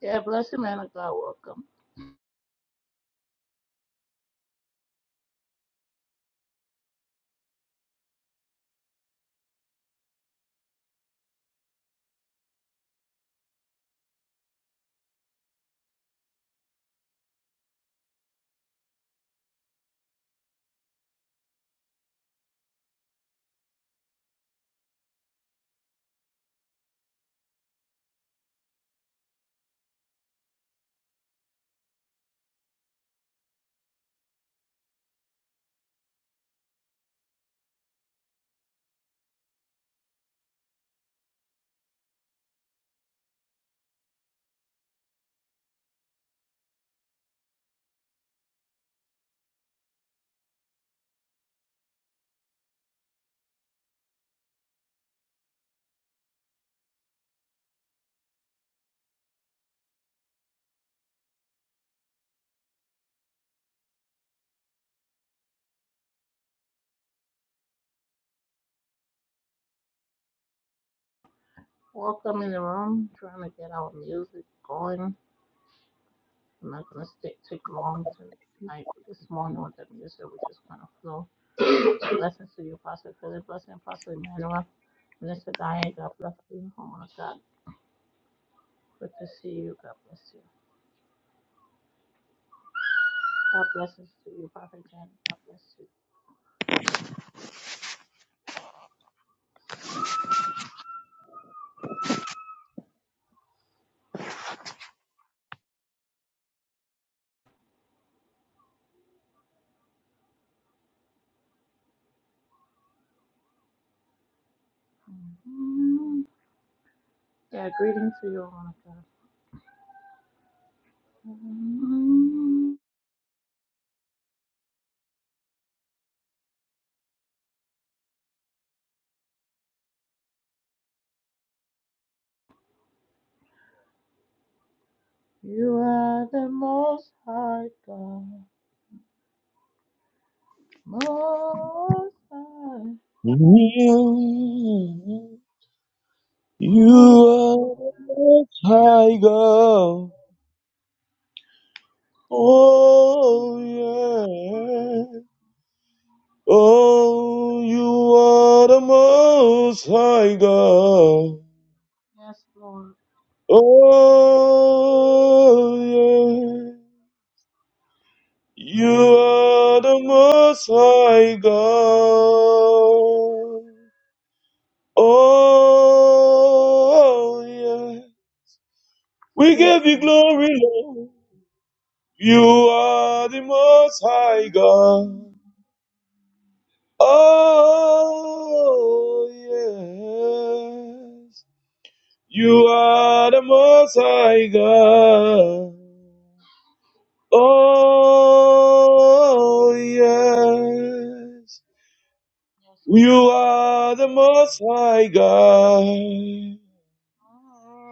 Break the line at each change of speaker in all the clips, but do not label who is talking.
Yeah, bless you, man of God. Welcome. Welcome in the room. Trying to get our music going. I'm not going to stick too long tonight, this morning with the music, which is going to flow. Blessings to you, Pastor Philip. Blessing, Pastor Emmanuel. Minister Diane, God bless you. Oh my God. Good to see you. God bless you. God blesses to you, Prophet Jan. God bless you. Mm. Yeah, greetings to you, oh my God. Mm. You are the most high God. Most high,
You you
most
are
High.
a tiger. Oh, yeah. Oh, you are the most high God.
Yes, Lord.
Oh, yeah. You are the most high God. Oh, yeah. We
Yes,
give you
God.
glory, Lord. You are the most high God. Oh, yes. You are the most high God. Oh, yes.
Yes, God.
You are the most high God.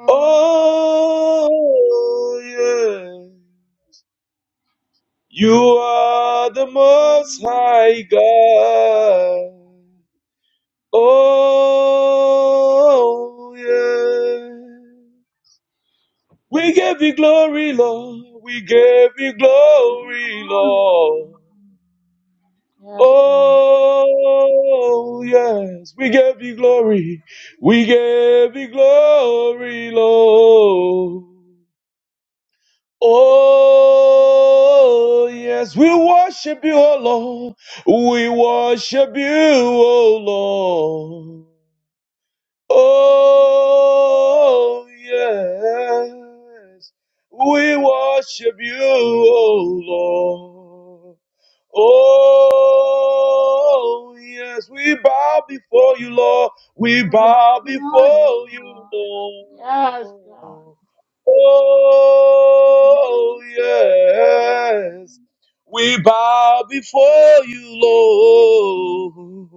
Oh, yes. You are the most high God. Oh, yeah. We give you glory, Lord. We give you
Yes, God.
glory, Lord.
Yes, God.
Oh, yes. We give you glory. We give you glory, Lord. Oh, yes. We worship you, oh Lord. We worship you, oh Lord. Oh, yes. We worship you, oh Lord. Oh, yes. We bow before you, Lord. We bow before you, Lord.
Yes, God. Hallelujah.
Oh, yes. We bow before you, Lord.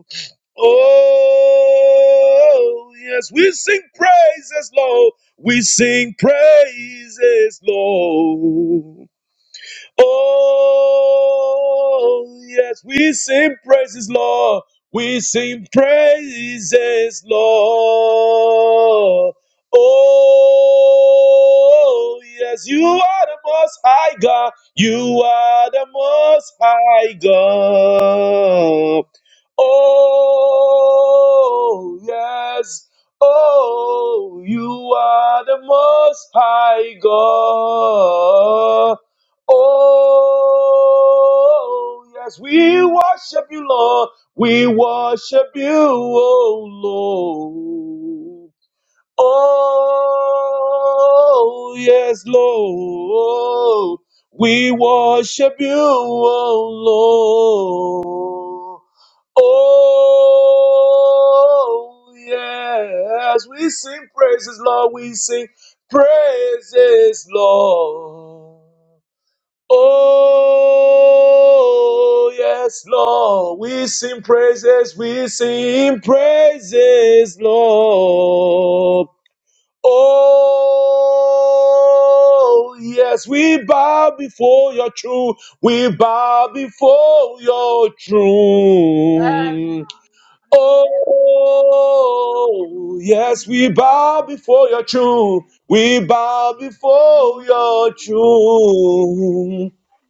Oh, yes, we sing praises, Lord. We sing praises, Lord. Oh, yes, we sing praises, Lord. We sing praises, Lord. Oh, yes, you are the most high God. You are the most high God. Oh, yes. Oh, you are the most high God. Oh, yes, we worship you, Lord. We worship you, oh Lord. Oh, yes, Lord. We worship you, oh Lord. Oh, yes, we sing praises, Lord. We sing praises, Lord. Oh, yes, Lord. We sing praises. We sing praises, Lord. Oh, yes, we bow before your throne. We bow before your throne. Oh, yes, we bow before your throne. We bow before your throne.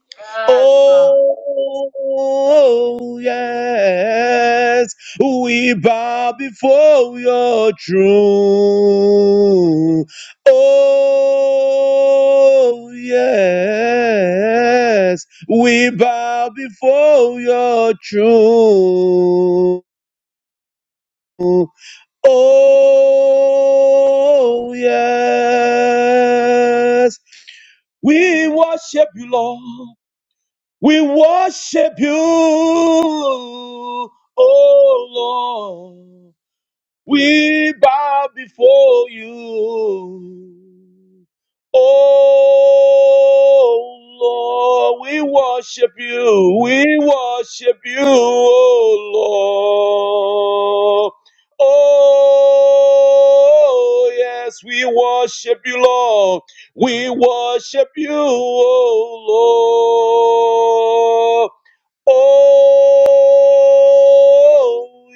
Yes, God.
Oh, yes, we bow before your throne. Oh, yes, we bow before your throne. Oh, yes, we worship you, Lord. We worship you, oh Lord. We bow before you. Oh Lord, we worship you. We worship you, oh Lord. Oh yes, we worship you, Lord. We worship you, oh Lord. Oh,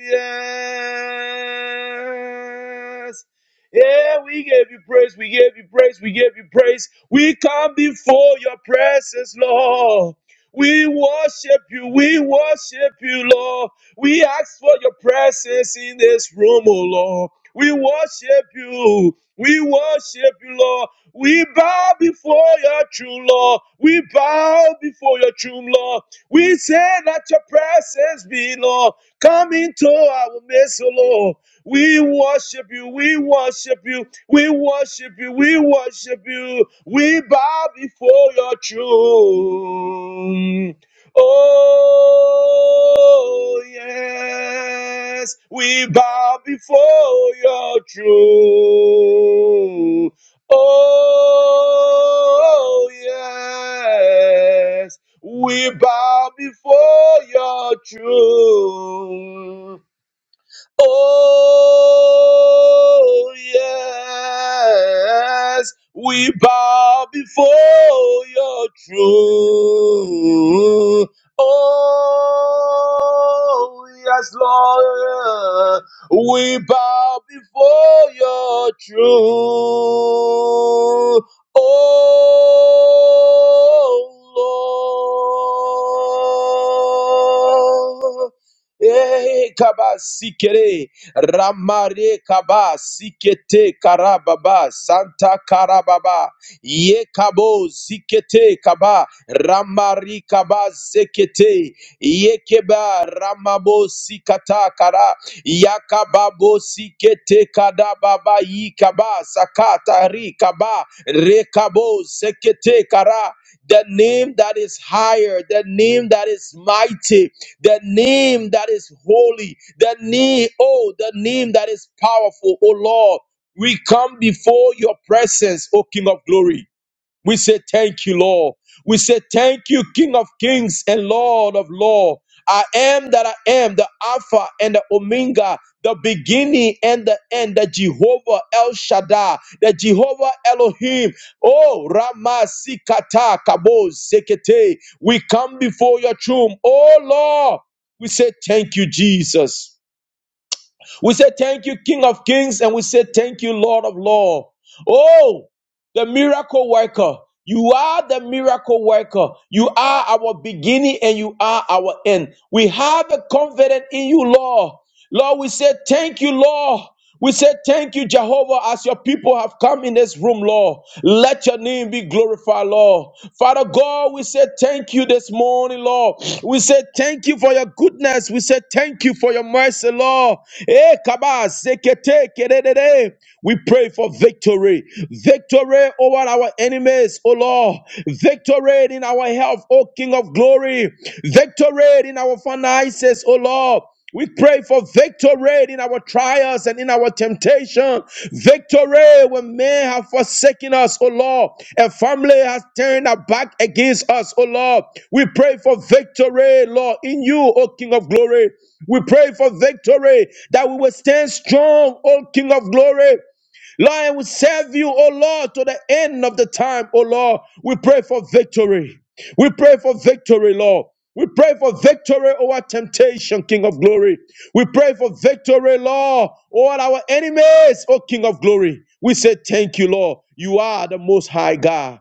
yes. Yeah, we gave you praise. We gave you praise. We gave you praise. We come before your presence, Lord. We worship you. We worship you, Lord. We ask for your presence in this room, oh Lord. We worship you. We worship you, Lord. We bow before your throne, Lord. We bow before your throne, Lord. We say that your presence be, Lord. Come into our midst, O Lord. We worship you. We worship you. We worship you. We worship you. We bow before your throne. Oh, yes, we bow before your throne. Oh, yes. We bow before your throne. Oh, yes, we bow before your throne. Oh, yes, Lord, we bow before your throne. Oh, Lord. Eh, kaba sikere ramare kaba sikete karababa santa karababa ye kabo sikete kaba ramari kaba sekete ye keba ramabo sikata kara yakababo sikete kadababa yi kaba sakata ri kaba rekabo sekete kara the name that is higher, the name that is mighty, the name that is holy, the name, oh, the name that is powerful, oh Lord. We come before your presence, O King of glory. We say thank you, Lord. We say thank you, King of Kings and Lord of Lord. I am that I am, the Alpha and the Omega, the beginning and the end, the Jehovah El Shaddai, the Jehovah Elohim. Oh, Rama Sikata Kabo Zekete. We come before your throne. Oh, Lord. We say thank you, Jesus. We say thank you, King of Kings, and we say thank you, Lord of Lord. Oh, the miracle worker. You are the miracle worker. You are our beginning and you are our end. We have a confidence in you, Lord. Lord, we say thank you, Lord. We say thank you, Jehovah, as your people have come in this room, Lord. Let your name be glorified, Lord. Father God, we say thank you this morning, Lord. We say thank you for your goodness. We say thank you for your mercy, Lord. Eh, kaba, sekete, kededede. We pray for victory. Victory over our enemies, O Lord. Victory in our health, O King of glory. Victory in our finances, O Lord. We pray for victory in our trials and in our temptation. Victory when men have forsaken us, O Lord, and family has turned their back against us, O Lord. We pray for victory, Lord, in you, O King of glory. We pray for victory that we will stand strong, O King of glory. Lord, I will serve you, O Lord, to the end of the time, O Lord. We pray for victory. We pray for victory, Lord. We pray for victory over temptation, King of glory. We pray for victory, Lord, over our enemies, O King of glory. We say thank you, Lord. You are the most high God.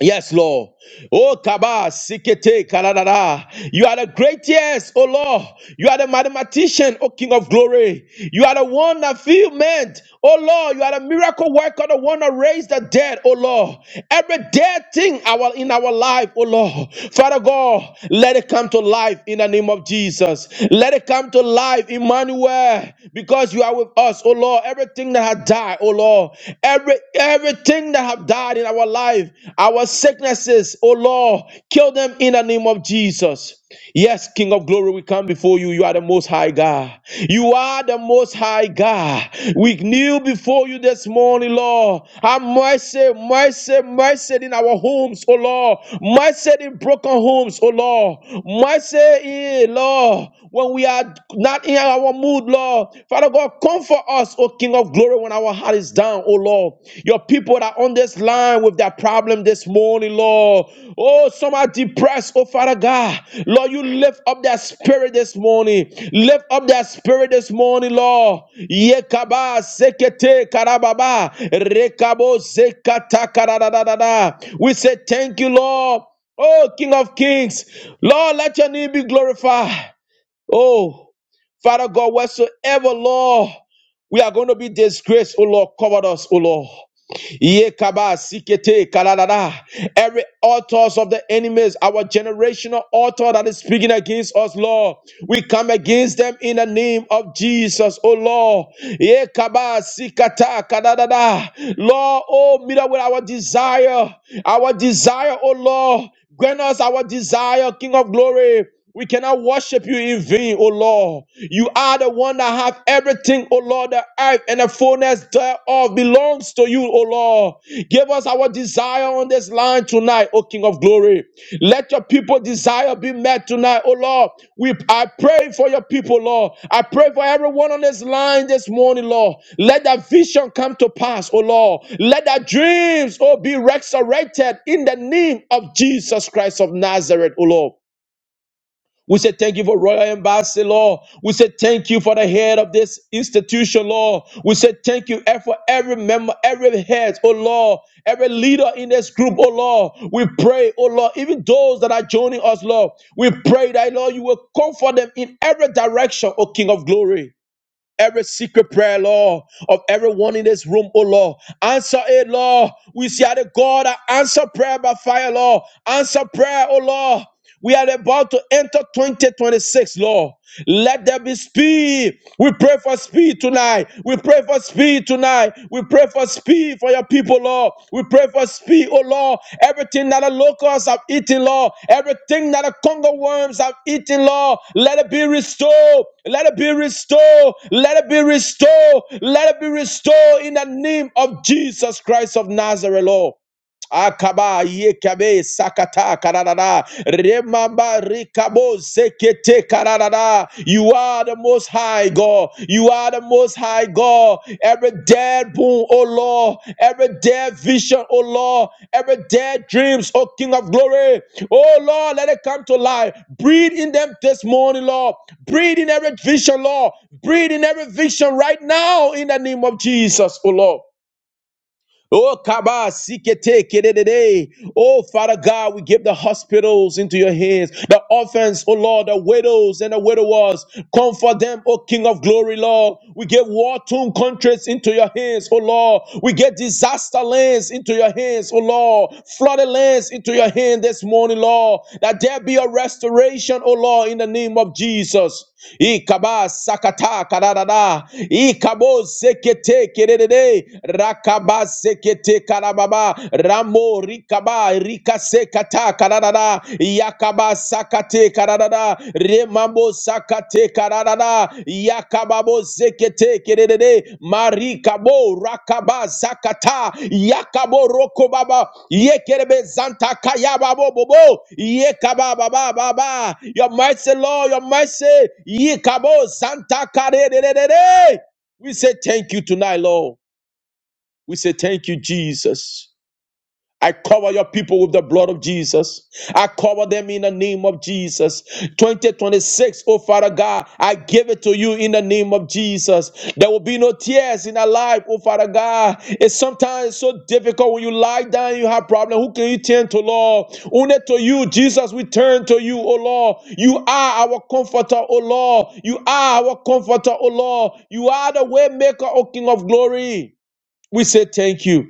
Yes, Lord. Oh, Kaba, Sikete, Kaladada. You are the greatest, oh Lord. You are the mathematician, oh King of glory. You are the one that filled men, oh Lord. You are the miracle worker, the one that raised the dead, oh Lord. Every dead thing our, in our life, oh Lord. Father God, let it come to life in the name of Jesus. Let it come to life, Emmanuel, because you are with us, oh Lord. Everything that had died, oh Lord. Every everything that have died in our life, our sicknesses, oh Lord, kill them in the name of Jesus. Yes, King of Glory, we come before you. You are the most high God. You are the most high God. We kneel before you this morning, Lord. Have mercy, mercy, mercy in our homes, oh Lord. Mercy in broken homes, oh Lord. Mercy, eh, Lord, when we are not in our mood, Lord. Father, God, comfort us, O King of glory, when our heart is down, O Lord. Your people that are on this line with their problem this morning, Lord. Oh, some are depressed, oh Father God. Lord, you lift up their spirit this morning. Lift up their spirit this morning, Lord. Yekaba sekete karababa. Rekabo sekata karadadadada. We say thank you, Lord. Oh, King of Kings. Lord, let your name be glorified. Oh, Father God, whatsoever law we are going to be disgraced, O Lord, cover us, O Lord. Ye kaba sikete kaladada. Every altars of the enemies, our generational altar that is speaking against us, Lord, we come against them in the name of Jesus, O Lord. Ye kaba sikata kaladada. Lord, oh, meet up with our desire, our desire, O Lord. Grant us our desire, King of glory. We cannot worship you in vain, O Lord. You are the one that have everything, O Lord. The earth and the fullness thereof belongs to you, O Lord. Give us our desire on this line tonight, O King of glory. Let your your people desire be met tonight, oh Lord. We I pray for your people, Lord. I pray for everyone on this line this morning, Lord. Let that vision come to pass, oh Lord. Let that dreams, oh, be resurrected in the name of Jesus Christ of Nazareth, oh Lord. We say thank you for Royal Embassy, Lord. We say thank you for the head of this institution, Lord. We say thank you for every member, every head, oh Lord, every leader in this group, oh Lord. We pray, oh Lord, even those that are joining us, Lord. We pray that, Lord, you will comfort them in every direction, oh King of glory every secret prayer, Lord, of everyone in this room, oh Lord. Answer it, Lord. We see how the God that answer prayer by fire, Lord. Answer prayer, oh Lord. We are about to enter 2026, Lord. Let there be speed. We pray for speed tonight. We pray for speed tonight. We pray for speed for your people, Lord. We pray for speed, oh Lord. Everything that the locusts have eaten, Lord. Everything that the congo worms have eaten, Lord. Let it be restored. Let it be restored. Let it be restored. Let it be restored in the name of Jesus Christ of Nazareth, Lord akaba yekabe sakata kararara remamba rikabo sekete kararara you are the most high god you are the most high god every dead boom oh lord every dead vision oh lord every dead dreams oh king of glory oh lord let it come to life breathe in them this morning lord breathe in every vision lord breathe in every vision right now in the name of jesus oh lord Oh, Kaba, Sikete, Kedede. Oh, Father God, we give the hospitals into your hands. The orphans, oh Lord, the widows and the widowers. Comfort them, oh King of glory, Lord. We give war-torn countries into your hands, oh Lord. We get disaster lands into your hands, oh Lord. Flooded lands into your hand this morning, Lord. That there be a restoration, oh Lord, in the name of Jesus ikaba sakata kararara ikabo sekete kererere rakaba sekete karababa ramo rikaba rikasekata kararara yakaba sakate kararara remambo sakate kararara yakababo zekete kerere marikabo rakaba zakata yakabo rokobaba yekerebe zanta kayababo bobo yekababa baba baba your mercy lord your mercy yikabo zanta karerere we say thank you tonight lord we say thank you jesus I cover your people with the blood of Jesus. I cover them in the name of Jesus. 2026, oh Father God, I give it to you in the name of Jesus. There will be no tears in our life, oh Father God. It's sometimes so difficult when you lie down, you have problems. Who can you turn to, Lord? Only to you, Jesus, we turn to you, oh Lord. You are our comforter, oh Lord. You are our comforter, oh Lord. You are the way maker, oh King of glory. We say thank you.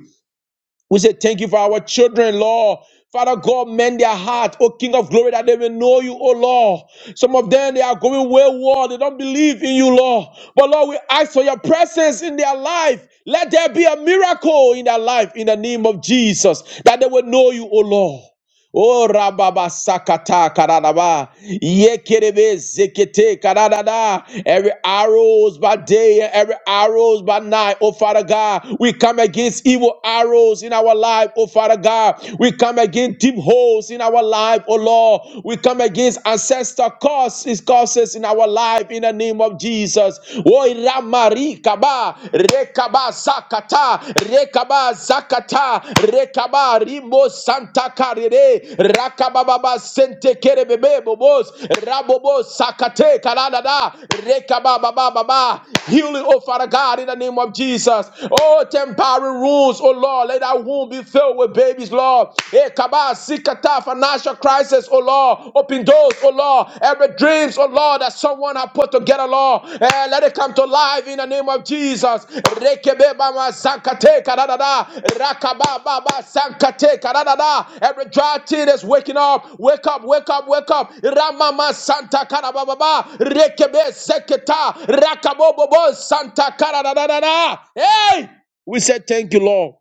We say thank you for our children, Lord. Father God, mend their heart, O King of glory, that they will know you, O Lord. Some of them, they are going wayward. They don't believe in you, Lord. But Lord, we ask for your presence in their life. Let there be a miracle in their life in the name of Jesus, that they will know you, O Lord. O rababa sakata karadaba. Yekerebe zekete karadada. Every arrows by day and every arrows by night. Oh Father God, we come against evil arrows in our life. Oh Father God, we come against deep holes in our life. Oh Lord, we come against ancestor causes causes in our life in the name of Jesus. O Ramari Oh rekaba rekaba zakata rekaba zakata rekaba rimbo santa karere rakababa sente kere bebe bobos rabobo sakate kaladada rekaba baba baba healing oh father god in the name of jesus oh temporary wounds oh lord let that wound be filled with babies lord Eh, kaba sikata financial crisis oh lord Open doors, oh Lord. Every dreams, oh Lord, that someone have put together, Lord. Eh, let it come to life in the name of Jesus. Rekebe bama sankate kadadada. Rakaba baba sankate kadadada. Every dry tear is waking up. Wake up, wake up, wake up. Ramama santa karababa. Rekebe seketa. Rakabobobo santa karadadada. Hey! We said thank you, Lord.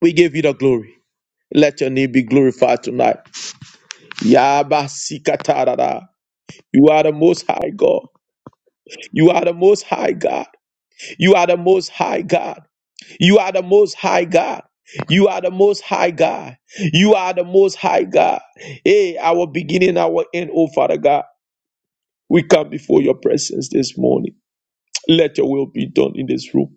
We give you the glory. Let your name be glorified tonight. Yaba Sikatarada. You are the most high God. You are the most high God. You are the most high God. You are the most high God. You are the most high God. You are the most high God. Hey, our beginning, our end, oh Father God. We come before your presence this morning. Let your will be done in this room.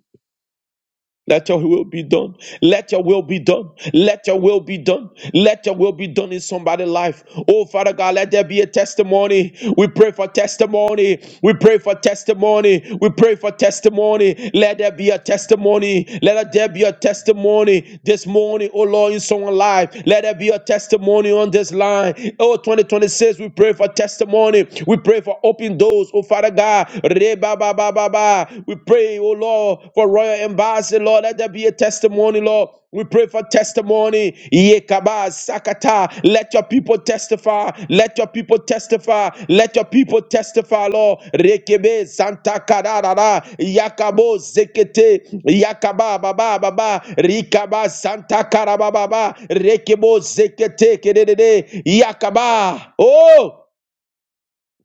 Let your will be done. Let your will be done. Let your will be done. Let your will be done in somebody's life. Oh, Father God, let there be a testimony. We pray for testimony. We pray for testimony. We pray for testimony. Let there be a testimony. Let there be a testimony this morning, oh Lord, in someone's life. Let there be a testimony on this line. Oh, 2026, we pray for testimony. We pray for open doors, oh Father God. Ba, ba, ba, ba, ba. We pray, oh Lord, for Royal Embassy, Lord. Let there be a testimony, Lord. We pray for testimony. Yekaba sakata. Let your people testify. Let your people testify. Let your people testify, Lord. Rekebe santa kararara. Yakabo zekete. Yakaba baba baba. Rikaba santa karababa. Rekebo zekete. Kedede. Yakaba. Oh,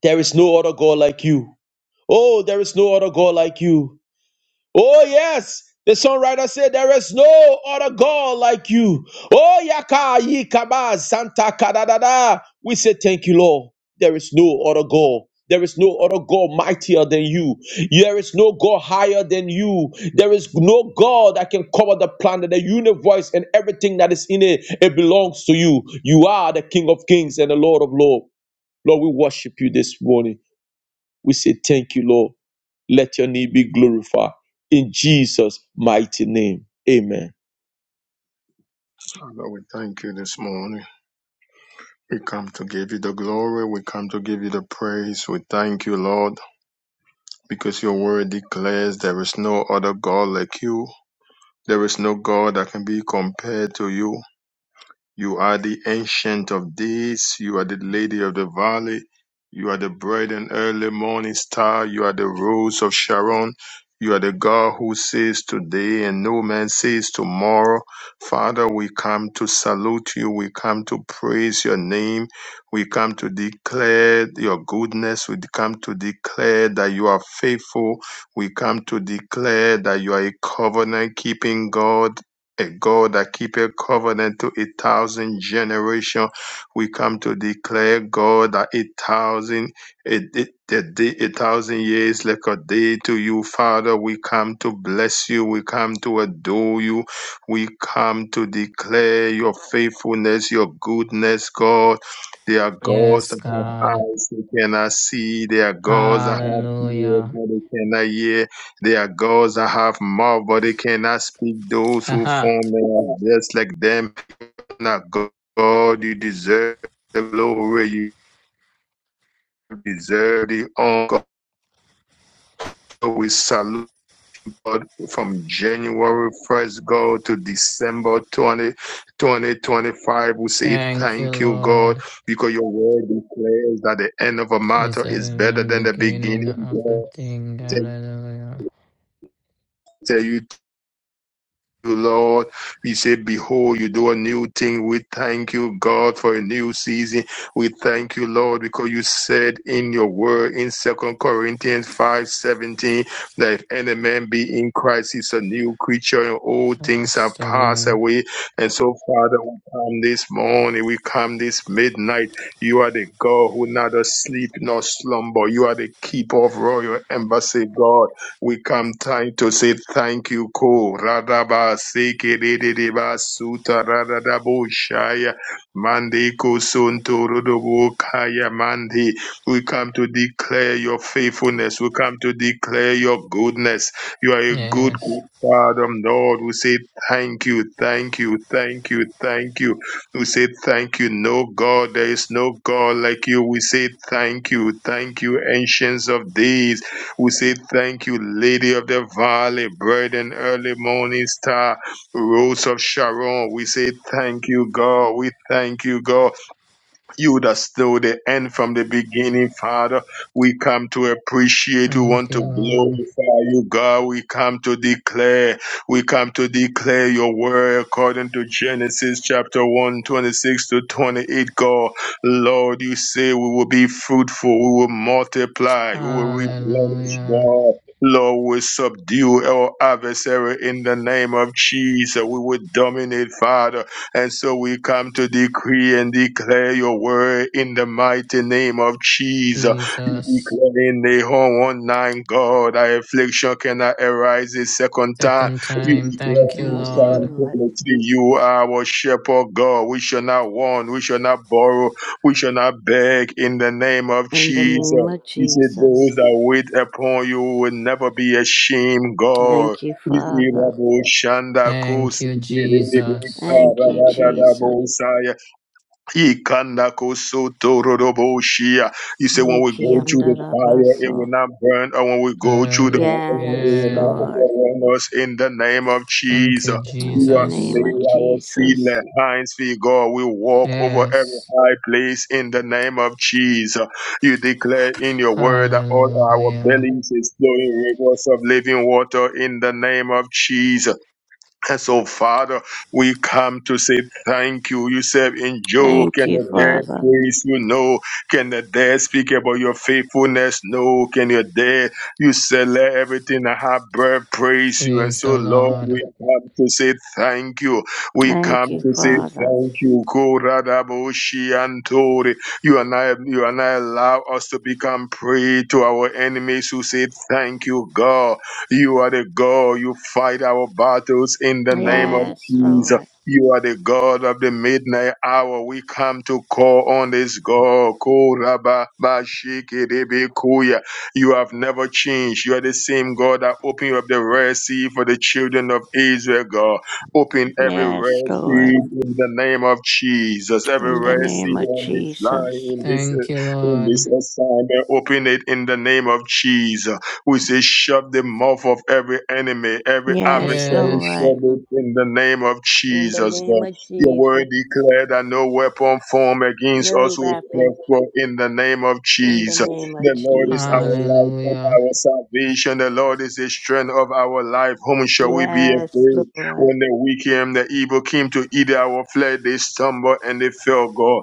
there is no other God like you. Oh, there is no other God like you. Oh, yes. The songwriter said, There is no other God like you. Oh, yaka, yikaba, santa, kadadada. We say, Thank you, Lord. There is no other God. There is no other God mightier than you. There is no God higher than you. There is no God that can cover the planet, the universe, and everything that is in it. It belongs to you. You are the King of Kings and the Lord of Lords. Lord, we worship you this morning. We say, Thank you, Lord. Let your name be glorified in Jesus' mighty name. Amen.
Father, we thank you this morning. We come to give you the glory. We come to give you the praise. We thank you, Lord, because your word declares there is no other God like you. There is no God that can be compared to you. You are the ancient of days. You are the lady of the valley. You are the bright and early morning star. You are the rose of Sharon. You are the God who says today and no man says tomorrow. Father, we come to salute you. We come to praise your name. We come to declare your goodness. We come to declare that you are faithful. We come to declare that you are a covenant keeping God a God that keep a covenant to a thousand generation. We come to declare, God, that a thousand a, a, a day, a thousand years like a day to you, Father. We come to bless you. We come to adore you. We come to declare your faithfulness, your goodness, God. There are gods
Yes,
that have
God.
eyes they cannot see. There are gods that have ears
Hallelujah.
that they cannot hear. They are gods that have mouth, but they cannot speak. Those who
Haha.
form them are just like them. Not God, you deserve the glory. You deserve the honor. So we salute God from January 1st, God, to December twentieth, 20, 2025. We say
Thank you,
thank you, God,
Lord.
because your word declares that the end of a
It's
matter
the
is better
very
than the
beginning
beginning,
of a
God
thing. Hallelujah.
Tell you Lord. We say, Behold, you do a new thing. We thank you, God, for a new season. We thank you, Lord, because you said in your word in Second Corinthians five seventeen that if any man be in Christ, he's a new creature and all things
Has
have
to
passed
be.
away. And so, Father, we come this morning, we come this midnight. You are the God who neither sleep nor slumber. You are the keeper of royal embassy, God. We come time to say thank you, Ko Radaba Seke Redeba Suta Radadabo Shaya Mandi Kusunto Rodobo Kaya Mandi. We come to declare your faithfulness. We come to declare your goodness. You are a good,
Yes.
good Father, Lord. We say thank you, thank you, thank you, thank you. We say thank you. No God, there is no God like you. We say thank you, thank you, ancients of days. We say thank you, Lady of the Valley, bright and early morning star, Rose of Sharon. We say thank you, God. We thank you, God. You that still the end from the beginning, Father. We come to appreciate. We
Thank
want to
you, Lord.
glorify you, God. We come to declare. We come to declare your word according to Genesis chapter one 26 to 28. God, Lord, you say we will be fruitful. We will multiply. We will replenish,
Hallelujah.
God. Lord, we subdue our adversary in the name of Jesus. We will dominate, Father. And so we come to decree and declare your word in the mighty name of Jesus. You
Jesus.
declare in Nahum 1 9, God, that affliction cannot arise a second time.
Second
You
time.
declare
Thank you,
in
Yes,
Psalm
Lord.
Lord.
23, you are our shepherd, God. We shall not want, we shall not borrow, we shall not beg in the name of
In the
Jesus.
name of
You said
Jesus.
those that wait upon you will never be ashamed, God.
Thank you,
Izi
Father.
rabo shanda ko
Thank you,
sikiri di bika
Jesus.
Thank you,
rada da da bo
Jesus.
Ikanakosotororoboshia. You say when we
Riki
go through the fire, it will
andarabaso.
not burn, or when we go through the
And
water, it
Yes,
will not
Yeah.
Lord.
overwhelm us in the name of
Thank
Jesus.
you,
In
You
the
have
Jesus.
name
made
of
our feet
Jesus.
like hinds feet, God. We walk over every
Yes.
high place in the name of Jesus. You declare in your word that all our
Hallelujah.
bellies is flowing rivers of living water in the name of Jesus. And so, Father, we come to say thank you. You said in Job,
Thank
can
you,
the dead
Father.
praise you? No. Can the dead speak about your faithfulness? No. Can your dead, you said, let everything that have breath praise you. And
Praise
so,
the
Lord,
Lord.
we come to say thank you. We
Thank
come
you,
to say
Father.
thank you. Koradaboshi Antori. You and I, you and I allow us to become prey to our enemies who say thank you, God. You are the God. You fight our battles in the name of
Yes,
Jesus.
Lord.
You are the God of the midnight hour. We come to call on this God. Koraba Bashiki You have never changed. You are the same God that opened up the Red Sea for the children of Israel, God. Open every
Yes,
Red
Lord.
Sea in the name of Jesus. Every
In the
Red Sea
name of
on this
Jesus.
line, in this,
Thank you,
in this
Lord.
assignment, open it in the name of Jesus. We say, shut the mouth of every enemy, every
Yes,
adversary,
Yes.
Lord.
shut it in the name of
In the
Jesus, God.
name of
Your word
Jesus.
declared that no weapon formed against us
No
will
weapon.
prosper in the name of
In the
Jesus.
name of
The Lord is our
Jesus.
light and
Hallelujah.
our salvation. The Lord is the strength of our life. Whom shall we be
Yes,
afraid?
Lord.
When the wicked and the evil came to eat our flesh, they stumbled and they fell, God.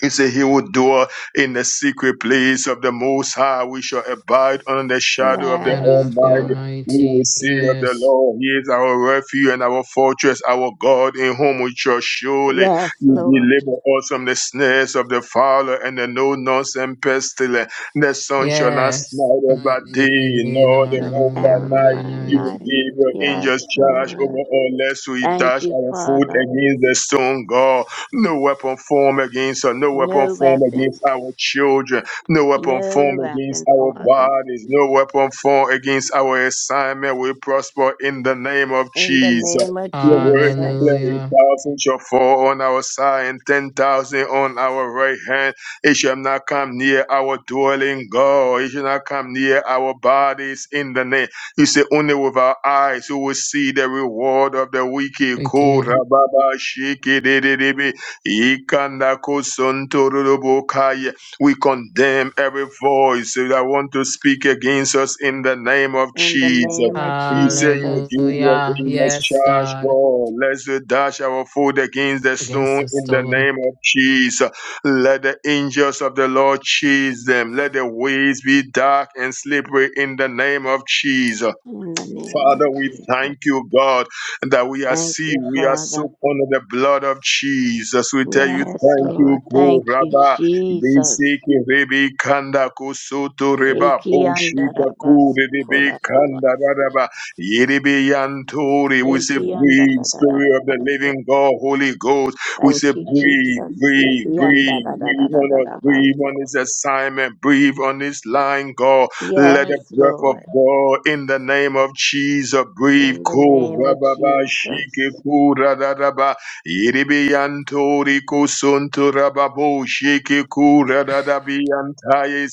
He said he will dwell in the secret place of the Most High. We shall abide under the shadow of the
God
Yes,
of the
Lord.
Almighty. We will
Almighty.
say of the
Yes.
Lord, He is our refuge and our fortress, our God in whom we trust. Surely
Yes,
you
Lord.
deliver us from the snares of the fowler and the no-nonsense pestilence. The sun shall not
Yes.
smite us by
Mighty
day,
by day,
nor
nor
the
the
Not an
moon by
moon
arrow
night.
by
by
You will
night.
night.
give your angels
Yes,
charge over
Lord.
us, lest we
Thank
dash
you,
our foot
Father.
against the stone. God. No weapon formed against us. No weapon
No
formed
weapon.
against our children. No weapon
No
formed against
weapon,
our
Father.
bodies. No weapon formed against our assignment. We prosper in the name of
In the
Jesus.
name of
Your word declare
Jesus.
a
Hallelujah.
shall fall on our side and ten thousand on our right hand. It shall not come near our dwelling, God. It shall not come near our bodies in the name. You say only with our eyes we will see the reward of the wicked.
Wicked.
Korababa shiki Ikanakosontorobokai. We condemn every voice that want to speak against us in the name of
In the
Jesus.
name of
You say you will
Jesus.
give your
Hallelujah.
angels
Yes,
charge,
God.
God. Let's dash our foot against the
Against
stone
the
in the
stone.
name of Jesus. Let the angels of the Lord chase them. Let the ways be dark and slippery in the name of Jesus.
In the name of
Father, we
Jesus.
thank you, God, that we are
Thank
see,
you,
we are
Father.
soaked under the blood of Jesus. We tell you,
Yes,
thank you,
Lord.
Ko
Thank you,
Rabba,
Jesus.
Bisiki Rebi Kanda Kusutu Reba,
Eki
Boshika
andarabas
Kuri Rebi Kanda
kolarabasi.
Radaba, Yiribi Yanturi. We say,
Eki
breathe, Spirit of the Living God, Holy Ghost. We say,
Thank you,
breathe,
Jesus.
breathe, breathe, breathe on us, breathe
Ikiandadadadadadabaso.
on this assignment, breathe on this line, God. Let
Yes,
the breath of
Lord.
God in the name of Jesus breathe.
In the
Ko
name of
rababa shike
Jesus.
ku radadaba. Iribi kusuntu rababu shike ku radadabi antaye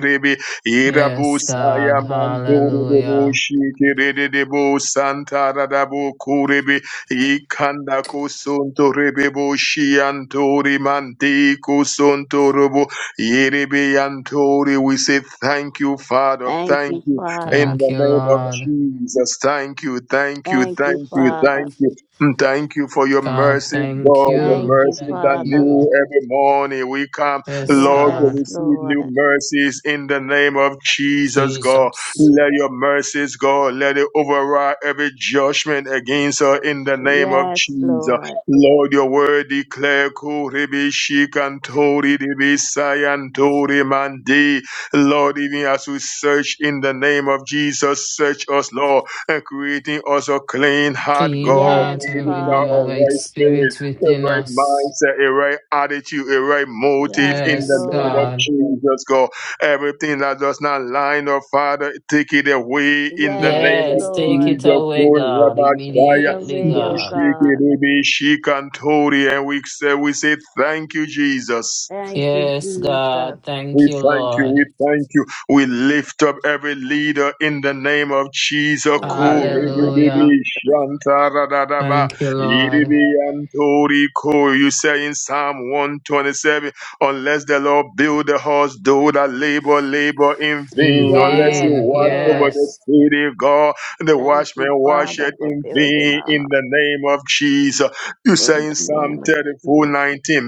ribi. Irabu
Yes, God.
saya manturu debu
Hallelujah.
shike redebu santa radabu kuribi. Ikanda kusuntu ribibu shiantori manti kusuntu rubu. Yiribiyantori, We say thank you, Father.
Thank
Thank
you,
you
Father.
in
Thank
the
you,
name of
Lord.
Jesus. Thank you, thank you,
Thank you,
thank you,
Father.
thank you. Mm, Thank you for your
God,
mercy, God.
thank
Your
Thank
you.
you,
mercies that
Thank
Father.
you.
new every morning. We come,
Yes,
Lord, to
Yes,
God.
receive
Lord.
new mercies in the name of Jesus, God.
Jesus.
Let your mercies, God, let it override every judgment against us in the name of
Yes,
Jesus.
Lord.
Lord, your word declare Kuribi Shikantori Dibi Sayantori Mandi. Lord, even as we search in the name of Jesus, search us, Lord, and creating us a clean heart,
Clean
God,
heart
Yes,
and
creating
renew a
our
Father.
right
right spirit,
spirit
a
within
right
us.
mindset, a right attitude, a right motive
Yes,
in the
Yes,
name of
Lord.
God.
Jesus, God. Everything that does not line up, Father, take it away in the
Yes,
name of
Yes, take
Lord.
it
Jesus.
away, God,
Take it
Kurabashaya.
immediately,
away, O
God.
Moshiki
God.
Ribi Shikantori, and we say we say thank you, Jesus.
Thank you,
Yes,
Jesus.
God.
We
Thank you,
thank you. We
Lord.
thank you. We lift up every leader in the name of Jesus.
In the name of Jesus.
Hallelujah.
Kuribibibi shantaradadaba,
Thank you, Lord.
iribiyantoriko. You say in Psalm 127, unless the Lord build the house, do that labor, labor in
In
vain. Unless you
Yes,
vain,
watch over
Lord.
the
yes.
city, of God, the
Thank
watchman
you,
watch
Father,
it
for
in
building
vain
our
in
heart
the name of Jesus. You say
in
in
the
Psalm
name of
34:19,
Jesus.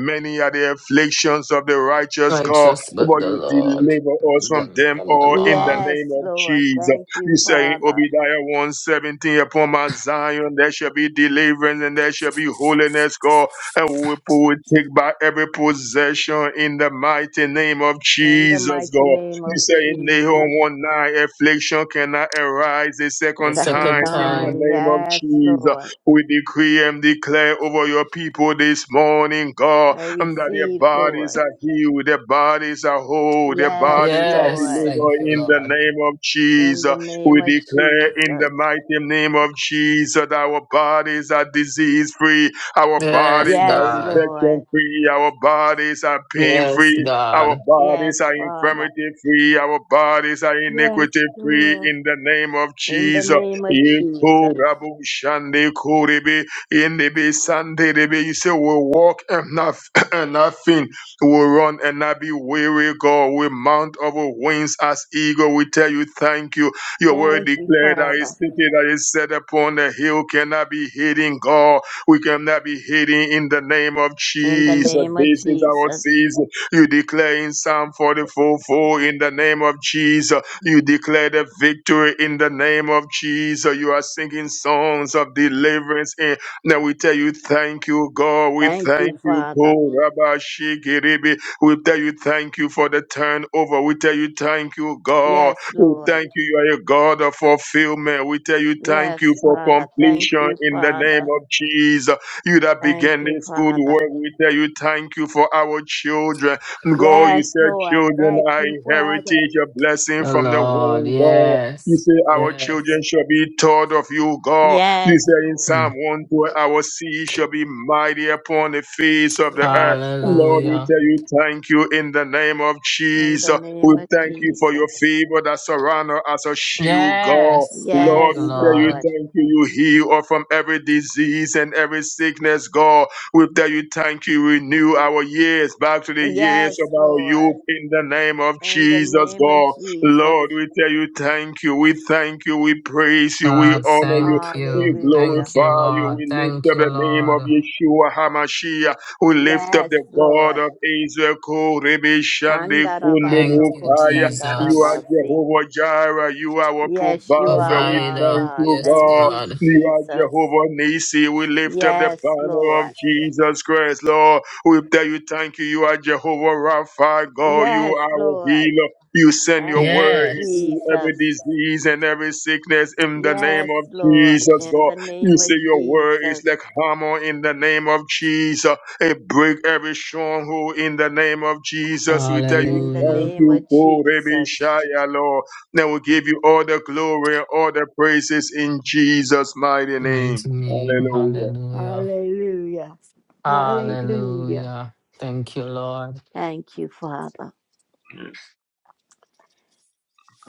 many are the afflictions of the righteous God
Righteous but
but
the
you
Lord.
deliver us
Deliver
from
Them
them
from them
all in the
all.
Yes,
name of
Lord.
Jesus.
Thank you,
You say in
Father.
Obadiah 117, upon Mount Zion there shall be deliverance and there shall be holiness, God, and we will take back every possession in the mighty name of
In the
Jesus,
mighty
God.
name
You
of
say in
Jesus.
Nahum
A
1 9, affliction cannot arise a
A
second
second
time
second
in the
time.
time.
name of
Yes,
Jesus.
Lord.
We decree and declare over your people this morning, God
I
and that their
receive,
bodies
Lord.
are healed, their bodies are whole, their
Yes,
bodies are
Yes,
Lord.
thank
delivered
you,
in the
Lord.
name of
In
Jesus.
the
We
name of
declare in the
Jesus.
mighty name of Jesus that our bodies are disease free, our
Yes,
bodies are
Yes,
God.
Lord.
infection free, our bodies are pain
Yes,
free.
God.
Our
Yes,
bodies are
Father.
infirmity free. Our bodies are
Yes,
iniquity free
Lord.
in the name of
In the
Jesus.
name of Jesus.
Yekurabushande kurebe, indebe sandebe. You say we walk and not and nothing. We will run and not be weary, God. We mount our wings as eagle. We tell you thank you. Your word
Thank you,
declared that that is
Father.
city that is set upon the hill cannot be hidden, God. We cannot be hidden in the name of
In the
Jesus.
name of
This is our
Jesus.
season. You declare in Psalm 44 4 in the name of Jesus. You declare the victory in the name of Jesus. You are singing songs of deliverance in now we tell you thank you, God. We
Thank you,
thank you,
Father.
Ko Rabba Shikiribi. We tell you thank you for the turnover. We tell you thank you, God.
Yes,
We
Lord.
thank you, you are a God of fulfillment. We tell you thank you
Yes,
for
Father. Thank
completion
you,
in the name
Father.
of Jesus. You that
Thank
began
you,
this good
Father.
work, we tell you thank you for our children. God, you
Yes,
said
Lord.
children
Thank
are
you, Father.
heritage, a blessing
The
from the
Lord,
womb, God. You
yes,
say our
yes.
children shall be taught of you, God. This
Yes,
said in
Lord.
Psalm
Mm.
112, our sea shall be mighty upon the face of the earth.
Yes,
Lord,
Father.
we
Hallelujah.
tell you thank you in the name of
In the
Jesus. We
name of
thank you for
Jesus.
your favor that surround us as a shield, God.
Yes, thank
Lord,
you,
Yes,
we tell you
Lord.
Lord.
thank you. You heal us from every disease and every sickness, God. We tell you thank you. Renew our years back to the years
Yes,
of our
Lord.
youth in the name of
In the
Jesus,
name of
God.
Jesus.
Lord, we tell you thank you. We thank you. We praise you. We
God,
honor you.
thank
We
you.
Hallelujah.
Thank you,
glorify you. We
Lord.
lift
Thank
up
you,
the name of
Lord.
Yeshua HaMashiach. We lift up
Yes,
the God
Lord.
of Israel. Ko Rebe Shande Kundo
Thank you,
Mukaya. You are
Jesus.
Andarabasokoshandarabasi.
Jehovah Jireh. You are our
Yes, you
provider.
are,
We
Lord
Provider.
thank
God.
you,
Yes,
Thank
God.
you,
God.
You are
Jesus.
Jehovah Nisi. We lift up the
Yes,
banner of
Lord.
Jesus Christ, Lord. We tell you thank you. You are Jehovah Rapha, God. You
Yes,
are our
Lord.
healer. You send your
Thank you,
word
Yes.
into every
Jesus.
disease and every sickness in the name
Yes,
of
Lord.
Jesus,
In
God.
the
You
name of
say your word is
Jesus.
like hammer in the name of Jesus. It break every stronghold in the name of Jesus. We tell you
In the
Hallelujah.
thank
name
you,
of
Korebi
Jesus.
Lord. Then we give you all the glory and all the praises in Jesus' mighty name.
Mighty name.
Hallelujah.
Hallelujah.
Hallelujah. Hallelujah.
Hallelujah. Thank you, Lord.
Thank you, Father.
Yes,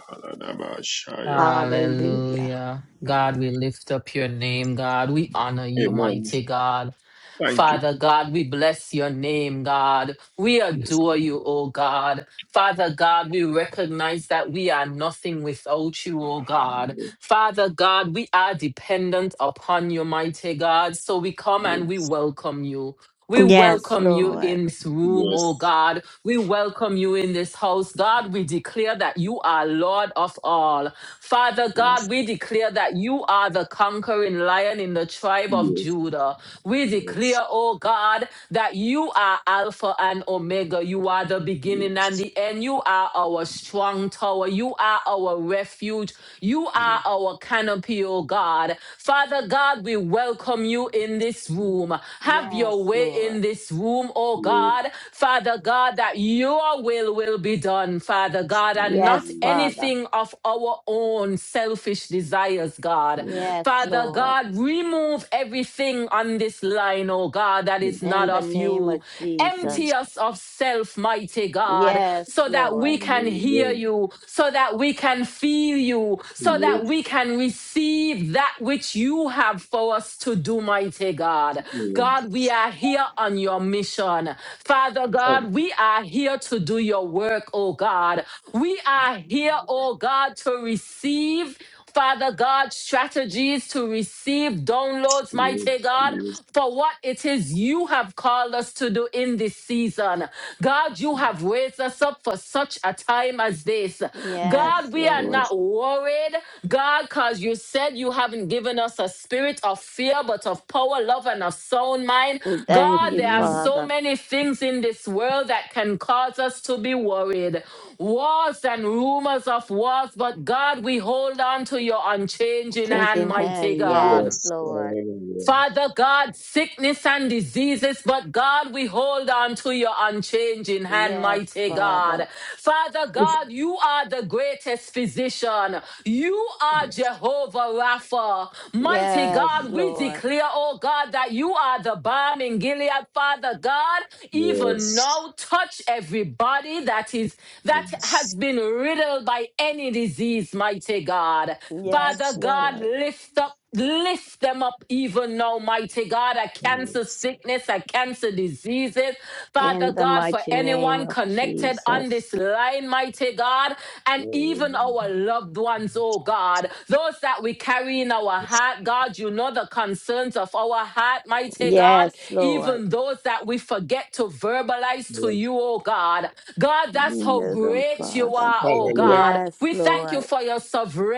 Kaladaba Shaya.
Hallelujah.
Hallelujah. God, we lift up your name, God. We honor you,
Amen.
mighty God.
Thank you.
Father God, we bless your name, God. We
Yes.
adore you, oh God. Father God, we recognize that we are nothing without you, oh God. Father God, we are dependent upon you, mighty God. So we come and we
Yes.
welcome you. We
Yes.
Yes,
welcome you
Lord.
in this room, oh
Yes.
God. We welcome you in this house. God, we declare that you are Lord of all. Father
Yes,
God, we declare that you are the conquering lion in the tribe of
yes,
Judah. We
yes, yes,
declare, oh God, that you are Alpha and Omega. You are the beginning and
yes,
the end. You are our strong tower. You are our refuge. You are
yes,
our canopy, O God. Father God, we welcome you in this room. Have your
Yes,
way
Lord.
in this room, O
yes,
God. Father God, that your will will be done, Father God, and not
Yes,
hallelujah,
Father.
anything of our own selfish desires, God.
yes,
Yes,
Father
Lord.
God, remove everything on this line, oh God, that is
In
not
the
of
name
you.
of
Empty
yes, yes,
Jesus.
us of self, mighty God,
Yes,
so that we
Lord.
can hear
hallelujah,
you, so that we can feel you, so
yes,
that we can receive that which you have for us to do, mighty God.
yes, yes,
God, we are here on your mission. Father
And
God, we are here to do your work, oh God. We are here, oh God, to receive. Father God, strategies to receive downloads, mighty God,
yes,
for what it is you have called us to do in this season. God, you have raised us up for such a time as this.
Yes,
God, we are
Lord.
yes,
not worried, God, because you said you haven't given us a spirit of fear, but of power, love, and a sound mind.
Thank
God,
you,
there are
amen,
so
Father.
many things in this world that can cause us to be worried wars and rumors of wars, but God, we hold on to your unchanging hand,
Changing
mighty
hand. Yes,
God.
yes,
Lord.
hallelujah,
Father God, sickness and diseases, but God, we hold on to your unchanging hand,
Yes,
mighty
Father.
God. Father God, you are the greatest physician. You are Jehovah Rapha. Mighty
Yes,
God, we
Lord.
declare, oh God, that you are the balm in Gilead, Father God. Even now, touch everybody that is
yes, yes,
that
yes,
has
yes,
been riddled by any disease, mighty God.
Yes,
Father God,
Lord.
lift up Lift them up even now, mighty God. I cancel
hallelujah,
sickness, I cancel diseases.
In
Father
the
God, for
mighty name
anyone
of
connected on this
Jesus.
line, mighty God,
yes, yes, hallelujah,
and even our loved ones, oh God, those that we carry in our heart, God, you know the concerns of our heart, mighty God,
Yes, Lord.
even those that we forget to verbalize to you, oh God. God, that's
You
how
know them,
great you
Father.
are, oh God.
Yes,
We thank you
Lord.
for your for your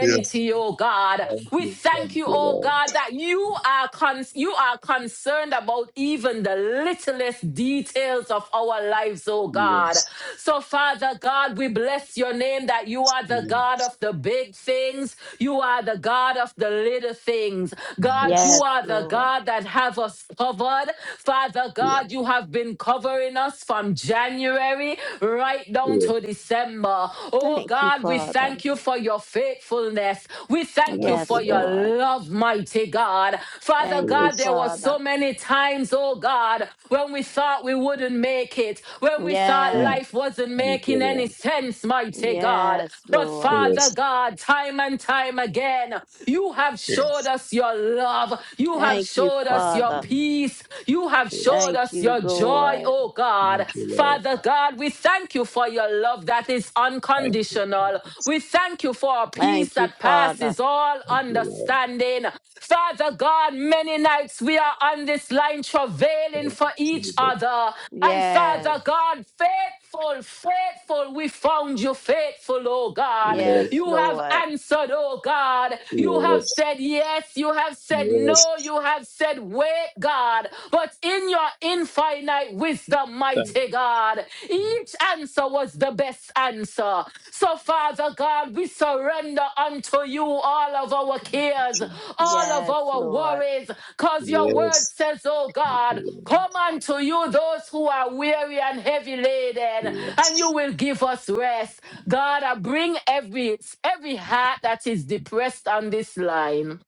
yes,
oh God.
thank
We
you,
thank
thank
you,
you,
oh
Lord,
God, that you are con- you are concerned about even the littlest details of our lives, oh God.
yes,
So, Father God, we bless your name that you are the
yes,
God of the big things. You are the God of the little things. God, you
Yes,
are the
Lord.
God that have us covered. Father
yes,
God, you have been covering us from January right down
yeah.
to to December. Oh
Thank you,
God, we
Father.
thank you for your faithfulness. We thank you
Thank
Yes,
for
you,
your
Lord.
Lord.
love, mighty God. Father
Thank you,
God,
Yes.
there were
Father.
so many times, oh God, when we thought we wouldn't make it, when we thought
Mm.
Yes.
life wasn't
Thank you,
making any
Lord.
sense, mighty God.
Yes,
But
Lord.
Father
Yes.
God, time and time again, you have showed
Yes.
us your love. You have
Thank you,
showed us your
Father.
peace. You have
Yes.
showed
Thank
us
you,
your joy,
Lord.
oh oh God.
Thank you, Lord.
Father God, we thank you for your love that is
Thank you,
unconditional.
Thank
We thank you for a peace
Thank you,
that
Father.
passes all
you, Lord.
understanding. Father God, many nights we are on this line travailing
Thank
for each
you,
other. And
Yes.
Father God, faithful, faithful, we found you faithful, oh God.
Yes,
You have
Lord.
answered, oh God.
Jesus.
You
Lord.
have
Yes.
said yes. You have said no.
Yes.
You have said wait. God, but in your infinite wisdom,
Thank
mighty God, each answer was the best answer. So, Father God, we surrender unto you all of our cares,
you.
all
Jesus.
of
Yes,
our
Lord.
worries, because your word
Yes.
says, oh God,
Thank you, Lord.
come unto you those who are weary and heavy laden, and you
Yes.
will give us rest. God, I bring every every heart that is depressed on this line.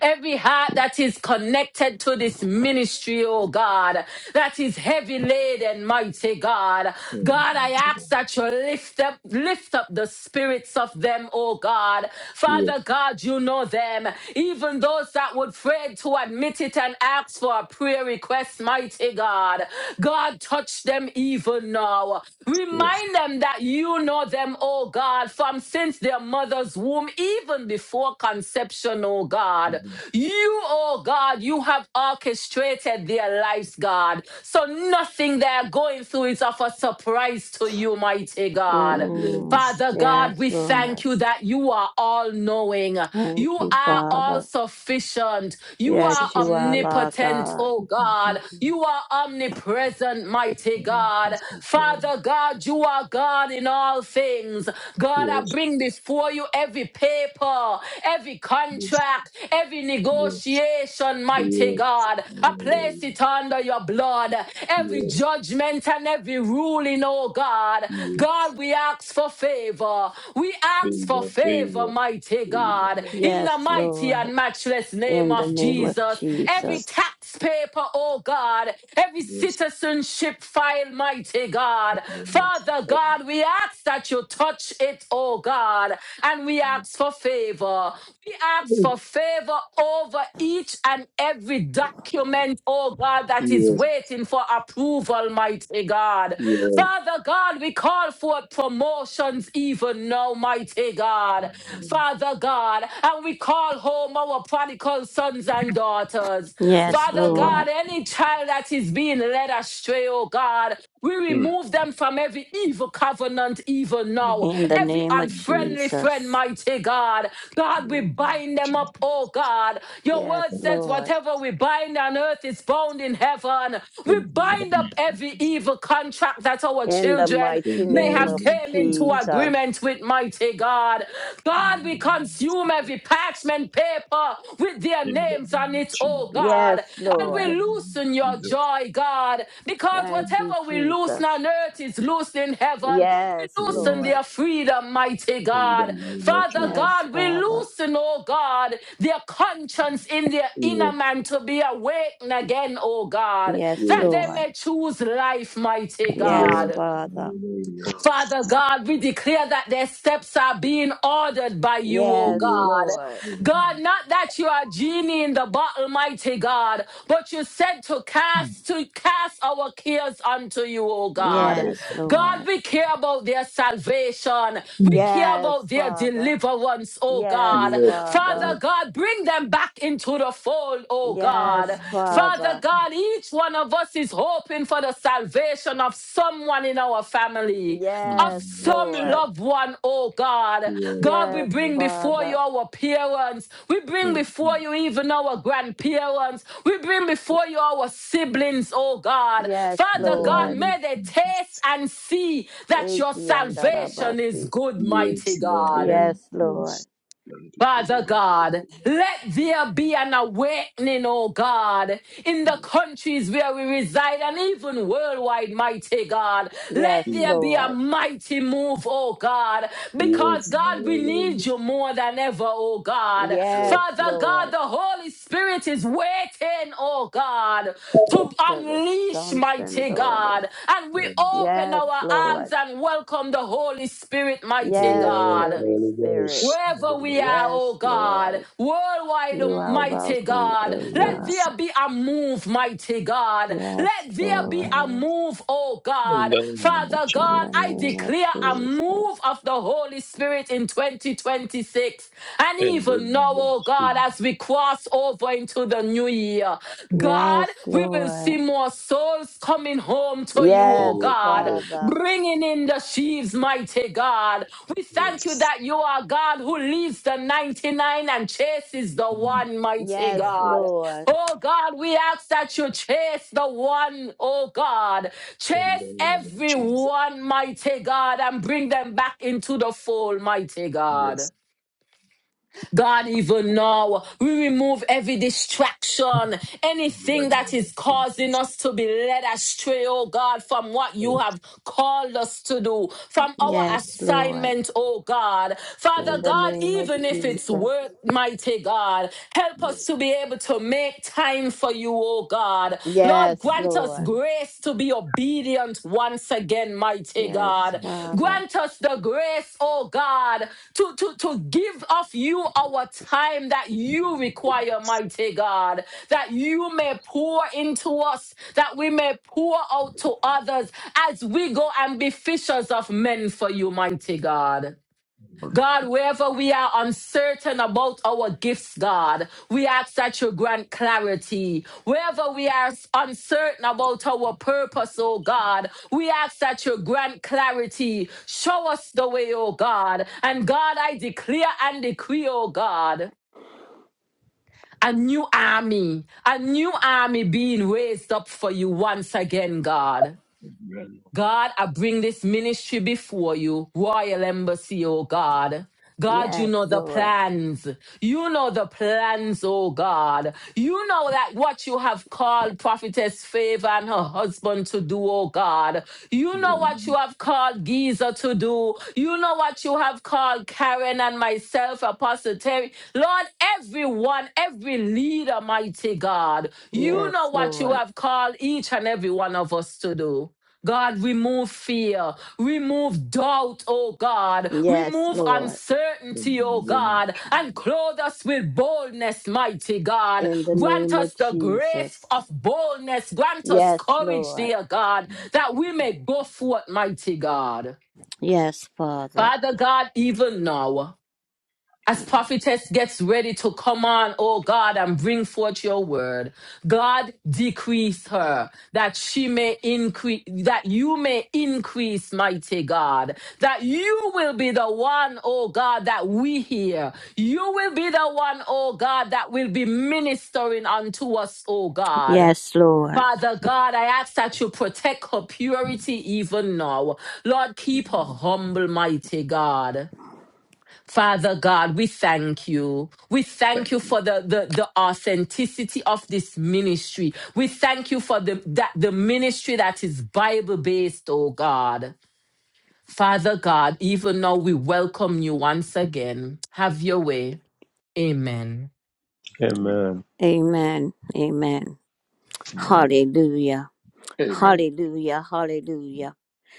Every heart that is connected to this ministry, oh God, that is heavy laden, mighty God.
Mm.
God, I
Thank you,
ask
Lord.
that you lift up, lift up the spirits of them, oh God.
Yes.
Father God, you know them. Even those that would pray to admit it and ask for a prayer request, mighty God. God, touch them even now.
Yes.
Remind them that you know them, oh God, from since their their mother's womb, even before conception, oh God.
Mm.
You, oh God, you have orchestrated their lives, God. So nothing they're going through is of a surprise to you, mighty God.
Mm.
Yes.
Father God,
Yes,
we
Lord.
thank you that you are all knowing. You
Thank you,
Thank
are all
Father.
sufficient.
you,
You are
Jesus.
Yes,
Thank
you are
you.
our
omnipotent,
God.
oh
Thank you.
God.
Thank you.
You are omnipresent, mighty
Thank you,
God.
Jesus. Lord.
Father God. You are God in all things. God, I
Yes.
bring before you every paper, every
Yes.
contract, every
Yes.
negotiation, mighty
Yes.
God. I place
Hallelujah.
it under your blood. Every
Yes.
judgment and every ruling, oh God.
Yes.
God, we ask for favor. We ask for
Favor,
favor,
favor,
mighty
favor,
God.
Lord.
In the
Yes,
mighty
Lord.
and matchless name
In the
of
name of
Jesus. Every
Yes,
Jesus.
tax paper, oh God. God, every
yes,
citizenship file, mighty God.
yes.
Father God, we ask that you touch it, oh God, and we ask for favor. We ask for favor over each and every document, oh God, that is
Yes,
waiting for approval, mighty God.
yes.
Father God, we call for promotions even now, mighty God.
Amen.
Father God, and we call home our prodigal sons and daughters.
Yes,
Father
Lord.
God, any child that is being led astray, oh God, we
Mm.
remove them from every evil covenant, even now.
In the
Amen.
Every
name of
unfriendly
Jesus.
friend,
Jesus.
mighty God. God, we
Amen.
bind them
Jesus.
up, oh God. Your
Yes,
word says,
Lord.
whatever we bind on earth is bound in heaven. We
Amen.
bind up every evil contract that our
In the
children
In
mighty
the
may
name
have
of
name
came
of
into
Jesus.
Jesus.
agreement with, mighty God. God. God, we
Amen.
consume every parchment paper with their
In the
names on
name of
it, oh
Jesus.
God.
Yes,
And
In
we
the
Lord.
name of
loosen your
Jesus.
joy, God, because
Thank
Amen.
you,
whatever we loosen
Jesus.
on earth is loosed in heaven. We
Yes,
loosen
Lord.
their freedom, mighty
In the
God.
name of
Father
Jesus.
Yes,
God, we
Father.
loosen, oh God, their conscience in their inner
Yes,
man to be awakened again, oh God,
Yes,
yes,
that they
Lord.
may choose life, mighty
Yes,
God.
yes.
Father.
Hallelujah.
Father God, we declare that their steps are being ordered by you, oh
Yes,
God.
Yes.
Lord.
Amen.
God, not that you are genie in the bottle, mighty God, but you said to cast to cast our cares unto you, oh God.
Yes, Lord.
God, we care about their salvation. We care
Yes,
about their
Father.
deliverance, oh
Yes,
God.
Yes, yes.
Father.
Father God, bring them back into the fold, oh God.
Yes,
Yes,
Father
Father.
God, each one of us is hoping for the salvation of someone in our family, of
Yes,
some
Lord.
loved one, oh God. God, we
Yes,
bring before you
Father.
our parents. We bring before you even our grandparents. We bring before you our siblings, oh God.
Yes,
Father God,
Lord.
may they taste and see that your
Eki
salvation is
andarabasi.
good, mighty
Lord,
God.
Yes,
yes.
Lord.
Thank you for the
Father God,
man.
let there be an awakening, oh God, in the
Yes,
countries where we reside and even worldwide, mighty God.
Yes,
Let there be a
Lord.
mighty move, oh God, because
yes,
God, we
hallelujah.
need you more than ever, oh God.
Yes,
Father God,
Lord.
the Holy Spirit is waiting, oh God,
Yes,
to
For the
unleash,
sons and
mighty
daughters.
God. And we open
Yes,
our
Lord.
arms and welcome the Holy Spirit, mighty
Yes,
yes,
God.
Holy
Holy
Spirit.
Ghost.
Wherever we are, oh
Yes,
God,
Lord.
worldwide,
You
oh
are
mighty
welcome,
God,
O
let
God.
Yes.
there be a move, mighty God.
Yes,
Let there be a
Lord.
move, oh
In
God.
the name of
Father
Jesus.
In
God,
the
I
name of
declare a
Jesus.
move of the Holy Spirit in 2026. And
In the
even now,
name of
oh God,
Jesus.
as we cross over into the new year, God,
Yes,
we will
Lord.
see more souls coming home to you, oh
Yes,
Yes, Lord,
God,
Father.
bringing in the sheaves, mighty God. We thank you
yes.
that you are God who leaves the 99 and chases the one, mighty
Yes,
God.
Yes,
Lord.
Oh God, we ask that you chase the one, oh God.
in the
Chase
name of Jesus.
everyone, mighty God, and bring them back into the fold, mighty
Yes,
God. God, even now, we remove every distraction,
in the
anything that
name of
is causing us to be led astray, oh God, from what you
Jesus.
have called us to do, from our
Yes,
Yes, Lord.
assignment, oh God.
In
Father
the
Yes,
God,
name of
even if
Jesus.
it's work, mighty God, help us to be able to make time for you, oh God. Lord,
Yes,
grant Grant us
Lord.
grace to be obedient once again, mighty
Yes,
God.
Father.
Grant us the grace, oh God, to, to, to give of you our time that you require, mighty God, that you may pour into us, that we may pour out to others as we go and be fishers of men for you, mighty God. God, wherever we are uncertain about our gifts, God, we ask that you grant clarity. Wherever we are uncertain about our purpose, oh God, we ask that you grant clarity. Show us the way, oh God. And God, I declare and decree, oh God. A new army, a new army being raised up for you once again, God.
amen.
God, I bring this ministry before you, Royal Embassy, oh God. God, you
Yes,
know the
Lord.
plans. You know the plans, oh God. You know that what you have called Prophetess Favor and her husband to do, oh God. You know what you
Amen.
have called Giza to do. You know what you have called Karen and myself, Apostle Terry. Lord, everyone, every leader, mighty God, you know
Yes,
what you
Lord.
have called each and every one of us to do. God, remove fear, remove doubt, oh God,
Yes,
remove
Lord.
In the
uncertainty, oh
name of
God,
Jesus.
and clothe us with boldness, mighty God.
In the
Grant
name of
us the grace
Jesus.
of boldness, grant us
Yes,
courage,
Lord.
dear God, that we may go forth, mighty God.
Yes, Father.
Father God, even now. As prophetess gets ready to come on, oh God, and bring forth your word, God decrease her that she may increase, that you may increase, mighty God, that you will be the one, oh God, that we hear. You will be the one, oh God, that will be ministering unto us, oh God.
Yes, Lord.
Father God, I ask that you protect her purity even now. Lord, keep her
Amen.
humble, mighty God. Father God, we thank you. We thank
Thank
you for the, the, the authenticity of this ministry. We thank you for the, that, the ministry that is Bible based, oh God. Father God, even now we welcome you once again. Have your way. Amen.
you, Lord.
Amen. Amen. Hallelujah.
Amen.
Hallelujah. Hallelujah.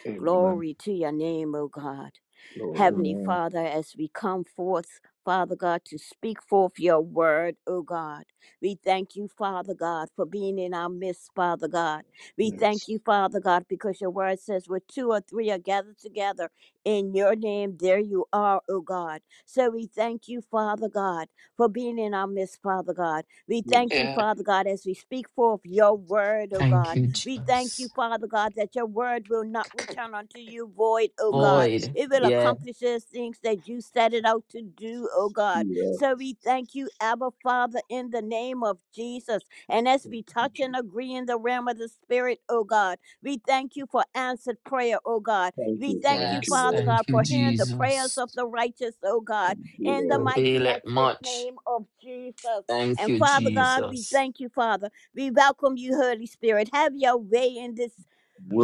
Amen.
Glory to your name, O God.
Glory.
Heavenly Father, as we come forth, Father God, to speak forth your word, O God. We thank you, Father God, for being in our midst, Father God. We thank
Yes.
you, Father God, because your word says where two or three are gathered together in your name, there you are, O God. So we thank you, Father God, for being in our midst, Father God. We thank
Yes.
you,
Yeah.
Father God, as we speak forth your word, O God.
Thank you,
We thank you,
Jesus.
Father God, that your word will not return unto you void, O God.
Yes.
Void.
It will
Yeah.
accomplish those things that you set it out to do, O God.
Yes.
So we thank you, Abba Father, in the name of Jesus. And as we
Thank
touch and
you.
agree in the realm of the Spirit, O God, we thank you for answered prayer, O God.
Thank
We
you.
thank you,
Thank you,
Yes.
Father
Lord.
God,
Thank you,
for
Thank
hearing
you.
the prayers
Jesus.
of the righteous, O God,
Thank you,
in the
Lord.
mighty,
Avail it
matchless
much.
name of Jesus.
Thank
And
you,
Father
Amen.
God, we
Jesus.
thank you, Father. We welcome you, Holy Spirit. Have your way in this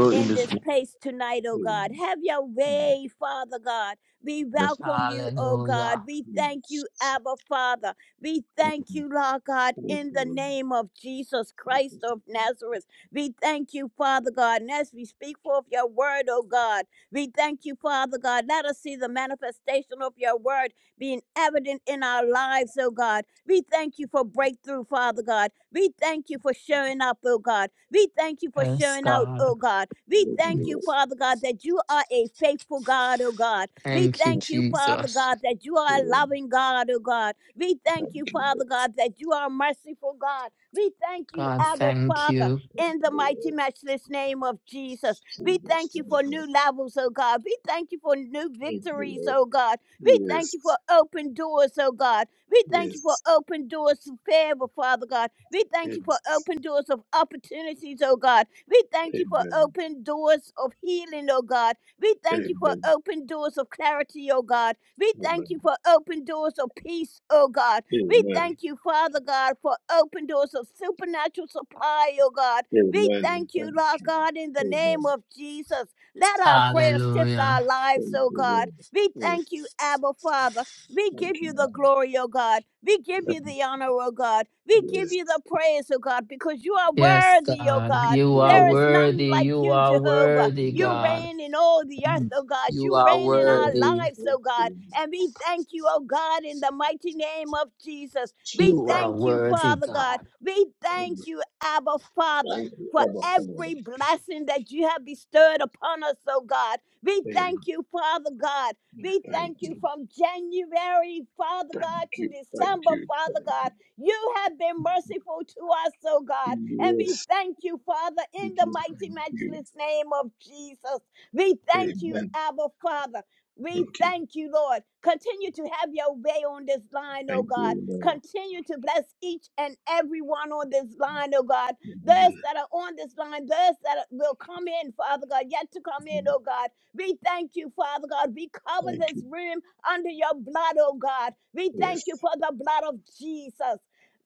in this place tonight, oh God.
Amen.
Have your way, Father God. We welcome you, oh God.
Hallelujah.
We thank
Yes.
you, Abba Father. We thank you, Lord God,
Thank
in
you,
the
Lord.
name of Jesus Christ
Jesus.
of Nazareth. We thank you, Father God. And as we speak forth your word, oh God, we thank you, Father God. Let us see the manifestation of your word being evident in our lives, oh God. We thank you for breakthrough, Father God. We thank you for showing up, oh God. We thank you for
Yes,
showing out, oh
God.
God. We
Thank
thank you,
you,
Father God, that you are a faithful God, oh God. We
Thank you,
thank you, Father
Jesus.
God, that you
Lord.
are a
Amen.
loving God, oh God. We thank you,
Thank you,
Father God, that you are a merciful God. We thank you,
God,
Abba
thank
Father,
you.
in the mighty,
Lord.
matchless name of Jesus. We thank
Jesus.
you for
Amen.
new levels, oh God. We thank you for new
Thank you,
victories,
Lord.
oh God. We thank you
Yes.
for open doors, oh God. We thank you for
Yes.
open doors of favor, Father God. We thank you for
Yes.
open doors of opportunities, oh God. We thank you for
Amen.
open doors of healing, oh God. We thank you for
Amen.
open doors of clarity, oh God. We
Amen.
thank you for open doors of peace, oh God. We
Amen.
thank you, Father God, for open doors of supernatural supply, oh God. We
Amen.
thank you,
Thank
Lord
you.
God, in the name
Amen.
of Jesus. Let our prayers shift
Hallelujah.
our lives,
Thank
oh
you,
God.
Lord.
We
Yes.
thank you, Abba Father. We
Thank
give
you.
you the
Lord.
glory, O God. We give you the honor, O God. We give
Yes.
you the praise, O God, because you are
Yes,
worthy, O
God,
God.
you are
There
Yes.
is none
worthy.
like
You
you,
are
Jehovah.
worthy,
You
Yes. Yes.
God.
reign in all the earth, O God.
You
You
are
reign in our
worthy.
lives,
Yes.
O God. And we thank you, O God, in the mighty name of Jesus. We
Yes.
You
Thank
are
thank you,
worthy,
Father God.
God.
We thank
you.
you, Abba Father
Thank you,
for
Abba Father.
every blessing that you have bestowed upon us, oh God. We
Amen.
thank you, Father God. We
Thank
thank you
you.
from January, Father
Thank
God, to
you. Thank
December,
you.
Father God. You have been merciful to us, oh God. And we
Yes.
thank you, Father,
We
in the
do
mighty,
Thank you.
matchless name of Jesus. We thank you,
Amen.
Abba, Father. We
Thank you.
thank you, Lord. Continue to have your way on this line, oh
Thank
God.
you, Lord.
Continue to bless each and every one on this line, oh God. Those
Amen.
that are on this line, those that are- will come in, Father God, yet to come in, oh God. We thank you, Father God. We cover
Thank
this
you.
room under your blood, oh God. We
Yes.
thank you for the blood of Jesus.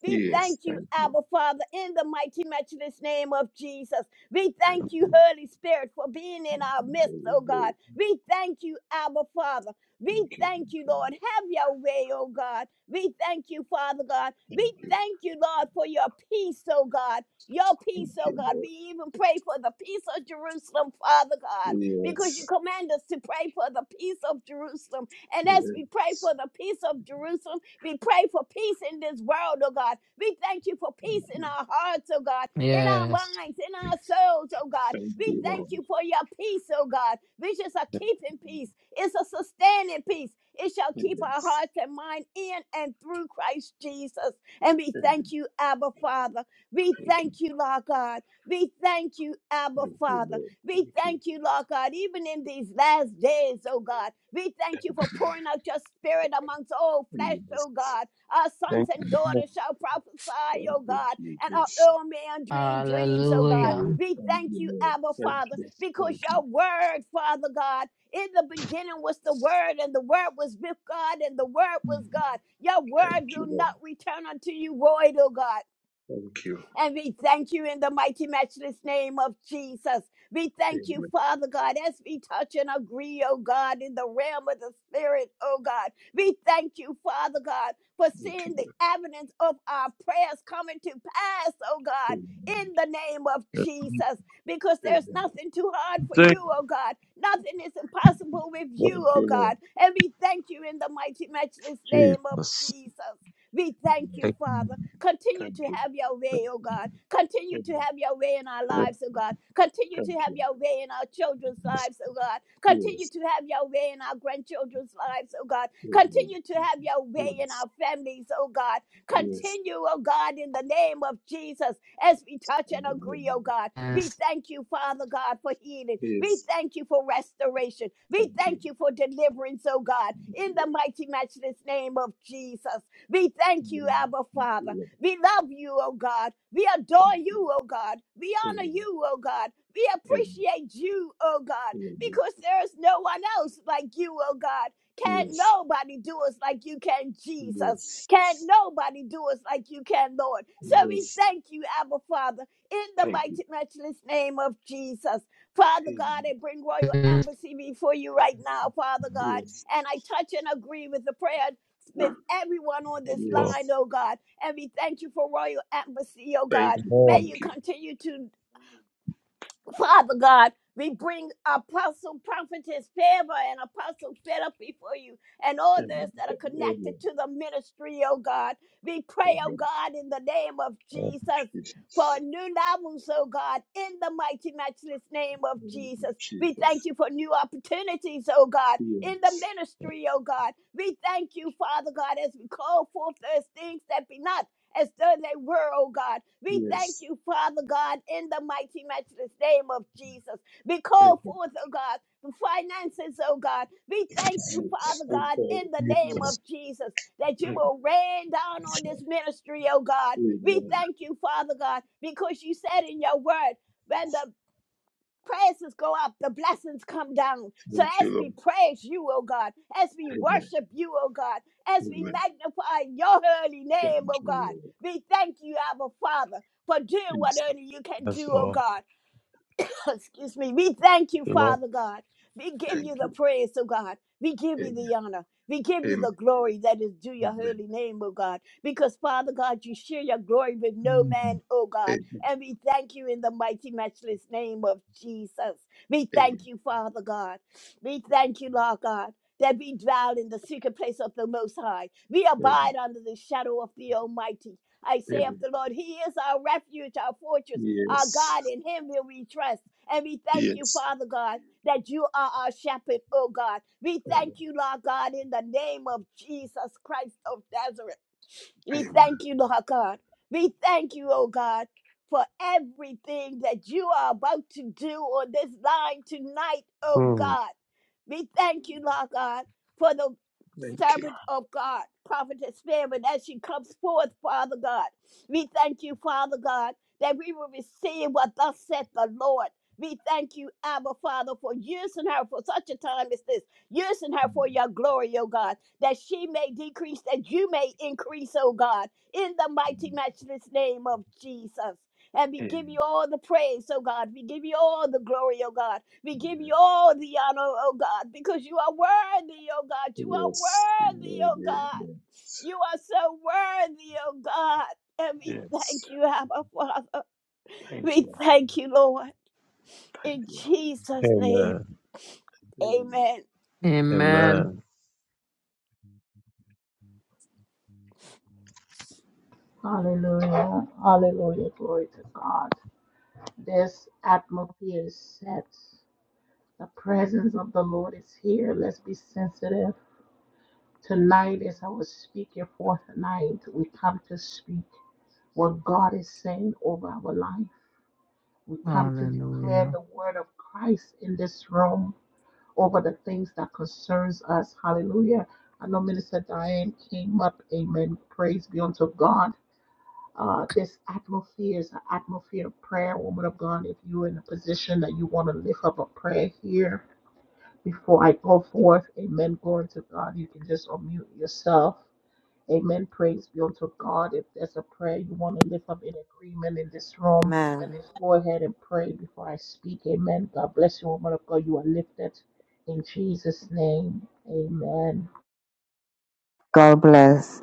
We
Yes.
thank you,
Thank you.
Abba Father, in the mighty, matchless name of Jesus. We thank you, Holy Spirit, for being in our midst,
Thank
oh God. We thank you, Abba Father. We
you.
thank you, Lord. Have your way, oh God. We thank you, Father God. We thank you, Lord, for your peace, oh God. Your peace,
Thank
oh
you.
God. We
Lord.
even pray for the peace of Jerusalem, Father God because
Yes.
you command us to pray for the peace of Jerusalem. And as we pray
Yes.
for the peace of Jerusalem, we pray for peace in this world, oh God. We thank you for peace in our hearts, oh God, in our
Yes.
minds, in our souls, oh God.
Thank
We
you, Lord.
thank you for your peace, oh God, which is a keeping peace, it's a sustaining peace. It shall keep our
Yes.
hearts and mind in and through Christ Jesus. And we
And
thank you, Abba Father. We
thank you,
thank you, Lord God. We thank you, Abba
thank you,
Father.
Lord.
We
Thank you,
thank you, Lord God, even in these last days, oh God. We thank you for pouring out your spirit amongst all flesh,
Lord. Yes.
oh God. Our sons and daughters shall prophesy,
Thank
oh
you,
God, and our
Jesus.
old man dream dreams, oh God.
Yeah,
Hallelujah.
We
Thank
thank
you,
you,
Lord.
Abba
Thank
Father,
you. Thank
because
you.
your word, Father God, in the beginning was the Word, and the Word was with God, and the Word was God. Your
Thank
Word
you,
will
Lord.
not return unto you void, O God.
Thank you.
And we thank you in the mighty, matchless name of Jesus. We thank you,
Amen.
Father God, as we touch and agree, oh God, in the realm of the Spirit, oh God. We thank you, Father God, for
Thank you.
seeing the evidence of our prayers coming to pass, oh God,
Amen.
in the name of Jesus, because there's
Amen.
nothing too hard for you, oh God. Nothing is impossible with you,
Thank
oh
you, Lord.
God. And we thank you in the mighty, matchless name of Jesus. We thank you, Father. Continue to
Thank you.
have your way, oh God. Continue
Amen.
to have your way in our lives, oh God. Continue to
Thank
have
you.
your way in our children's lives, oh God. Continue
Yes.
to have your way in our grandchildren's lives, oh God.
Amen.
Continue to have your way in
Yes.
our families, oh God.
Yes.
Continue, oh God, in the name of Jesus, as we touch and agree,
Amen.
oh God. We
Yes.
thank you, Father God, for healing. We
Yes.
thank you for restoration. We
Thank you.
thank you for deliverance, oh God, in the mighty, matchless name of Jesus. We thank you,
Amen.
Abba Father.
Amen.
We love you, oh God. We
Thank
adore
you.
you, oh God. We honor
Amen.
you, oh God. We
Amen.
appreciate you, oh God,
Amen.
because there is no one else like you, oh God. Can't
Yes.
nobody do us like you can, Jesus. Can't
Yes.
nobody do us like you can, Lord. So we
Yes,
thank you, Abba Father, in the
thank you.
mighty, matchless name of Jesus. Father God,
Amen.
I bring Royal
Yes.
Embassy before you right now, Father God,
Yes,
and I touch and agree with the prayer with everyone on this line,
yes.
oh God. And we thank you for Royal Embassy, oh
Thank
God.
you,
May you
thank you.
continue to, Father God, we bring Apostle Prophetess Favor and Apostle Philip before you and all those
Amen.
that are
Amen.
connected to the ministry, oh God. We pray, oh
Amen.
God, in the name of Jesus.
Jesus.
For new levels, oh God, in the mighty, matchless name of
Amen.
Jesus. We thank
Jesus.
you for new opportunities, oh God,
Yeah.
in the ministry, oh God. We thank you, Father God, as we call forth those things that be not as though they were, oh God. We thank
Yes.
you, Father God, in the mighty, matchless name of Jesus. We call
Amen.
forth, oh God, the finances, oh God. We thank you,
Yes.
Father God,
Okay.
in the name
Yes.
of Jesus, that you
Amen.
will rain down on this ministry, oh God. We
Amen.
thank you, Father God, because you said in your word, when the praises go up, the blessings come down. So
Thank
as
you,
we
Lord.
praise you, O God, as we
Amen.
worship you, O God, as we
Amen.
magnify your holy name,
Thank
O
you,
God,
Lord.
we thank you, our Father, for doing what
Yes.
only you can do, O God. excuse me. We thank you, Father God. We give
Thank
you the praise, oh God. We give
you.
you
Amen.
the honor. We give you
Amen.
the glory that is due your holy name, oh God. Because, Father God, you share your glory with no man, oh God.
Amen.
And we thank you in the mighty, matchless name of Jesus. We
Amen.
thank you, Father God. We thank you, Lord God. That we dwell in the secret place of the Most High. We
Amen.
abide under the shadow of the Almighty. I say of
Amen.
the Lord, He is our refuge, our fortress our
Yes.
God, in Him will we trust. And we thank you,
Yes.
Father God, that you are our shepherd, oh God. We
Amen.
thank you, Lord God, in the name of Jesus Christ of Nazareth. We
Amen.
thank you, Lord God. We thank you, oh God, for everything that you are about to do on this line tonight, oh God. We thank you, Lord God, for the
Thank you.
servant of God, prophetess Fairman, as she comes forth, Father God. We thank you, Father God, that we will receive what thus saith the Lord. We thank you, Abba Father, for using her for such a time as this, using her for your glory, oh God that she may decrease, that you may increase, oh God, in the mighty, matchless name of Jesus. And we give you
Amen.
all the praise, oh God. We give you all the glory, oh God. We give you all the honor, oh God, because you are worthy, oh God. You are
Yes.
worthy,
Amen.
oh God.
Amen.
You are so worthy, oh God. And we
Yes.
thank you, Abba Father.
Thank
We
you.
thank you, Lord.
Thank
In
you.
Jesus' name,
Mm,
amen.
Amen.
Hallelujah. Hallelujah. Glory to God. This atmosphere is set. The presence of the Lord is here. Let's be sensitive. Tonight, as I was speaking for tonight, we come to speak what God is saying over our life. We come to declare
Hallelujah.
the word of Christ in this room over the things that concerns us. Hallelujah. I know Minister Diane came up. Amen. Praise be unto God. Uh, this atmosphere is an atmosphere of prayer, woman of God. If you're in a position that you want to lift up a prayer here, before I go forth. Amen. Glory to God. You can just unmute yourself. Amen. Praise be unto God. If there's a prayer you want to lift up in agreement in this room,
Amen.
just go ahead and pray before I speak. Amen. God bless you, woman of God. You are lifted in Jesus' name. Amen.
God bless.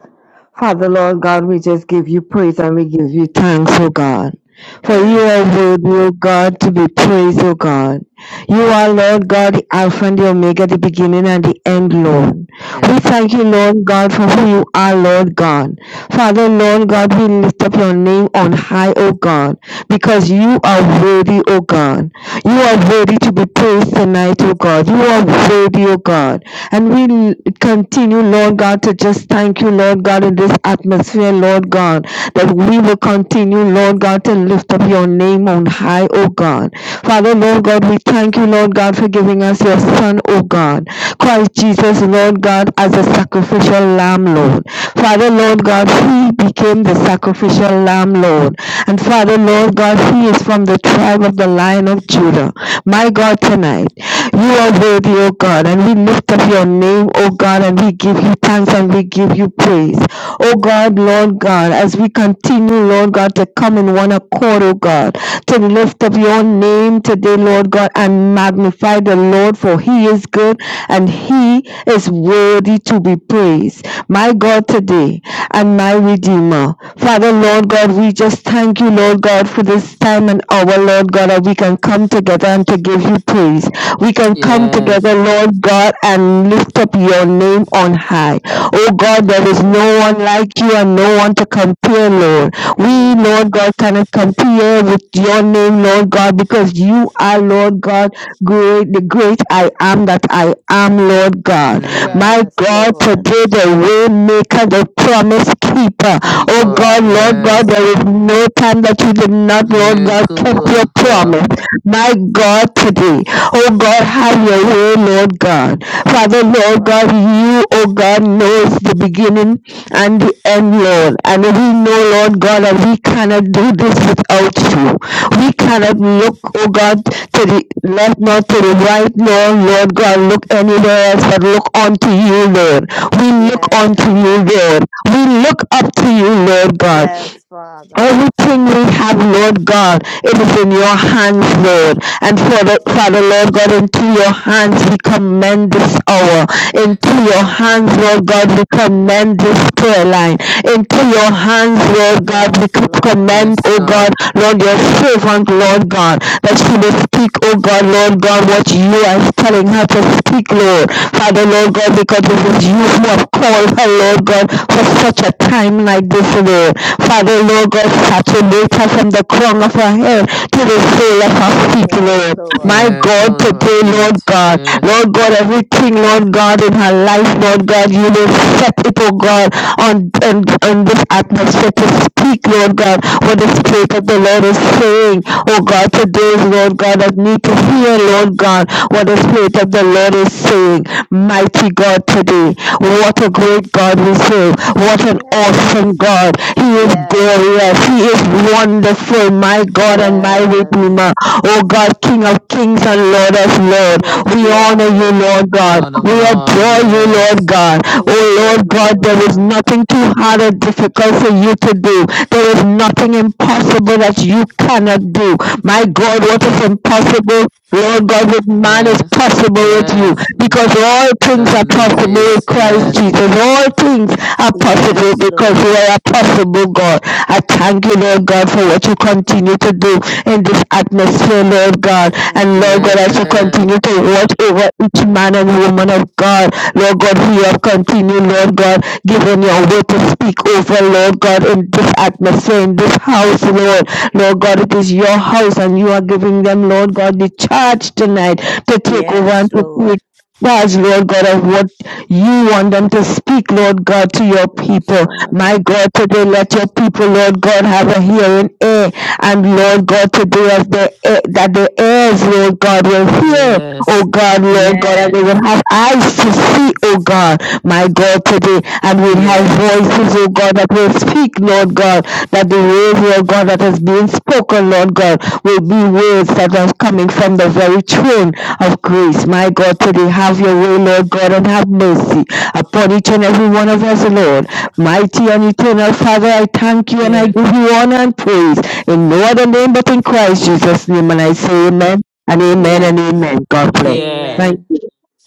Father, Lord God, we just give you praise and we give you thanks, O God. For you
Yeah,
are worthy, O God, to be praised, O God. You are, Lord God, the Alpha and the Omega, the beginning and the end, Lord. We
yeah.
thank you, Lord God, for who you are, Lord God. Father, Lord God, we lift up your name on high, O God, because you are worthy, O God. You are worthy to be praised tonight, O God. You are worthy, O God. And we l- continue, Lord God, to just thank you, Lord God, in this atmosphere, Lord God, that we will continue, Lord God, to lift up your name on high, O God. Father, Lord God, we thank you, Lord God, for giving us your Son, O God. Christ Jesus, Lord God, as a sacrifice sacrificial lamb, Lord. Father, Lord God, he became the sacrificial lamb, Lord. And Father, Lord God, he is from the tribe of the lion of Judah. My God, tonight, you are worthy, O God, and we lift up your name, O God, and we give you thanks and we give you praise. O God, Lord God, as we continue, Lord God, to come in one accord, O God, to lift up your name today, Lord God, and magnify the Lord, for he is good and he is worthy to be praised. My God today and my Redeemer. Father, Lord God, we just thank you, Lord God, for this time and hour, Lord God, that we can come together and to give you praise. We can come
Yes.
together, Lord God, and lift up your name on high. Oh God, there
Yes,
is no
Lord.
one like you and no one to compare, Lord. We, Lord God, cannot compare with your name, Lord God, because you are, Lord God, great, the great I am that I am, Lord God.
Yes.
My
Yes,
God,
Lord.
today the way maker, the promise keeper. Oh
Keeper.
God,
Yes,
Lord God,
Yes.
there
Lord.
is no time that you did not, Lord God,
Miracle
keep your
worker.
promise. My God, today. Oh God, have your way, Lord God. Father,
Yes,
Lord God,
Father.
you, oh God, knows the beginning and the end, Lord. And we know, Lord God, that we cannot do this without you. We cannot look, O God, to the left nor to the right, nor, Lord God, look anywhere else, but look unto you, Lord. We look
Yes,
unto you,
Lord.
Lord. We look up to you, Lord God.
Yes, Father.
Everything we have, Lord God, it is in your hands, Lord. And for the, Father, Lord God, into your hands we commend this hour. Into
Yes,
your hands,
God.
Lord God, we commend this prayer line. Into your hands, Lord God, we
Yes, Lord.
commend,
Yes,
O
God.
God, Lord, your servant, Lord God, that she may speak, oh God, Lord God, what you are telling her to speak, Lord. Father, Lord God, because it is you who have called her, Lord God, for such a time like this, Lord. Father, Lord God, saturate her from the crown of her head to the sole of her feet,
Yes,
Lord.
Lord.
My
Yes,
God,
soul of our
today,
feet.
Lord God,
Yes,
Lord God, everything, Lord God, in her life, Lord God, you will set it, oh God, on, on, on this atmosphere to speak, Lord God, what the Spirit of the Lord is saying, oh God, today, Lord God, that need to hear, Lord God, what the Spirit of the Lord is saying, mighty God, today. What a great God we serve. What an
Yes.
awesome God. He is
Yes,
glorious. He
Lord.
is wonderful, my God and my
Yes.
Redeemer. Oh God, King of kings and Lord of lords.
Yes,
We
you are,
honor you,
Lord.
Lord God.
Lord of
We
Lords.
adore you, Lord
Yes,
God.
We
Oh
adore
Lord God,
you,
there
O
is
God.
nothing too hard or difficult for you to do. There is nothing impossible that you cannot do. My God, what is impossible? Lord God, with man is
yes,
possible with you
yes. It
because all things are
doesn't
possible with
exist.
Christ
Yes,
Jesus. All things are possible
Yes,
because you
Lord.
are a possible God. I thank you, Lord God, for what you continue to do in this atmosphere, Lord God.
Thank
And
you,
Lord God,
yes,
as you
Father.
continue to watch over over each man and woman of God. Lord God, who you have continued, Lord God, given your will to speak over, Lord God, in this atmosphere, in this house, Lord. Lord God, it is your house and you are giving them, Lord God, the charge tonight to take over
Yes,
and to
Lord.
take charge, Lord God, of what you want them to speak, Lord God, to your
Yes,
people. My
Father.
God, today let your people, Lord God, have a hearing ear. And Lord God, today as they, that the ears, Lord God, will hear Oh
yes,
God, Lord God, and they
yes,
will have eyes to see, oh God, my God, today, and we'll have
yes,
voices, oh God, that will speak, Lord God, that the words, Lord God, that is being spoken, Lord God, will be words that are coming from the very throne of grace. My God, today, have your way, Lord God, and have mercy upon each and every one of us, Lord. Mighty and eternal Father, I thank you and I
yes,
give you honor and praise in no other name but in Christ Jesus' name, and I say amen. And amen and
Yes.
amen. God bless.
yes.
Thank
Amen.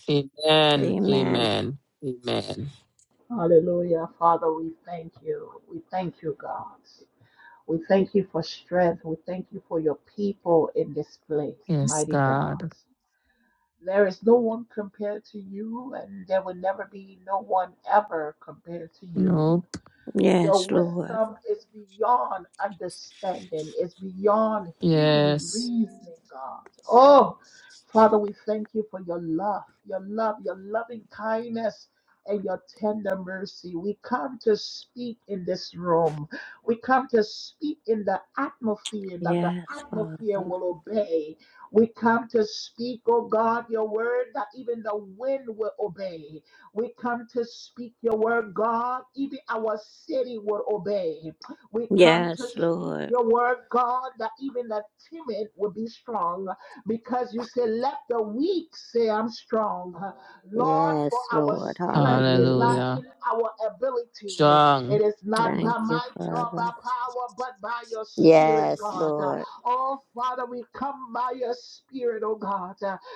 Amen,
Amen.
amen, amen.
Hallelujah. Father, we thank you. We thank you, God. We thank you for strength. We thank you for your people in this place,
Yes,
mighty God.
God.
There is no one compared to you, and there will never be no one ever compared to you.
Nope.
Your
Yes, Lord.
wisdom is beyond understanding, it's beyond human
Yes.
reasoning, God. Oh, Father, we thank you for your love, your love, your loving kindness. And your tender mercy. We come to speak in this room. We come to speak in the atmosphere that the
Yes,
atmosphere
Father.
will obey. We come to speak, oh God, your word that even the wind will obey. We come to speak your word, God. Even our city will obey. We come to
Yes,
speak
Lord.
your word, God, that even the timid will be strong because you say, Let the weak say, I'm strong. Lord, for
Yes,
our
Lord.
strength is not
Hallelujah.
in
Hallelujah.
our ability, it
Strong.
is not
Thank
by
you,
might nor by
Father.
power, but by your spirit,
Yes,
God.
Lord.
Oh, Father, we come by your spirit, oh God.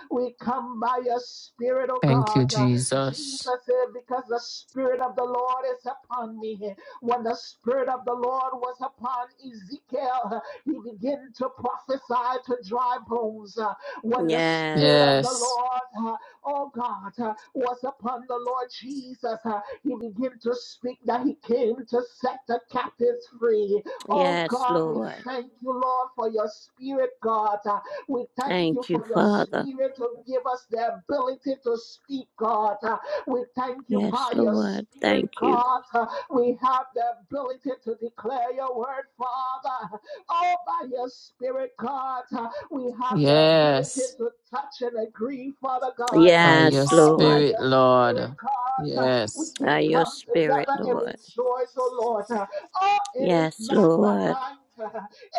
We come by your spirit, oh
Thank you,
God. Jesus
Jesus.
said, Because the Spirit of the Lord is upon me. When the Spirit of the Lord was upon Ezekiel, he began to prophesy to dry bones. Uh, When the Spirit
Yes.
of the
Yes,
Lord, uh, oh God, uh, was upon the Lord Jesus, uh, he began to speak that he came to set the captives free. Oh
Yes,
God, we
Lord.
thank you, Lord, for your Spirit, God. We thank you
Thank you,
for your
Father.
spirit to give us the ability to speak, God. Uh, We thank you
Yes,
by your
Lord.
spirit,
Thank you.
God. Uh, We have the ability to declare your word, Father. Oh, by your spirit, God. Uh, We have the ability
yes.
to touch and agree, Father God. Uh,
by your
Yes,
Oh, by
Lord.
spirit,
your
Lord.
spirit, God. Uh, We
Yes.
By
can
your
come
spirit,
together and
Lord.
rejoice, oh Lord. Uh, Oh, it is
Yes,
not by
Lord.
might.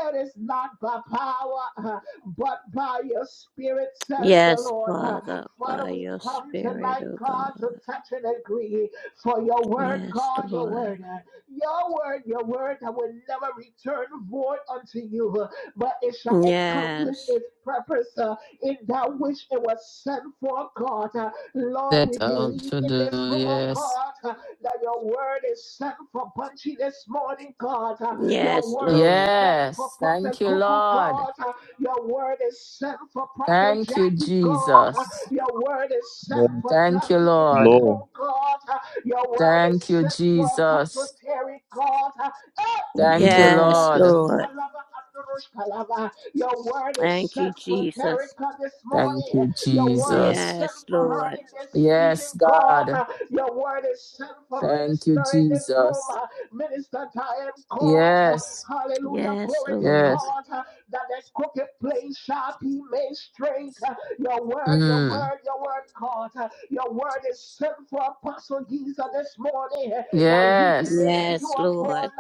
It is not by power. but by your spirit, says the
Yes,
Lord. uh,
Father.
Father,
By
we
your
come
spirit,
tonight,
O
God,
God.
to touch and agree for your word,
Yes,
God, your
Lord.
word. uh, Your word, your word that will never return void unto you, uh, but it shall accomplish
Yes.
its purpose uh, in that which it was sent for, God. Uh, Lord,
That
we
out
believe
to
in
do.
this room, oh
Yes.
God, uh, that your word is sent for Bunchy this morning, God. Uh, Your
Yes,
word is
Lord.
sent for
Yes.
Prophet
Thank you,
Cuckoo,
Lord.
God. Uh, your word is sent for Prophet
Thank you,
Jackie, God.
Jesus.
Your word is sent for
Thank you,
Dudley in this
Lord.
room, God. Your word is
Thank you,
sent for Apostle
Jesus.
Terry, God. Eh,
Thank you,
Yes,
Ikodalaba,
Lord.
Lord.
Italaba, Androshkalaba. Your word is
Thank
sent
you,
for
Jesus.
Terica this
Thank
morning.
you,
Your word is
Jesus.
sent
Yes,
for her
Lord.
in this season,
Yes,
God.
God.
Your word is sent for
Thank you,
minister in this
Jesus.
room. Minister, I am caught.
Yes.
Hallelujah.
Yes,
Glory to
Lord.
Yes.
God. That the crooked place shall be made straight. Your word, your
Mm.
word, your word, God. Your word is sent for Apostle Giza this morning. That weeping
Yes.
may
Yes,
endure for
Lord.
a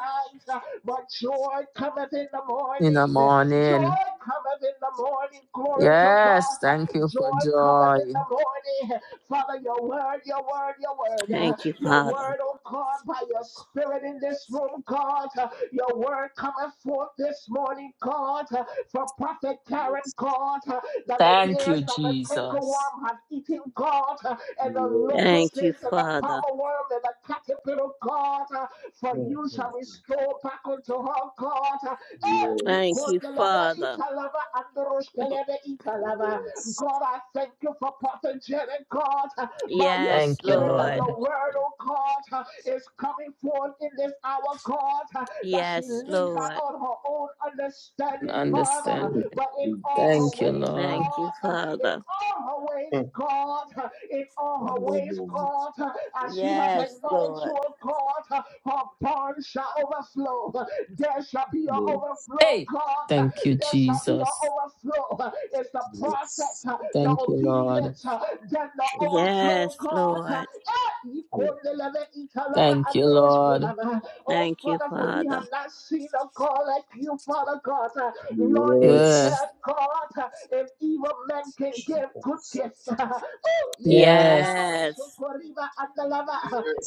night. But joy cometh in the
In the
morning.
morning.
Joy cometh in the morning. Glory to
Yes.
God.
Thank you for
Joy cometh in
joy.
the morning. Father, your word, your word, your word, uh,
Thank you,
your
Father.
word, oh God, by your spirit in this room, God, uh, your word coming forth this morning, God, uh, from Prophet Karen,
Yes.
God, uh, that the
Thank
mm,
years
you,
that the
Yes.
Jesus.
cankerworm have eaten, God, uh, and the
Yes.
locusts
Thank you,
and the
Father.
palmer worm and the caterpillar, God, uh, for
Mm,
you shall
mm, mm.
restore back unto her, God, uh, eh,
Thank
Yes.
you, Father.
Yes.
God, I thank you for Prophet Janet, God, by your
Yes,
Thank you,
Mm,
spirit and
Lord.
Lord.
your word, oh God, is coming forth in this hour, God, that she
Yes,
lean not
Lord.
on her own
And
understanding, Father,
understand.
mm,
it.
but in
mm,
all
Yes.
her
Thank you,
ways,
Thank
Lord.
you,
God, in
Father.
all her ways,
Mm.
God, in all her ways,
Hallelujah.
God, as she have
Yes,
acknowledged
Lord.
you, O God, her barn shall overflow. There shall be an
Yes.
overflow,
Hey,
God,
mm,
thank you,
there shall be an
Jesus.
overflow. It's the process,
Yes.
uh, the
Thank you, Lord.
obedience, uh, then the
Thank
Yes,
overflow, God.
Lord.
Eh,
you.
Thank you, Lord.
Oh,
Thank you,
Father, for we
Father.
have not seen a God like you, Father God. Lord, you
Yes.
Yes,
said, God, if evil men can
Thank
give
you.
good
Yes.
gifts, oh, yeah, da, da, da,
yes.
da, so,
Yes.
Koriba, and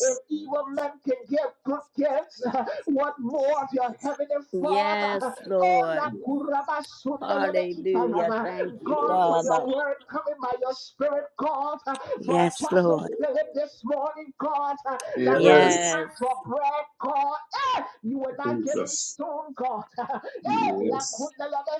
if evil men can give good gifts, what more of your
Yes.
heavenly
Yes,
Father? Oh, la
Lord.
Yes.
kuraba sundelebe
Hallelujah.
italava.
Thank you,
God, for
Father.
your word coming by your spirit, God, uh, for
Yes,
Apostle
Lord.
Philip this morning, God, uh, that as he
Yes.
Yes.
asked for bread, God, eh, you were not giving
Jesus.
stone, God. Eh, la
Yes.
kundelebe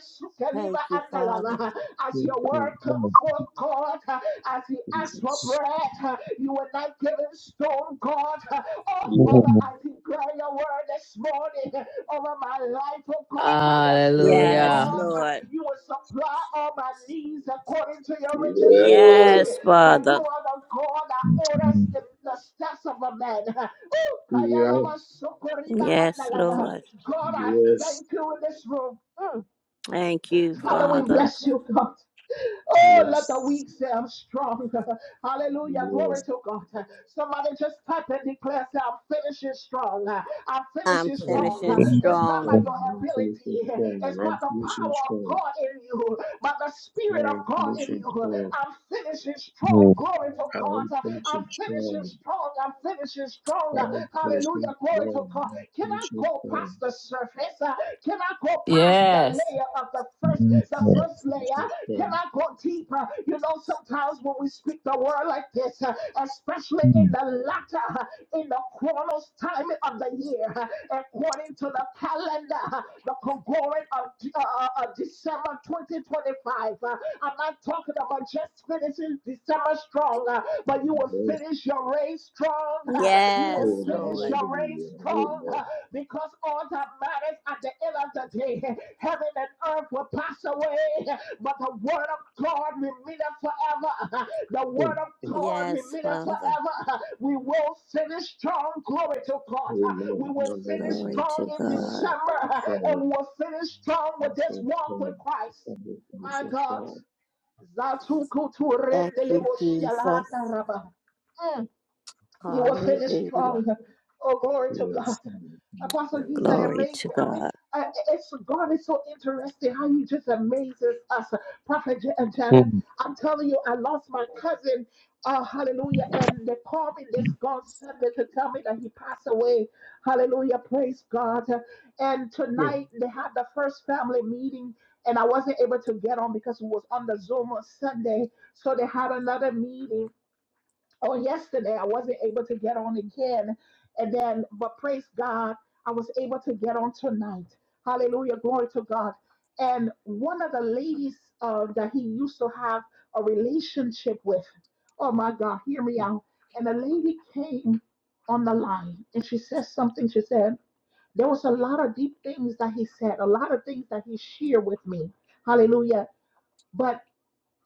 Thank
sukeliva
you, Father.
andalava. As
Mm,
your word
mm,
come forth, God, uh, as he asked for
Jesus.
bread, uh, you were not giving stone, God. Oh,
Yeah.
Father, I declare your word this morning over my life, oh God, by your spirit,
Yeah.
Yes,
Hallelujah.
God.
Lord.
You will supply all my needs according to your riches in glory.
Yes,
For you
Father.
are the God that orders the, the steps of a man.
Yeah.
Yes, Lord.
God, I
Yes.
thank you in this room. Mm.
Thank you,
Father, we
Father.
bless you, God. Oh, let the
Yes.
weak say I'm strong. Hallelujah. Glory
Yes.
to God. Somebody just type and declare, say, I'm finishing strong. I'm
I'm
finishing
I'm
strong.
finishing
finishing
It's not
strong.
by
strong.
your
I'm finishing
ability,
strong.
it's by
I'm
the
finishing
power of
strong.
God in you, by the Spirit of
I'm
God in
finishing
you.
strong.
I'm finishing strong. Glory to
I'm
God.
finishing
I'm finishing
strong.
strong. I'm finishing strong.
I'm finishing
Hallelujah. Glory to
strong.
God.
I'm
Can I
finishing
go
strong.
past the surface? Can I go past the
Yes.
layer of the first, the
I'm
first layer?
finishing
Can
strong.
I go deeper? You know, sometimes when we speak the word like this, uh, especially in the latter, uh, in the chronos time of the year, uh, according to the calendar, uh, the Gregorian of uh, uh, December 2025, uh, I'm not talking about just finishing December strong, uh, but you will
Yes.
finish your race strong. uh, You will
Yes,
Amen.
Finish
Lord.
your race
Hallelujah.
strong uh, because all that matters at the end of the day, heaven and earth will pass away, but the word of God remaineth forever. The
Amen.
word of God
Yes,
remaineth
Father.
forever. We will finish strong. Glory to God. Uh,
Amen.
We will
Hallelujah.
finish
Glory
strong
to
in
Hallelujah.
God.
December
Strong.
and we will finish strong
and
with this
faith
walk with
faith
Christ.
and the and
My
so
God.
strong.
Zatukutu
Thank
rendele
you, Jesus.
moshialanda raba. You word is
Hallelujah.
strong. Oh, glory
He
to God.
is and he
Apostle
is
Giza
Glory
amazed
to
me. I mean,
God.
I- it's God is so interesting how He just amazes us. Prophet Ja- uh, Janet, I'm telling you, I lost my cousin. Uh, hallelujah. And they called me this God Sunday to tell me that he passed away. Hallelujah. Praise God. And tonight they had the first family meeting, and I wasn't able to get on because it was on the Zoom on Sunday. So they had another meeting on yesterday. I wasn't able to get on again. And then, but praise God, I was able to get on tonight. Hallelujah. Glory to God. And one of the ladies uh, that he used to have a relationship with, oh my God, hear me out. And the lady came on the line and she said something. She said, There was a lot of deep things that he said, a lot of things that he shared with me. Hallelujah. But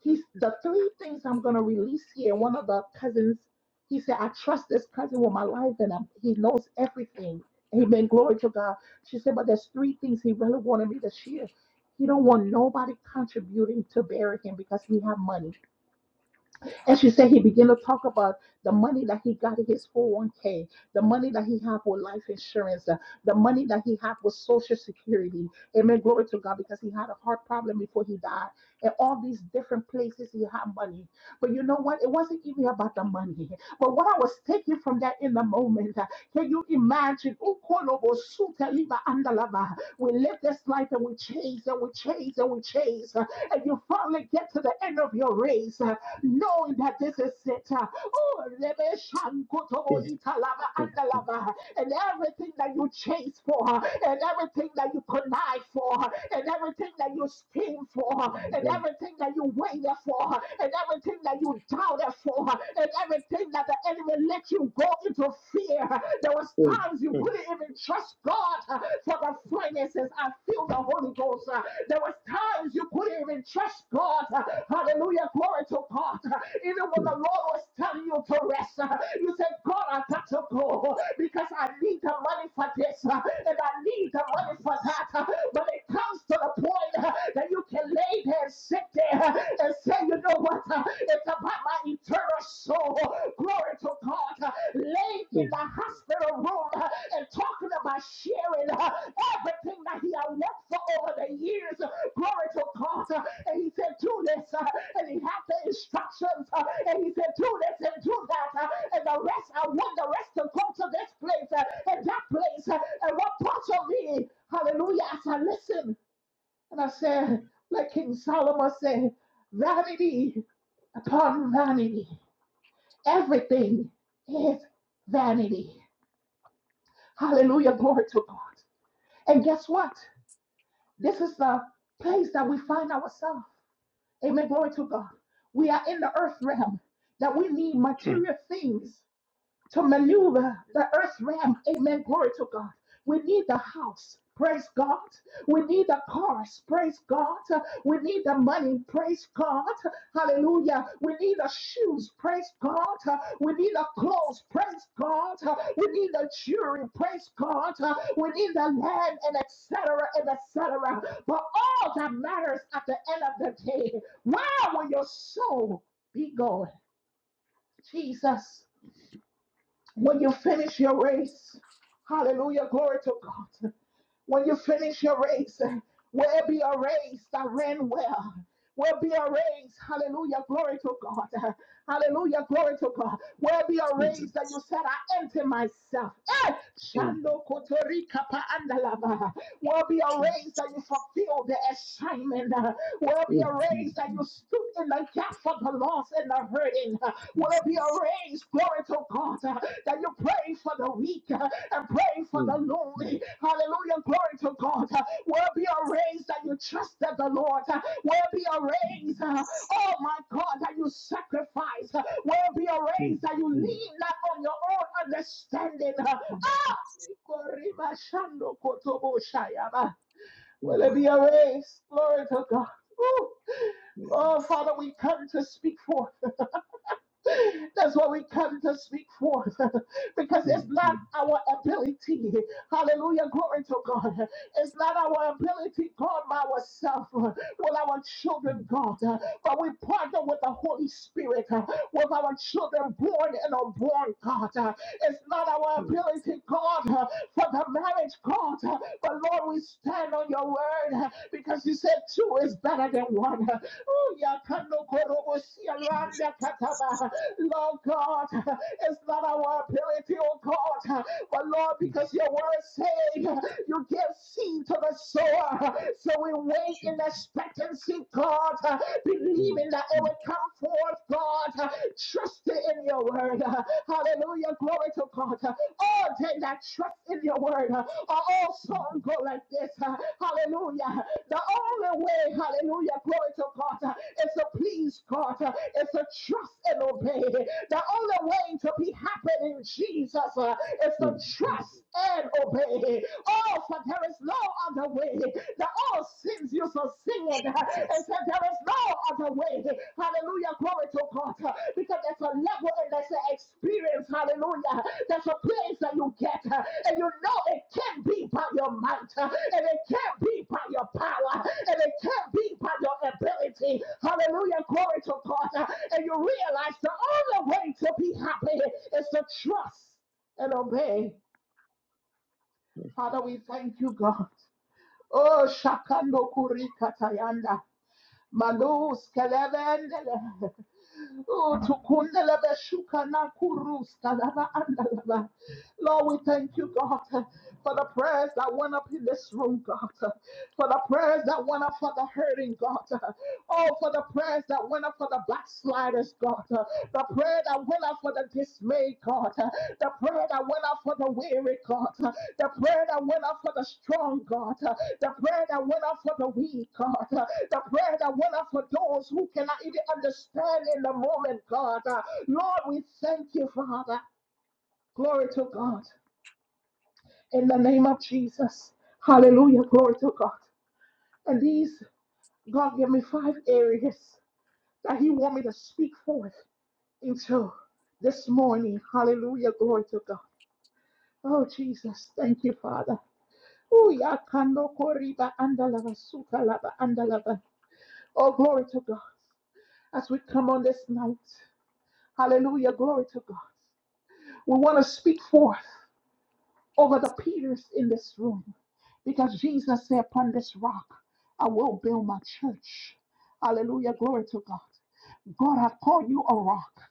he's the three things I'm gonna release here. One of the cousins, he said, I trust this cousin with my life, and I'm, he knows everything. Amen. Glory to God. She said, but there's three things he really wanted me to share. He don't want nobody contributing to bury him because he have money. And she said he began to talk about the money that he got in his 401k, the money that he had for life insurance, uh, the money that he had for social security. Amen. Glory to God because he had a heart problem before he died. And all these different places he had money. But you know what? It wasn't even about the money. But what I was taking from that in the moment, uh, can you imagine? Ukolobo suteliba andalava. We live this life and we chase and we chase and we chase. uh, And you finally get to the end of your race, uh, knowing that this is it. uh, Oh, Rebe Shankotobo Italava Andalava and everything that you chase for, and everything that you connive for, and everything that you scheme for, and everything that you waited for, and everything that you doubted for, and everything that the enemy let you go into fear. There was times you couldn't even trust God uh, for the finances. I feel the Holy Ghost. Uh, There was times you couldn't you even trust God. Hallelujah. Glory to God. Even when the Lord was telling you to rest, you said, God, I got to go because I need the money for this and I need the money for that. But it comes to the point that you can lay there and sit there and say, you know what? It's about my eternal soul. Glory to God laying in the hospital room uh, and talking about sharing uh, everything that he had worked for over the years. Uh, Glory to God. Uh, And he said, Do this. uh, And he had the instructions. uh, And he said, Do this and do that. uh, And the rest, I want the rest to go to this place uh, and that place. uh, And what parts of me, hallelujah, as I listened, and I said, like King Solomon said, vanity upon vanity. Everything is vanity. Hallelujah. Glory to God. And guess what? This is the place that we find ourselves. Amen. Glory to God. We are in the earth realm that we need material things to maneuver the earth realm. Amen. Glory to God. We need the house. Praise God. We need the cars. Praise God. We need the money. Praise God. Hallelujah. We need the shoes. Praise God. We need the clothes. Praise God. We need the jewelry. Praise God. We need the land and etc. and etc. But all that matters at the end of the day, where will your soul be going? Jesus. When you finish your race, hallelujah, glory to God. When you finish your race, where be a race that ran well? Where be a race? Hallelujah. Glory to God. Hallelujah. Glory to God. Where be a race that you said, I empty myself. Eh! Shando kotorika pa andalava. Where be a race that you fulfilled the assignment. Where be a race that you stood in the gap for the lost and the hurting. Where be a race, glory to God, that you prayed for the weak and pray for the lonely. Hallelujah. Glory to God. Uh, Where be a raise that you trusted the Lord. Uh, Where be a raise, uh, oh my God, that you sacrifice. Uh, Where be a raise that you lean not on your own understanding. Uh, Ah! Will it be a raise? Glory to God. Ooh. Oh, Father, we come to speak forth. That's what we come to speak forth because it's not our ability. Hallelujah. Glory to God. It's not our ability, God, by ourselves, with our children, God. But we partner with the Holy Spirit, with our children born and unborn, God. It's not our ability, God, for the marriage, God. But Lord, we stand on your word because you said two is better than one. Ooh, Lord God, it's not our ability, oh God, but Lord, because your word said you give seed to the sower. So we wait in expectancy, God, believing that it will come forth, God, trusting in your word. Hallelujah, glory to God. All they that trust in your word are also go like this. Hallelujah. The only way, hallelujah, glory to God, uh, is to please God, uh, is to trust and obey. The only way to be happy in Jesus uh, is to trust and obey. Oh, for there is no other way. The old sins used to sing it uh, and said, There is no other way. Hallelujah, Glory to God. uh, Because there's a level and there's an experience. Hallelujah. There's a place that you get. uh, And you know it can't be by your might. uh, And it can't be by your power. And it can't be by your ability. Hallelujah. Glory to God. uh, And you realize the only way to be happy is to trust and obey. Father, we thank you, God. Oh, Shakando Kurikatayanda. Malus kelevendele. Oh, tukundelebe shukana kurus kalava andalava. Lord, we thank you, God, for the prayers that went up in this room, God, for the prayers that went up for the hurting, God, oh, for the prayers that went up for the backsliders, God, uh, the prayer that went out for the dismayed, God, uh, the prayer that went out for the weary, God, uh, the prayer that went out for the strong, God, uh, the prayer that went out for the weak, God, uh, the prayer that went out for those who cannot even understand in the moment, God. uh, Lord, we thank you, Father. Glory to God. In the name of Jesus. Hallelujah. Glory to God. And these, God gave me five areas that He want me to speak forth And so this morning, hallelujah, glory to God. Oh, Jesus, thank you, Father. Oh, yakando koriba andalava sukalaba andalava. Oh, glory to God. As we come on this night, hallelujah, glory to God. We want to speak forth over the Peters in this room because Jesus said, Upon this rock, I will build my church. Hallelujah, glory to God. God, I call you a rock.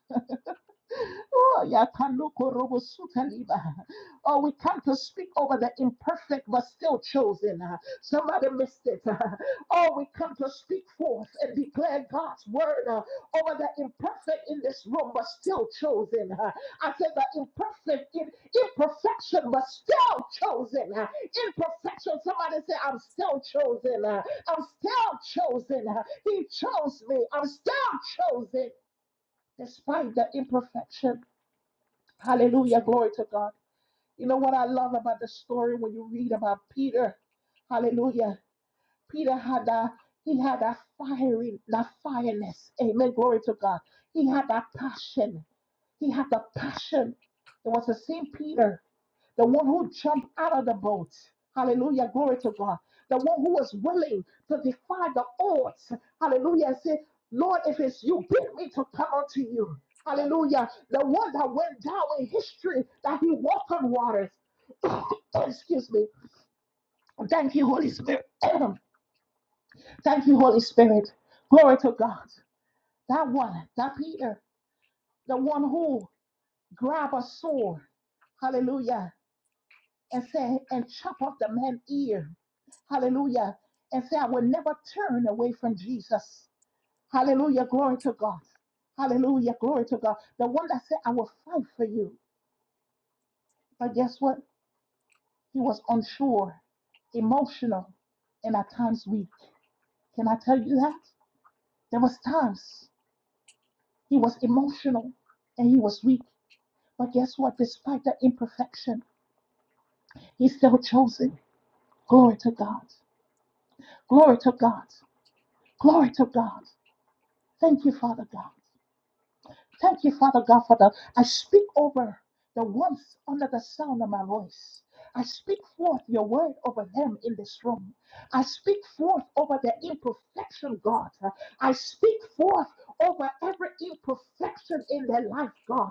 Oh, yakanoko robo suta liba. Oh, we come to speak over the imperfect but still chosen. Somebody missed it. Oh, we come to speak forth and declare God's word uh, over the imperfect in this room but still chosen. I said the imperfect in imperfection but still chosen. Imperfection. Somebody say, I'm still chosen. I'm still chosen. He chose me. I'm still chosen despite the imperfection. Hallelujah. Glory to God. You know what I love about the story when you read about Peter? Hallelujah. Peter had that, he had that fiery, that fireness. Amen. Glory to God. He had that passion. He had the passion. It was the same Peter, the one who jumped out of the boat. Hallelujah. Glory to God. The one who was willing to defy the odds. Hallelujah. And say, Lord, if it's you, bid me to come unto you. Hallelujah. The one that went down in history, that he walked on waters. Excuse me. Thank you, Holy Spirit. Thank you, Holy Spirit. Glory to God. That one, that Peter, the one who grabbed a sword, hallelujah, and said, and chop off the man's ear, hallelujah, and say, I will never turn away from Jesus. Hallelujah, glory to God. Hallelujah, glory to God. The one that said, I will fight for you. But guess what? He was unsure, emotional, and at times weak. Can I tell you that? There was times. He was emotional and he was weak. But guess what? Despite the imperfection, he's still chosen. Glory to God. Glory to God. Glory to God. Thank you, Father God. Thank you, Father God, for the. I speak over the ones under the sound of my voice. I speak forth your word over them in this room. I speak forth over their imperfection, God. I speak forth over every imperfection in their life, God.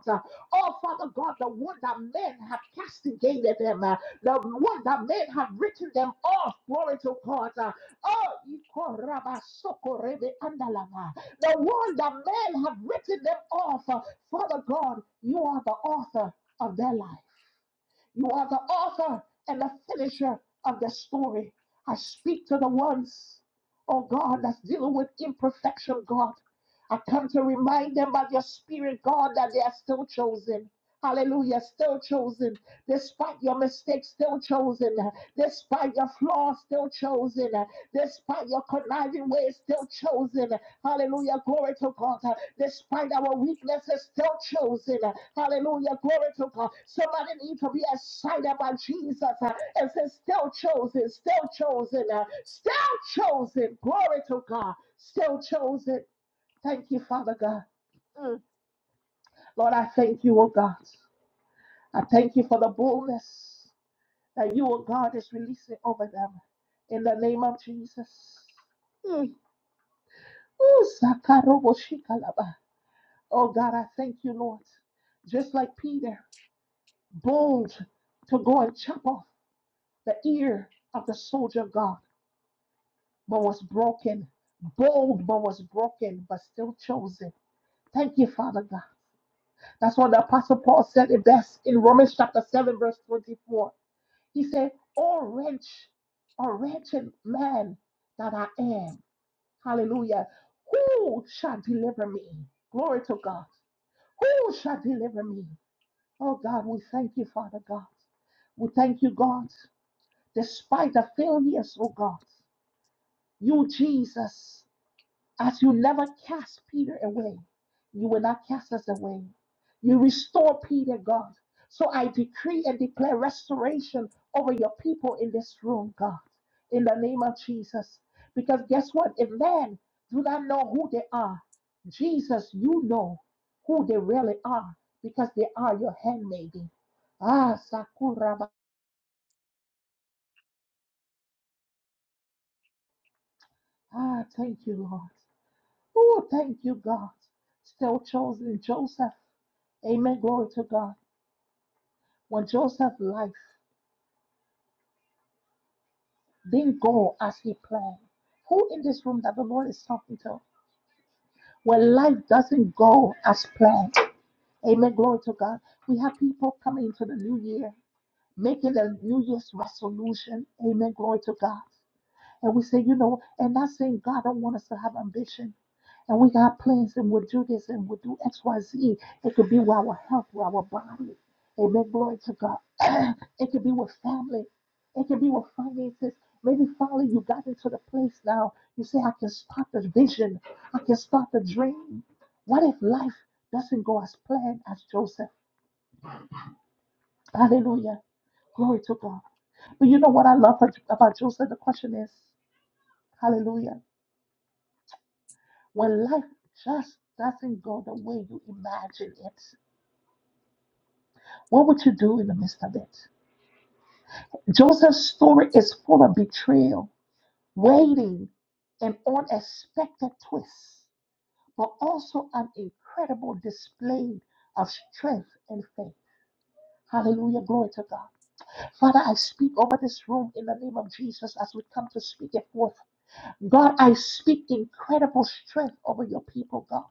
Oh, Father God, the one that men have castigated them, uh, the one that men have written them off, glory to God. Uh, Oh, Ikorabasoko Rebe Andalama. The one that men have written them off, uh, Father God, you are the author of their life. You are the author and the finisher of their story. I speak to the ones, oh God, that's dealing with imperfection, God. I come to remind them by your spirit, God, that they are still chosen. Hallelujah. Still chosen. Despite your mistakes, still chosen. Despite your flaws, still chosen. Despite your conniving ways, still chosen. Hallelujah. Glory to God. Despite our weaknesses, still chosen. Hallelujah. Glory to God. Somebody need to be excited about Jesus and say, still chosen, still chosen, still chosen. Glory to God. Still chosen. Thank you, Father God. Lord, I thank you, oh God. I thank you for the boldness that you, oh God, is releasing over them. In the name of Jesus. Mm. Ooh, sakaroboshikalaba. Oh God, I thank you, Lord. Just like Peter, bold to go and chop off the ear of the soldier of God, but was broken. Bold, but was broken, but still chosen. Thank you, Father God. That's what the Apostle Paul said in, best, in Romans chapter 7, verse 24. He said, Oh, wretch, a wretched man that I am. Hallelujah. Who shall deliver me? Glory to God. Who shall deliver me? Oh, God, we thank you, Father God. We thank you, God, despite the failures, oh God. You, Jesus. As you never cast Peter away, you will not cast us away. You restore Peter, God. So I decree and declare restoration over your people in this room, God, in the name of Jesus. Because guess what? If men do not know who they are, Jesus, you know who they really are because they are your handmaiden. Ah, Sakura. Ah, thank you, Lord. Oh, thank you, God. Still chosen Joseph. Amen. Glory to God. When Joseph's life didn't go as he planned, who in this room that the Lord is talking to? When life doesn't go as planned. Amen. Glory to God. We have people coming into the new year, making their New Year's resolution. Amen. Glory to God. And we say, you know, and not saying God don't want us to have ambition. And we got plans and we'll do this and we'll do X, Y, Z. It could be with our health, with our body. Amen. Glory to God. it could be with family. It could be with finances. Maybe finally you got into the place now. You say, I can start the vision. I can start the dream. What if life doesn't go as planned as Joseph? Hallelujah. Glory to God. But you know what I love about Joseph? The question is, hallelujah. When life just doesn't go the way you imagine it, what would you do in the midst of it? Joseph's story is full of betrayal, waiting, and unexpected twists, but also an incredible display of strength and faith. Hallelujah. Glory to God. Father, I speak over this room in the name of Jesus as we come to speak it forth. God, I speak incredible strength over your people, God.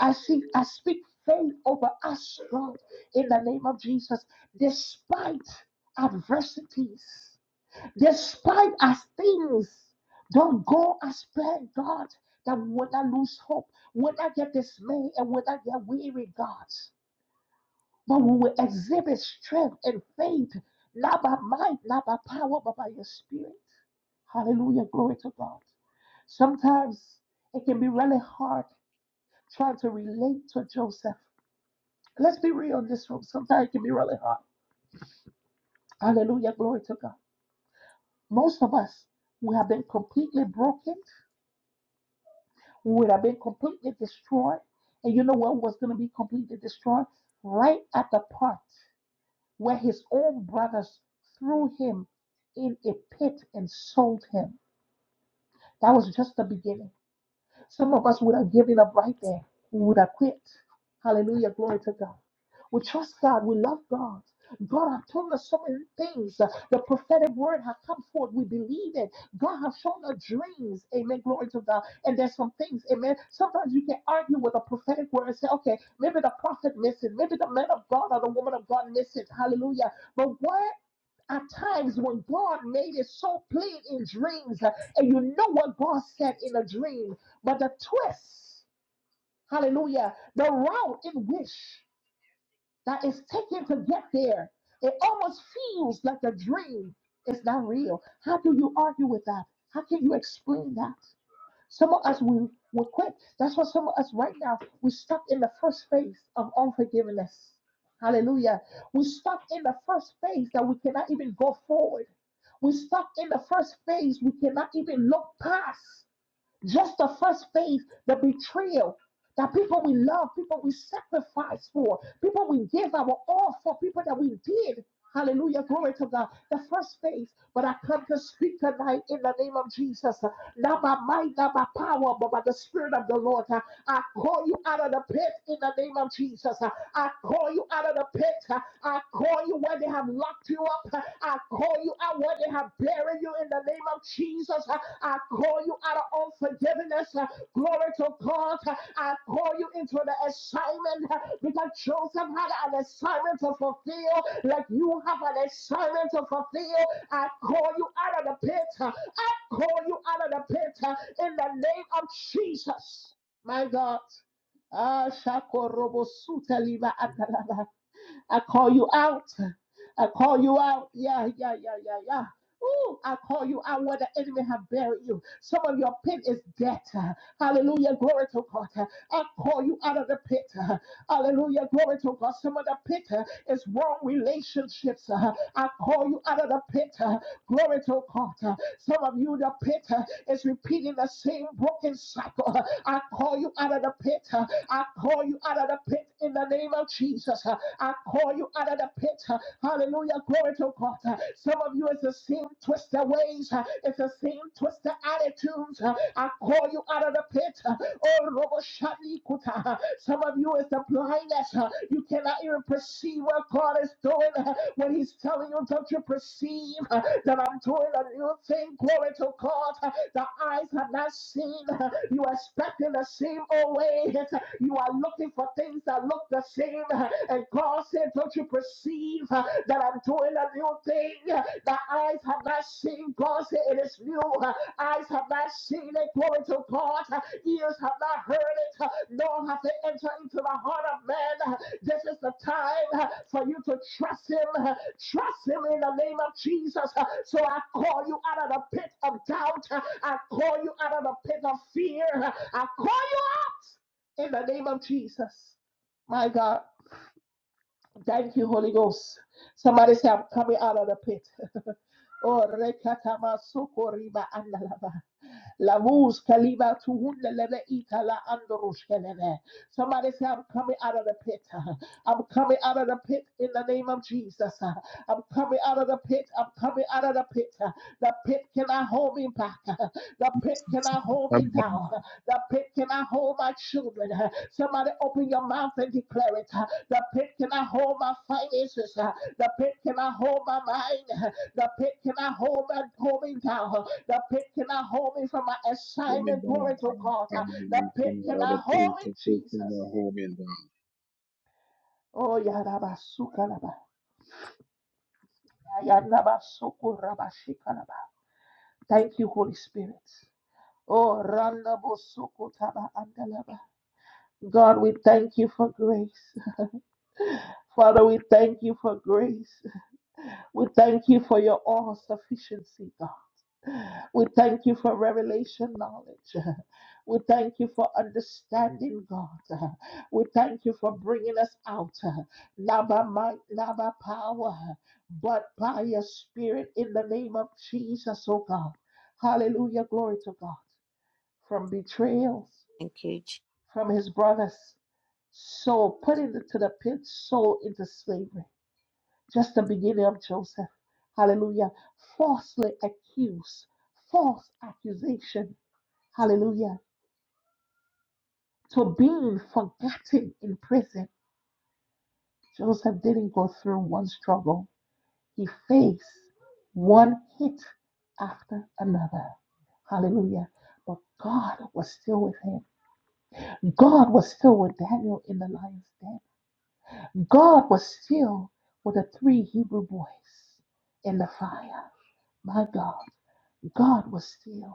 I see I speak faith over us, Lord, in the name of Jesus, despite adversities, despite as things don't go as planned, God, that we will not lose hope, we will not get dismayed, and we will not get weary, God. But we will exhibit strength and faith, not by might, not by power, but by your spirit. Hallelujah. Glory to God. Sometimes it can be really hard trying to relate to Joseph Let's be real in this room. Sometimes it can be really hard. Hallelujah. Glory to God. Most of us, we have been completely broken. We would have been completely destroyed. And you know what was going to be completely destroyed? Right at the part where his own brothers threw him in a pit and sold him. That was just the beginning. Some of us would have given up right there. We would have quit. Hallelujah. Glory to God. We trust God. We love God. God has told us so many things. The prophetic word has come forth. We believe it. God has shown us dreams. Amen. Glory to God. And there's some things. Amen. Sometimes you can argue with a prophetic word and say, okay, maybe the prophet missed it. Maybe the man of God or the woman of God missed it. Hallelujah. But what at times when God made it so plain in dreams, uh, and you know what God said in a dream, but the twist, hallelujah, the route in which that it's taken to get there. It almost feels like a dream. It's not real. How do you argue with that? How can you explain that? Some of us we we quit. That's why some of us right now we stuck in the first phase of unforgiveness. Hallelujah. We stuck in the first phase that we cannot even go forward. We stuck in the first phase we cannot even look past. Just the first phase, the betrayal. That people we love, people we sacrifice for, people we give our all for, people that we did. Hallelujah. Glory to God. The first phase. But I come to speak tonight in the name of Jesus. Not by might, not by power, but by the Spirit of the Lord. I call you out of the pit in the name of Jesus. I call you out of the pit. I call you where they have locked you up. I call you out where they have buried you in the name of Jesus. I call you out of unforgiveness. Glory to God. I call you into the assignment because Joseph had an assignment to fulfill, like you have an assignment to fulfill. I call you out of the pit. I call you out of the pit in the name of Jesus. My God. Ah, I call you out. I call you out. Yeah, yeah, yeah, yeah, yeah. Ooh, I call you out where the enemy have buried you. Some of your pit is debt. Hallelujah. Glory to God. I call you out of the pit. Hallelujah. Glory to God. Some of the pit uh, is wrong relationships. uh, I call you out of the pit. uh, Glory to God. Uh, Some of you, the pit uh, is repeating the same broken cycle. Uh, I call you out of the pit. uh, I call you out of the pit in the name of Jesus. Uh, I call you out of the pit. Hallelujah. Glory to God. Some of you, it's the same twisted ways. It's the same twisted attitudes. I call you out of the pit. Oh, Robo Shani Kuta. Some of you, it's the blindness. You cannot even perceive what God is doing when He's telling you, don't you perceive that I'm doing a new thing? Glory to God. The eyes have not seen. You are expecting the same old ways. You are looking for things that look the same. And God said, Don't you perceive uh, that I'm doing a new thing? Uh, The eyes have not seen. God said, It is new. Uh, Eyes have not seen it glory to God. Uh, Ears have not heard it, uh, nor have they entered into the heart of man. Uh, This is the time uh, for you to trust Him. Uh, Trust Him in the name of Jesus. Uh, So I call you out of the pit of doubt. Uh, I call you out of the pit of fear. Uh, I call you out in the name of Jesus. My God. Thank you, Holy Ghost. Somebody say, I'm coming out of the pit. Oh, rekatama sokoriba andalava. Lavuz kaliba tu hunde lebe ita Somebody say, I'm coming out of the pit. I'm coming out of the pit in the name of Jesus. I'm coming out of the pit. I'm coming out of the pit. The pit cannot hold me back. The pit cannot hold me down. The pit cannot hold my children. Somebody open your mouth and declare it. The pit cannot hold my finances. The pit cannot hold my mind. The pit cannot hold my hold me down. The pit cannot hold me from my assignment. Glory to God. The pit cannot hold me, Jesus. Oh, Yarabasukalaba. Yarabasukurabashikalaba. Thank you, Holy Spirit. Oh, Randabosukutaba Andalaba. God, we thank you for grace. Father, we thank you for grace. We thank you for your all sufficiency, God. We thank you for revelation knowledge. We thank you for understanding, God. We thank you for bringing us out, not by might, not by power, but by your spirit in the name of Jesus, oh God. Hallelujah. Glory to God. From betrayals,
Thank you,
from his brothers, sold, put into the pit, sold into slavery. Just the beginning of Joseph. Hallelujah. Falsely accused, false accusation Hallelujah. To being forgotten in prison, Joseph didn't go through one struggle. He faced one hit after another. Hallelujah. But God was still with him. God was still with Daniel in the lion's den. God was still with the three Hebrew boys in the fire. My God, God was still.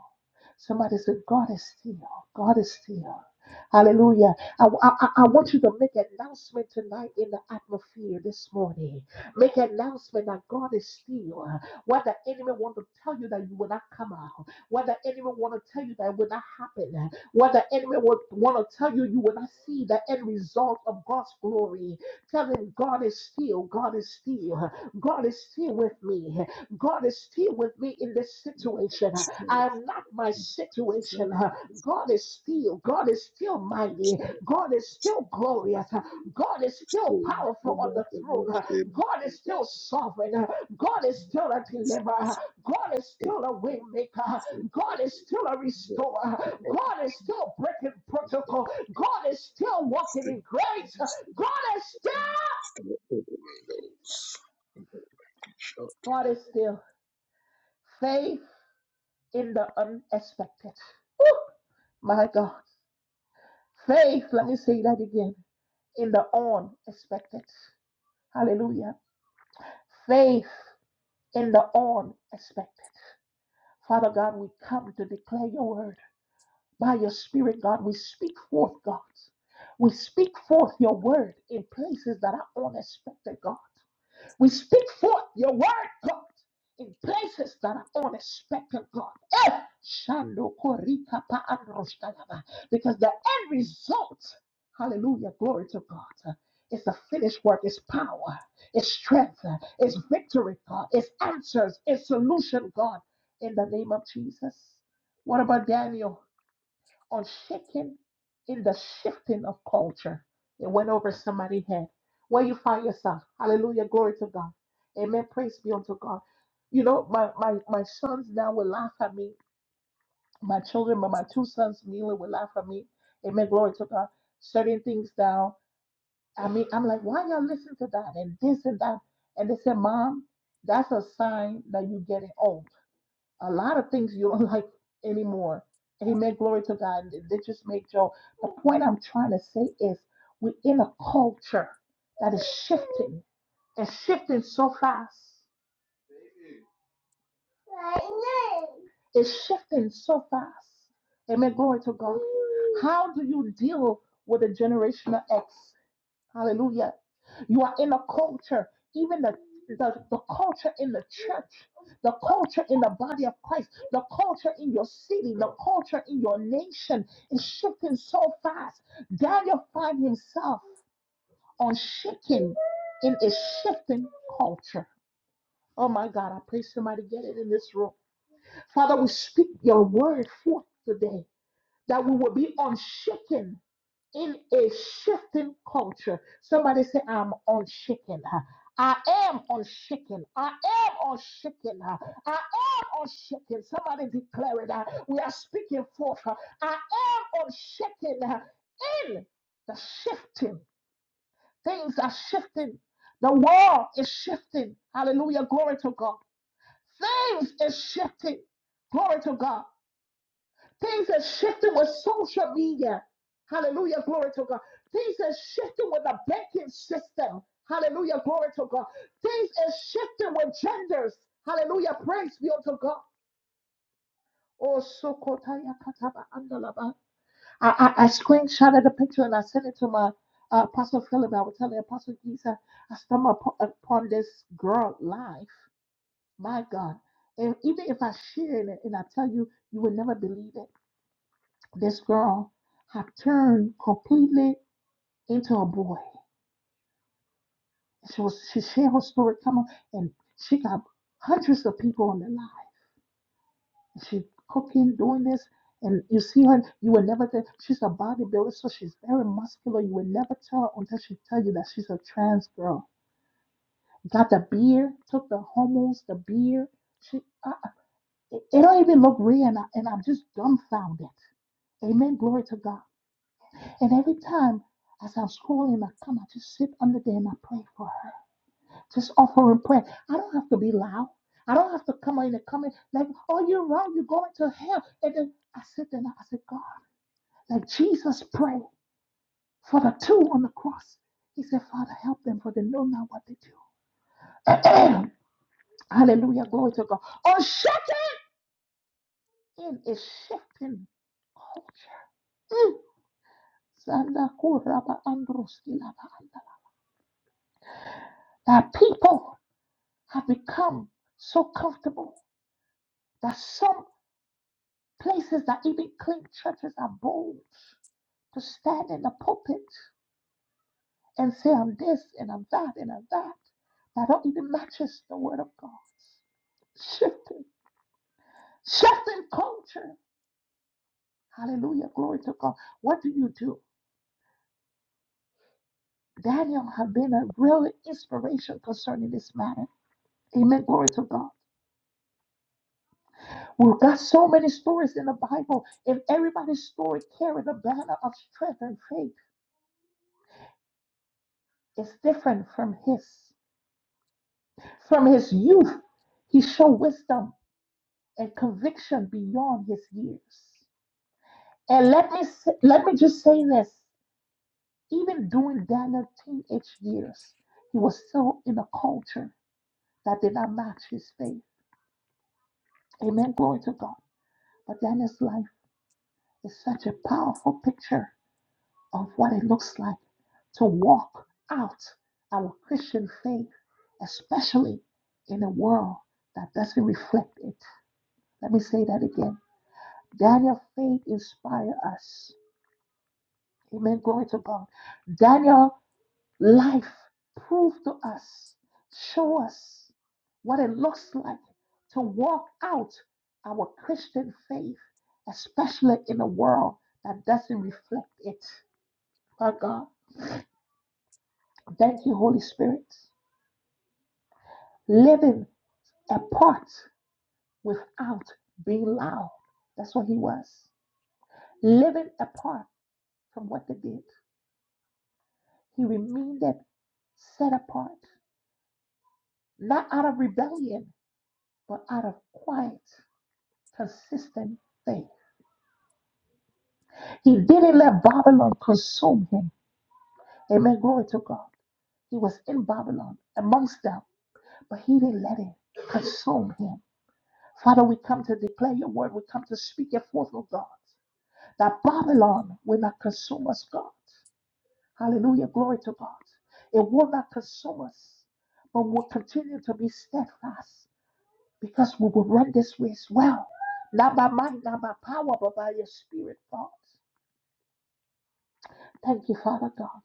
Somebody said, God is still. God is still. Hallelujah. I, I, I want you to make an announcement tonight in the atmosphere this morning. Make an announcement that God is still. What the enemy want to tell you that you will not come out. What the enemy want to tell you that it will not happen. What the enemy will want to tell you you will not see the end result of God's glory. Tell him God is still. God is still. God is still with me. God is still with me in this situation. I'm not my situation. huh. God is still, God is still mighty. God is still glorious. huh. God is still powerful on the throne. huh. God is still sovereign. huh. God is still a
This
deliverer. huh.
is
God is still a waymaker. huh.
the
God is still a
number
restorer. huh.
of
God is still breaking protocol. God is still walking in grace. huh. God is still
things that
Jesus.
is Shut.
God is still faith in the unexpected. Woo! my God. Faith, let me say that again, in the unexpected. Hallelujah. Faith in the unexpected. Father God, we come to declare your word. By your spirit, God, we speak forth, God. We speak forth your word in places that are unexpected, God. We speak forth your word, God, in places that are unexpected, God. Eh, Shando korika pa androshkalaba. Because the end result, hallelujah, glory to God, is the finished work, is power, is strength, is victory, God, is answers, is solution, God, in the name of Jesus. What about Daniel? on shaking in the shifting of culture. It went over somebody's head. Where you find yourself. Hallelujah. Glory to God. Amen. Praise be unto God. You know, my, my, my sons now will laugh at me. My children, but my two sons mainly will laugh at me. Amen. Glory to God. Certain things now. I mean, I'm like, why y'all listen to that and this and that? And they said, Mom, that's a sign that you are getting old a lot of things you don't like anymore. Amen. Glory to God. They just make joke. The point I'm trying to say is we're in a culture that is shifting and shifting so fast. It's shifting so fast. Amen. Glory to God. How do you deal with a generational X? Hallelujah. You are in a culture, even the, the, the culture in the church, the culture in the body of Christ, the culture in your city, the culture in your nation is shifting so fast. Daniel find himself on shaking in a shifting culture. Oh my God, I pray somebody get it in this room. Father, we speak your word forth today that we will be unshaken in a shaken culture. Somebody say, I'm unshaken. I am unshaken. I am unshaken. I am unshaken. Somebody declare it. We are speaking forth. I am unshaken in the shifting. Things are shifting. The world is shifting. Hallelujah. Glory to God. Things is shifting. Glory to God. Things are shifting with social media. Hallelujah, glory to God. Things are shifting with the banking system. Hallelujah, glory to God. Things are shifting with genders. Hallelujah, praise be unto God. Oh, so Sokotaya Kataba Andalaba. I, I, I screenshotted the picture and I sent it to my uh, Apostle Philip. I was telling Apostle Jesus, I stumbled upon upon this girl life. My God. And even if I share it and I tell you, you will never believe it. this girl had turned completely into a boy. She was she shared her story, come on, and she got hundreds of people on the line. She cooking, doing this, and you see her, you will never tell she's a bodybuilder, so she's very muscular. You will never tell until she tell you that she's a trans girl. Got the beer, took the hormones, the beer. She, I, it, it don't even look real, and, I, and I'm just dumbfounded. Amen. Glory to God. And every time as I'm scrolling, I come, I just sit under there and I pray for her. Just offering prayer. I don't have to be loud. I don't have to come in and come in like, oh, you're wrong, you're going to hell. And then I sit there and I said, God, like Jesus prayed for the two on the cross. He said, Father, help them for they know not what they do. Hallelujah, glory to God. Oh, shifting is shifting culture. Mm. That people have become so comfortable that some places that even clean churches are bold to stand in the pulpit and say, I'm this and I'm that and I'm that, that don't even matches the word of God. Shifting, shifting culture. Hallelujah, glory to God. What do you do? Daniel have been a real inspiration concerning this matter. Amen. Glory to God. We've got so many stories in the Bible, and everybody's story carried a banner of strength and faith. Is different from his. From his youth, he showed wisdom and conviction beyond his years. And let me let me just say this: even during Daniel's teenage years, he was still in a culture that did not match his faith. Amen. Glory to God. But Daniel's life is such a powerful picture of what it looks like to walk out our Christian faith, especially in a world that doesn't reflect it. Let me say that again. Daniel's faith inspire us. Amen. Glory to God. Daniel's life proved to us, show us what it looks like to walk out our Christian faith, especially in a world that doesn't reflect it. My God, thank you, Holy Spirit. Living apart without being loud. That's what he was. Living apart from what they did. He remained set apart, not out of rebellion, but out of quiet, consistent faith. He didn't let Babylon consume him. Amen. Glory to God. He was in Babylon amongst them, but he didn't let it consume him. Father, we come to declare your word. We come to speak it forth, oh God, that Babylon will not consume us, God. Hallelujah. Glory to God. It will not consume us, but will continue to be steadfast because we will run this race well, not by might, not by power, but by your spirit, thoughts. Thank you, Father God.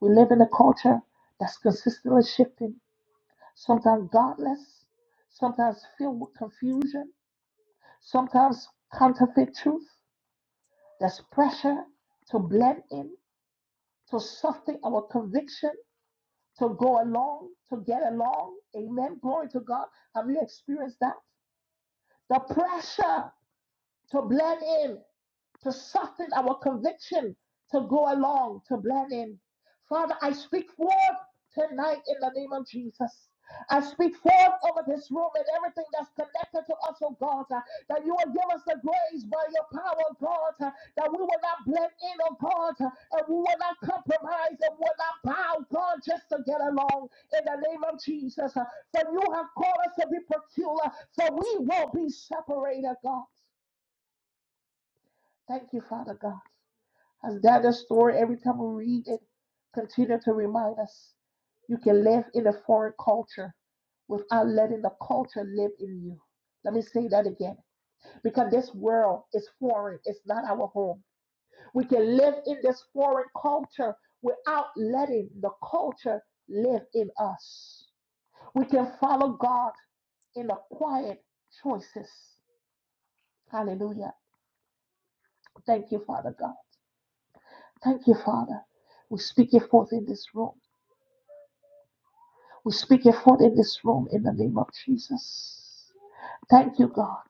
We live in a culture that's consistently shifting, sometimes godless, sometimes filled with confusion, sometimes counterfeit truth. There's pressure to blend in, to soften our conviction, to go along, to get along. Amen. Glory to God. Have you experienced that? The pressure to blend in to soften our conviction, to go along, to blend in. Father, I speak forth tonight in the name of Jesus. I speak forth over this room and everything that's connected to us, oh God, uh, that you will give us the grace by your power, oh God, uh, that we will not blend in, oh God, uh, and we will not compromise and will not bow, God, just to get along in the name of Jesus. uh, For you have called us to be peculiar, so we won't be separated, God. Thank you, Father God. Has that the story every time we read it? Continue to remind us. You can live in a foreign culture without letting the culture live in you. Let me say that again. Because this world is foreign, it's not our home. We can live in this foreign culture without letting the culture live in us. We can follow God in the quiet choices. Hallelujah. Thank you, Father God. Thank you, Father. We speak it forth in this room. We speak your forth in this room in the name of Jesus. Thank you, God.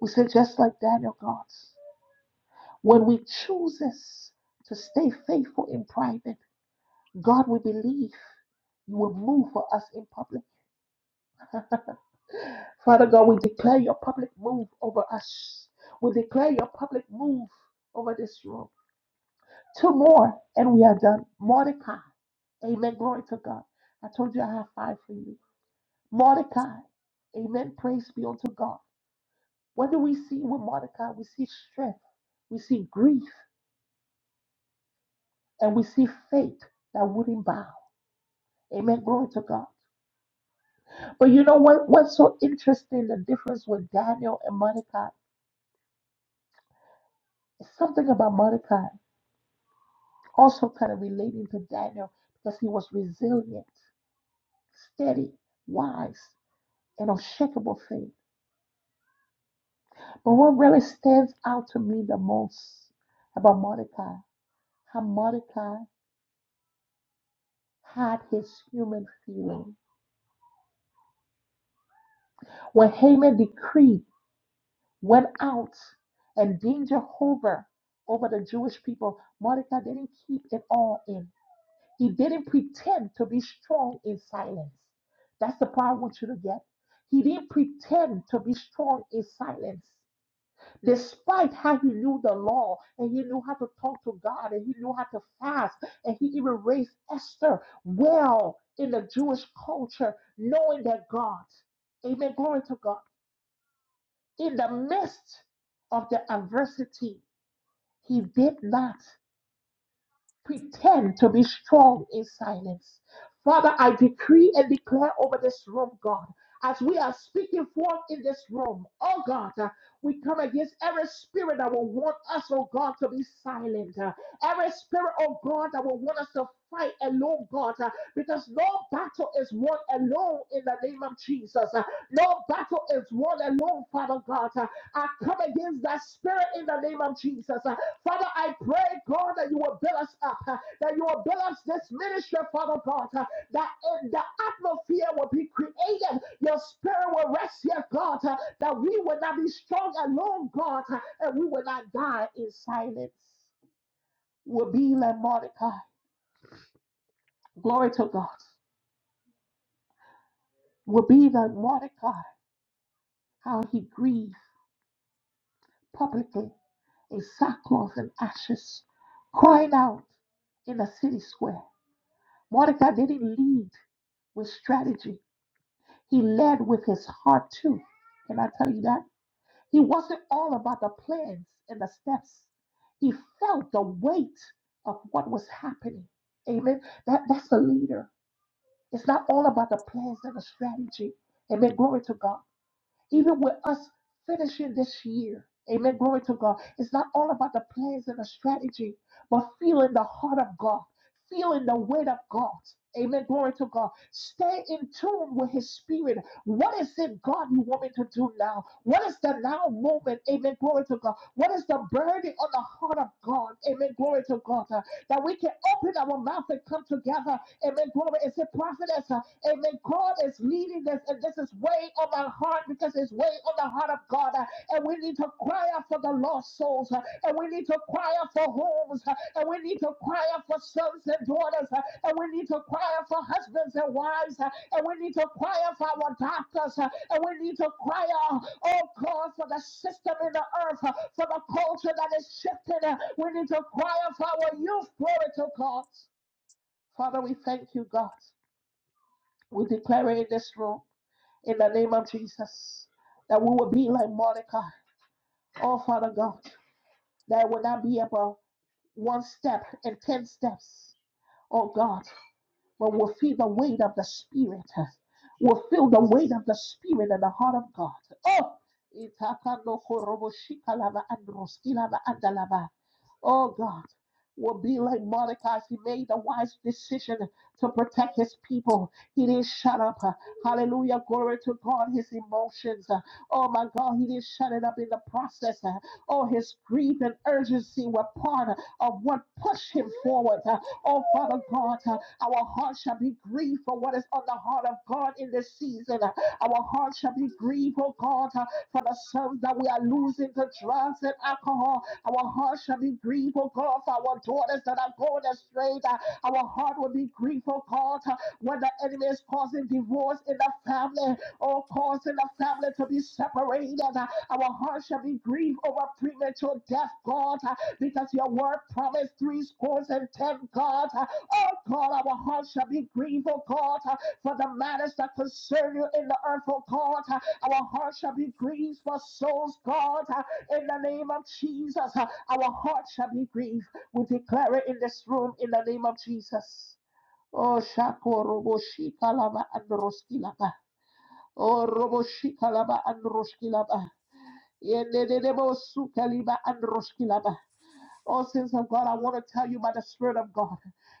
We say, just like Daniel, God, when we chooses to stay faithful in private, God, we believe you will move for us in public. Father God, we declare your public move over us. We declare your public move over this room. Two more, and we are done. Mordecai. Amen. Glory to God. I told you I have five for you. Mordecai. Amen. Praise be unto God. What do we see with Mordecai? We see strength, we see grief, and we see faith that wouldn't bow. Amen. Glory to God. But you know what? What's so interesting, the difference with Daniel and Mordecai, is something about Mordecai also kind of relating to Daniel because he was resilient, steady, wise, and unshakable faith. But what really stands out to me the most about Mordecai, how Mordecai had his human feeling. When Haman decreed, went out and being Jehovah over the Jewish people, Mordecai didn't keep it all in. He didn't pretend to be strong in silence. That's the part I want you to get. He didn't pretend to be strong in silence. Despite how he knew the law and he knew how to talk to God and he knew how to fast and he even raised Esther well in the Jewish culture, knowing that God, amen, glory to God in the midst of the adversity, he did not pretend to be strong in silence. Father, I decree and declare over this room, God, as we are speaking forth in this room, oh God, uh, we come against every spirit that will want us, oh God, to be silent. uh, every spirit, oh God, that will want us to fight alone, God, uh, because no battle is won alone in the name of Jesus. uh, no battle is won alone, Father God. uh, I come against that spirit in the name of Jesus. Uh, Father, I pray, God, that you will build us up, uh, that you will build us this ministry, Father God, uh, that uh, the atmosphere will be created, your spirit will rest here, God, uh, that we will not be strong alone, God, uh, and we will not die in silence. We'll be like Mordecai. Glory to God. We'll be like Mordecai, how he grieved publicly in sackcloth and ashes, crying out in the city square. Mordecai didn't lead with strategy. He led with his heart too. Can I tell you that? He wasn't all about the plans and the steps. He felt the weight of what was happening. Amen. That, that's a leader. It's not all about the plans and the strategy. Amen. Glory to God. Even with us finishing this year. Amen. Glory to God. It's not all about the plans and the strategy, but feeling the heart of God feeling the weight of God. Amen. Glory to God. Stay in tune with His Spirit. What is it, God, you want me to do now? What is the now moment? Amen. Glory to God. What is the burden on the heart of God? Amen. Glory to God. Uh, that we can open our mouth and come together. Amen. Glory. And say, prophetess. uh, amen. God is leading this, and this is weighing on my heart because it's weighing on the the heart of God, uh, and we need to cry out for the lost souls, uh, and we need to cry out for homes, uh, and we need to cry out for sons and daughters, uh, and we need to cry out for husbands and wives, uh, and we need to cry out for our doctors, uh, and we need to cry out, oh God, for the system in the earth, uh, for the culture that is shifted. uh, We need to cry out for our youth, glory to God. Father, we thank you, God. We declare in this room, in the name of Jesus, that we will be like Mordecai. Oh, Father God, that I would not be about one step and ten steps. Oh God, but will feel the weight of the Spirit. Will feel the weight of the Spirit and the heart of God. Oh, itakando korobo shikalava androskilava andalava. oh God, will be like Mordecai. He made the wise decision to protect his people. He didn't shut up. Hallelujah. Glory to God. His emotions. Oh my God, he didn't shut it up in the process. Oh, his grief and urgency were part of what pushed him forward. Oh, Father God. Our heart shall be grieved for what is on the heart of God in this season. Our heart shall be grieved, oh God, uh, for the sons that we are losing to drugs and alcohol. Our heart shall be grieved, oh God, for our daughters that are going astray. Our heart will be grieved, oh God, uh, when the enemy is causing divorce in the family or causing the family to be separated. Our heart shall be grieved over premature death, God, uh, because your word promised three scores and ten, God. uh, Oh God, our hearts shall be grieved, oh God, uh, for the matters that concern you in the earth, oh God. Uh, Our hearts shall be grieved for souls, God, uh, in the name of Jesus. Uh, Our hearts shall be grieved. We declare it in this room in the name of Jesus. Oh, Shakoroboshika Lava and Roskilaba. Oh, Roboshika Lava and Roskilaba. Yendebo Sukaliba and Roskilaba. Oh, sins of God, I want to tell you by the Spirit of God.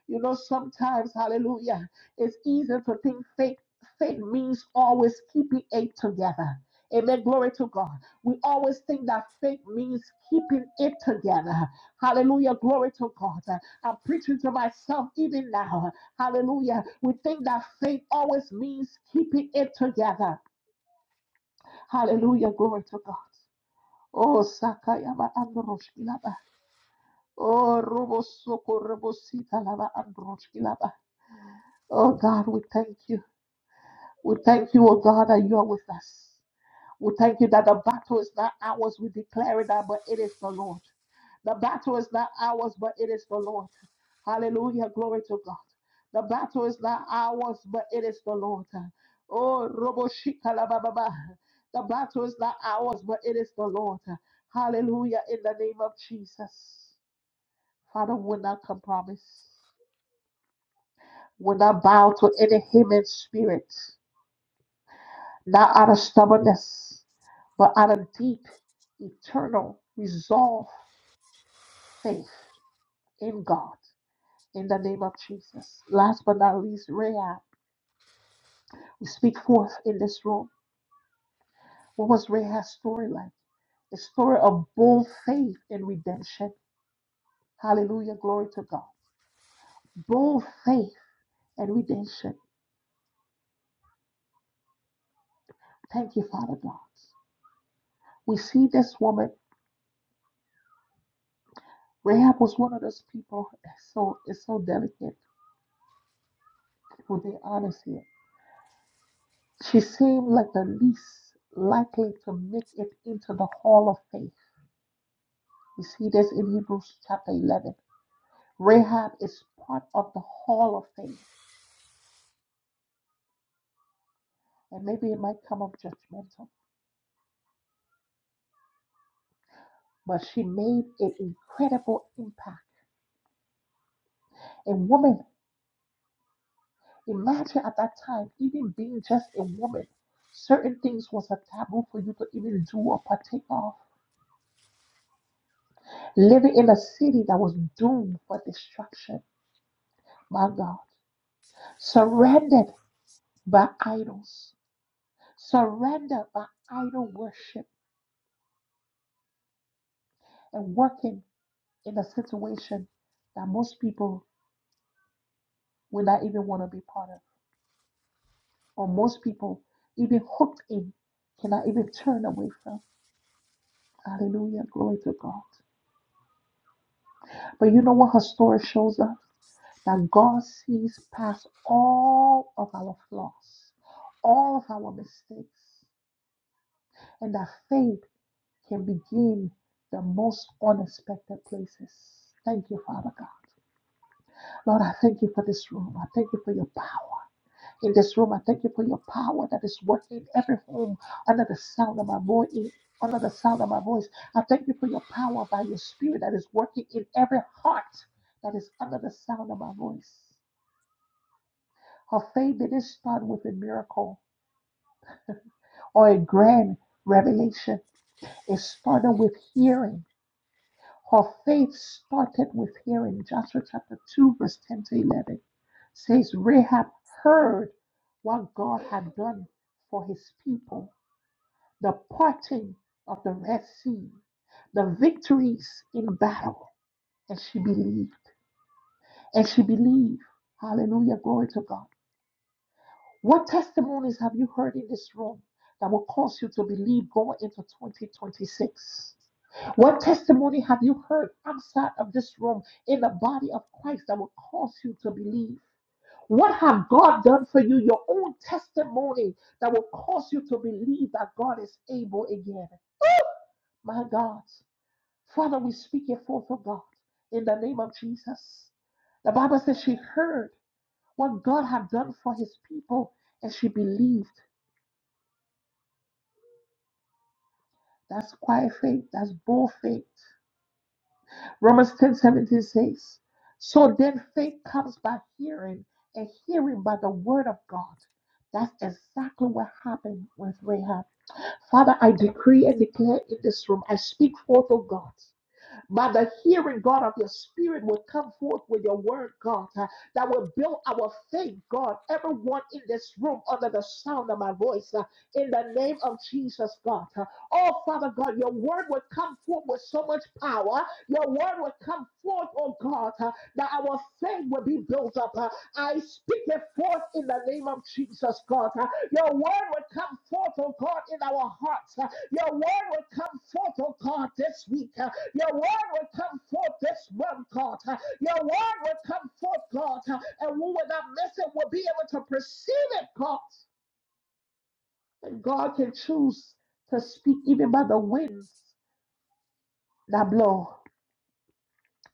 You know, sometimes, hallelujah, it's easy to think faith. Faith means always keeping it together. Amen. Glory to God. We always think that faith means keeping it together. Hallelujah. Glory to God. I'm preaching to myself even now. Hallelujah. We think that faith always means keeping it together. Hallelujah. Glory to God. Oh, Sakayaba Androshkilaba. Oh, Robosoko, Robosita, Lava, Androshki, Lava. Oh, God, we thank you. We thank you, oh God, that you are with us. We thank you that the battle is not ours. We declare it that, but it is the Lord. The battle is not ours, but it is the Lord. Hallelujah. Glory to God. The battle is not ours, but it is the Lord. Oh, Roboshika la ba ba ba. The battle is not ours, but it is the Lord. Hallelujah. In the name of Jesus. Father, will not compromise, will not bow to any human spirit, not out of stubbornness, but out of deep, eternal resolve, faith in God. In the name of Jesus. Last but not least, Rahab. We speak forth in this room. What was Rahab's story like? A story of bold faith and redemption. Hallelujah. Glory to God. Bold faith and redemption. Thank you, Father God. We see this woman. Rahab was one of those people. so it's so delicate. People, they honest here. She seemed like the least likely to make it into the Hall of Faith. You see this in Hebrews chapter 11. Rahab is part of the Hall of Faith, and maybe it might come up judgmental, but she made an incredible impact. A woman, imagine at that time, even being just a woman, certain things was a taboo for you to even do or partake of. living in a city that was doomed for destruction. My God, surrendered by idols, surrendered by idol worship, and working in a situation that most people will not even want to be part of, or most people even hooked in cannot even turn away from. Hallelujah, glory to God. But you know what her story shows us? That God sees past all of our flaws, all of our mistakes. and that faith can begin the most unexpected places. Thank you, Father God. Lord, I thank you for this room. I thank you for your power in this room. I thank you for your power that is working in every home under the sound of my voice. Under the sound of my voice, I thank you for your power by your spirit that is working in every heart that is under the sound of my voice. Her faith didn't start with a miracle or a grand revelation, it started with hearing Her faith started with hearing. Joshua chapter 2, verse 10 to 11 says, Rahab heard what God had done for his people, the parting of the Red Sea, the victories in battle, and she believed. And she believed. Hallelujah. Glory to God. What testimonies have you heard in this room that will cause you to believe going into 2026? What testimony have you heard outside of this room in the body of Christ that will cause you to believe? What have God done for you? Your own testimony that will cause you to believe that God is able again. My God, Father, we speak it forth, oh God, in the name of Jesus. The Bible says she heard what God had done for his people and she believed. That's quiet faith, that's bold faith. Romans ten seventeen says, So then faith comes by hearing, and hearing by the word of God. That's exactly what happened with Rahab. Father, I decree and declare in this room, I speak forth, O God. By the hearing, God, of your spirit will come forth with your word, God, uh, that will build our faith, God. Everyone in this room under the sound of my voice, uh, in the name of Jesus, God. uh, oh, Father God, your word will come forth with so much power. Your word will come forth, oh God, uh, that our faith will be built up. uh, I speak it forth in the name of Jesus, God. uh, your word will come forth, oh God, in our hearts. uh, your word will come forth, oh God, this week. uh, your word will come forth this month, God. Your word will come forth, God. And we will not miss it. We'll be able to perceive it, God. And God can choose to speak even by the winds that blow,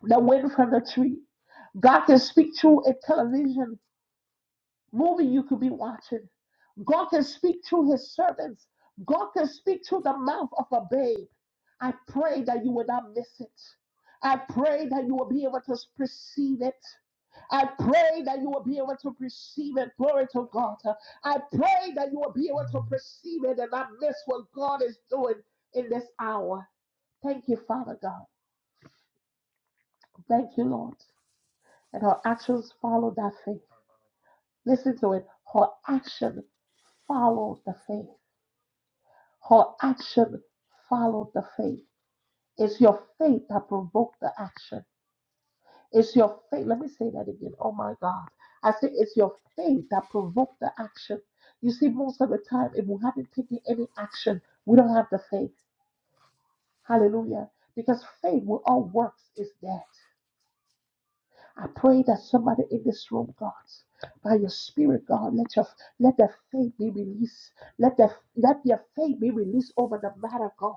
the wind from the tree. God can speak through a television movie you could be watching. God can speak through his servants. God can speak through the mouth of a babe. I pray that you will not miss it. I pray that you will be able to perceive it. I pray that you will be able to perceive it. Glory to God. I pray that you will be able to perceive it and not miss what God is doing in this hour. Thank you, Father God. Thank you, Lord. And her actions follow that faith. Listen to it. Her action followed the faith. Her action followed the faith. It's your faith that provoked the action. It's your faith. Let me say that again. Oh my God. I say it's your faith that provoked the action. You see, most of the time, if we haven't taken any action, we don't have the faith. Hallelujah. Because faith with all works is dead. I pray that somebody in this room, God, by your spirit, God, let your let their faith be released. Let their let their faith be released over the matter, God.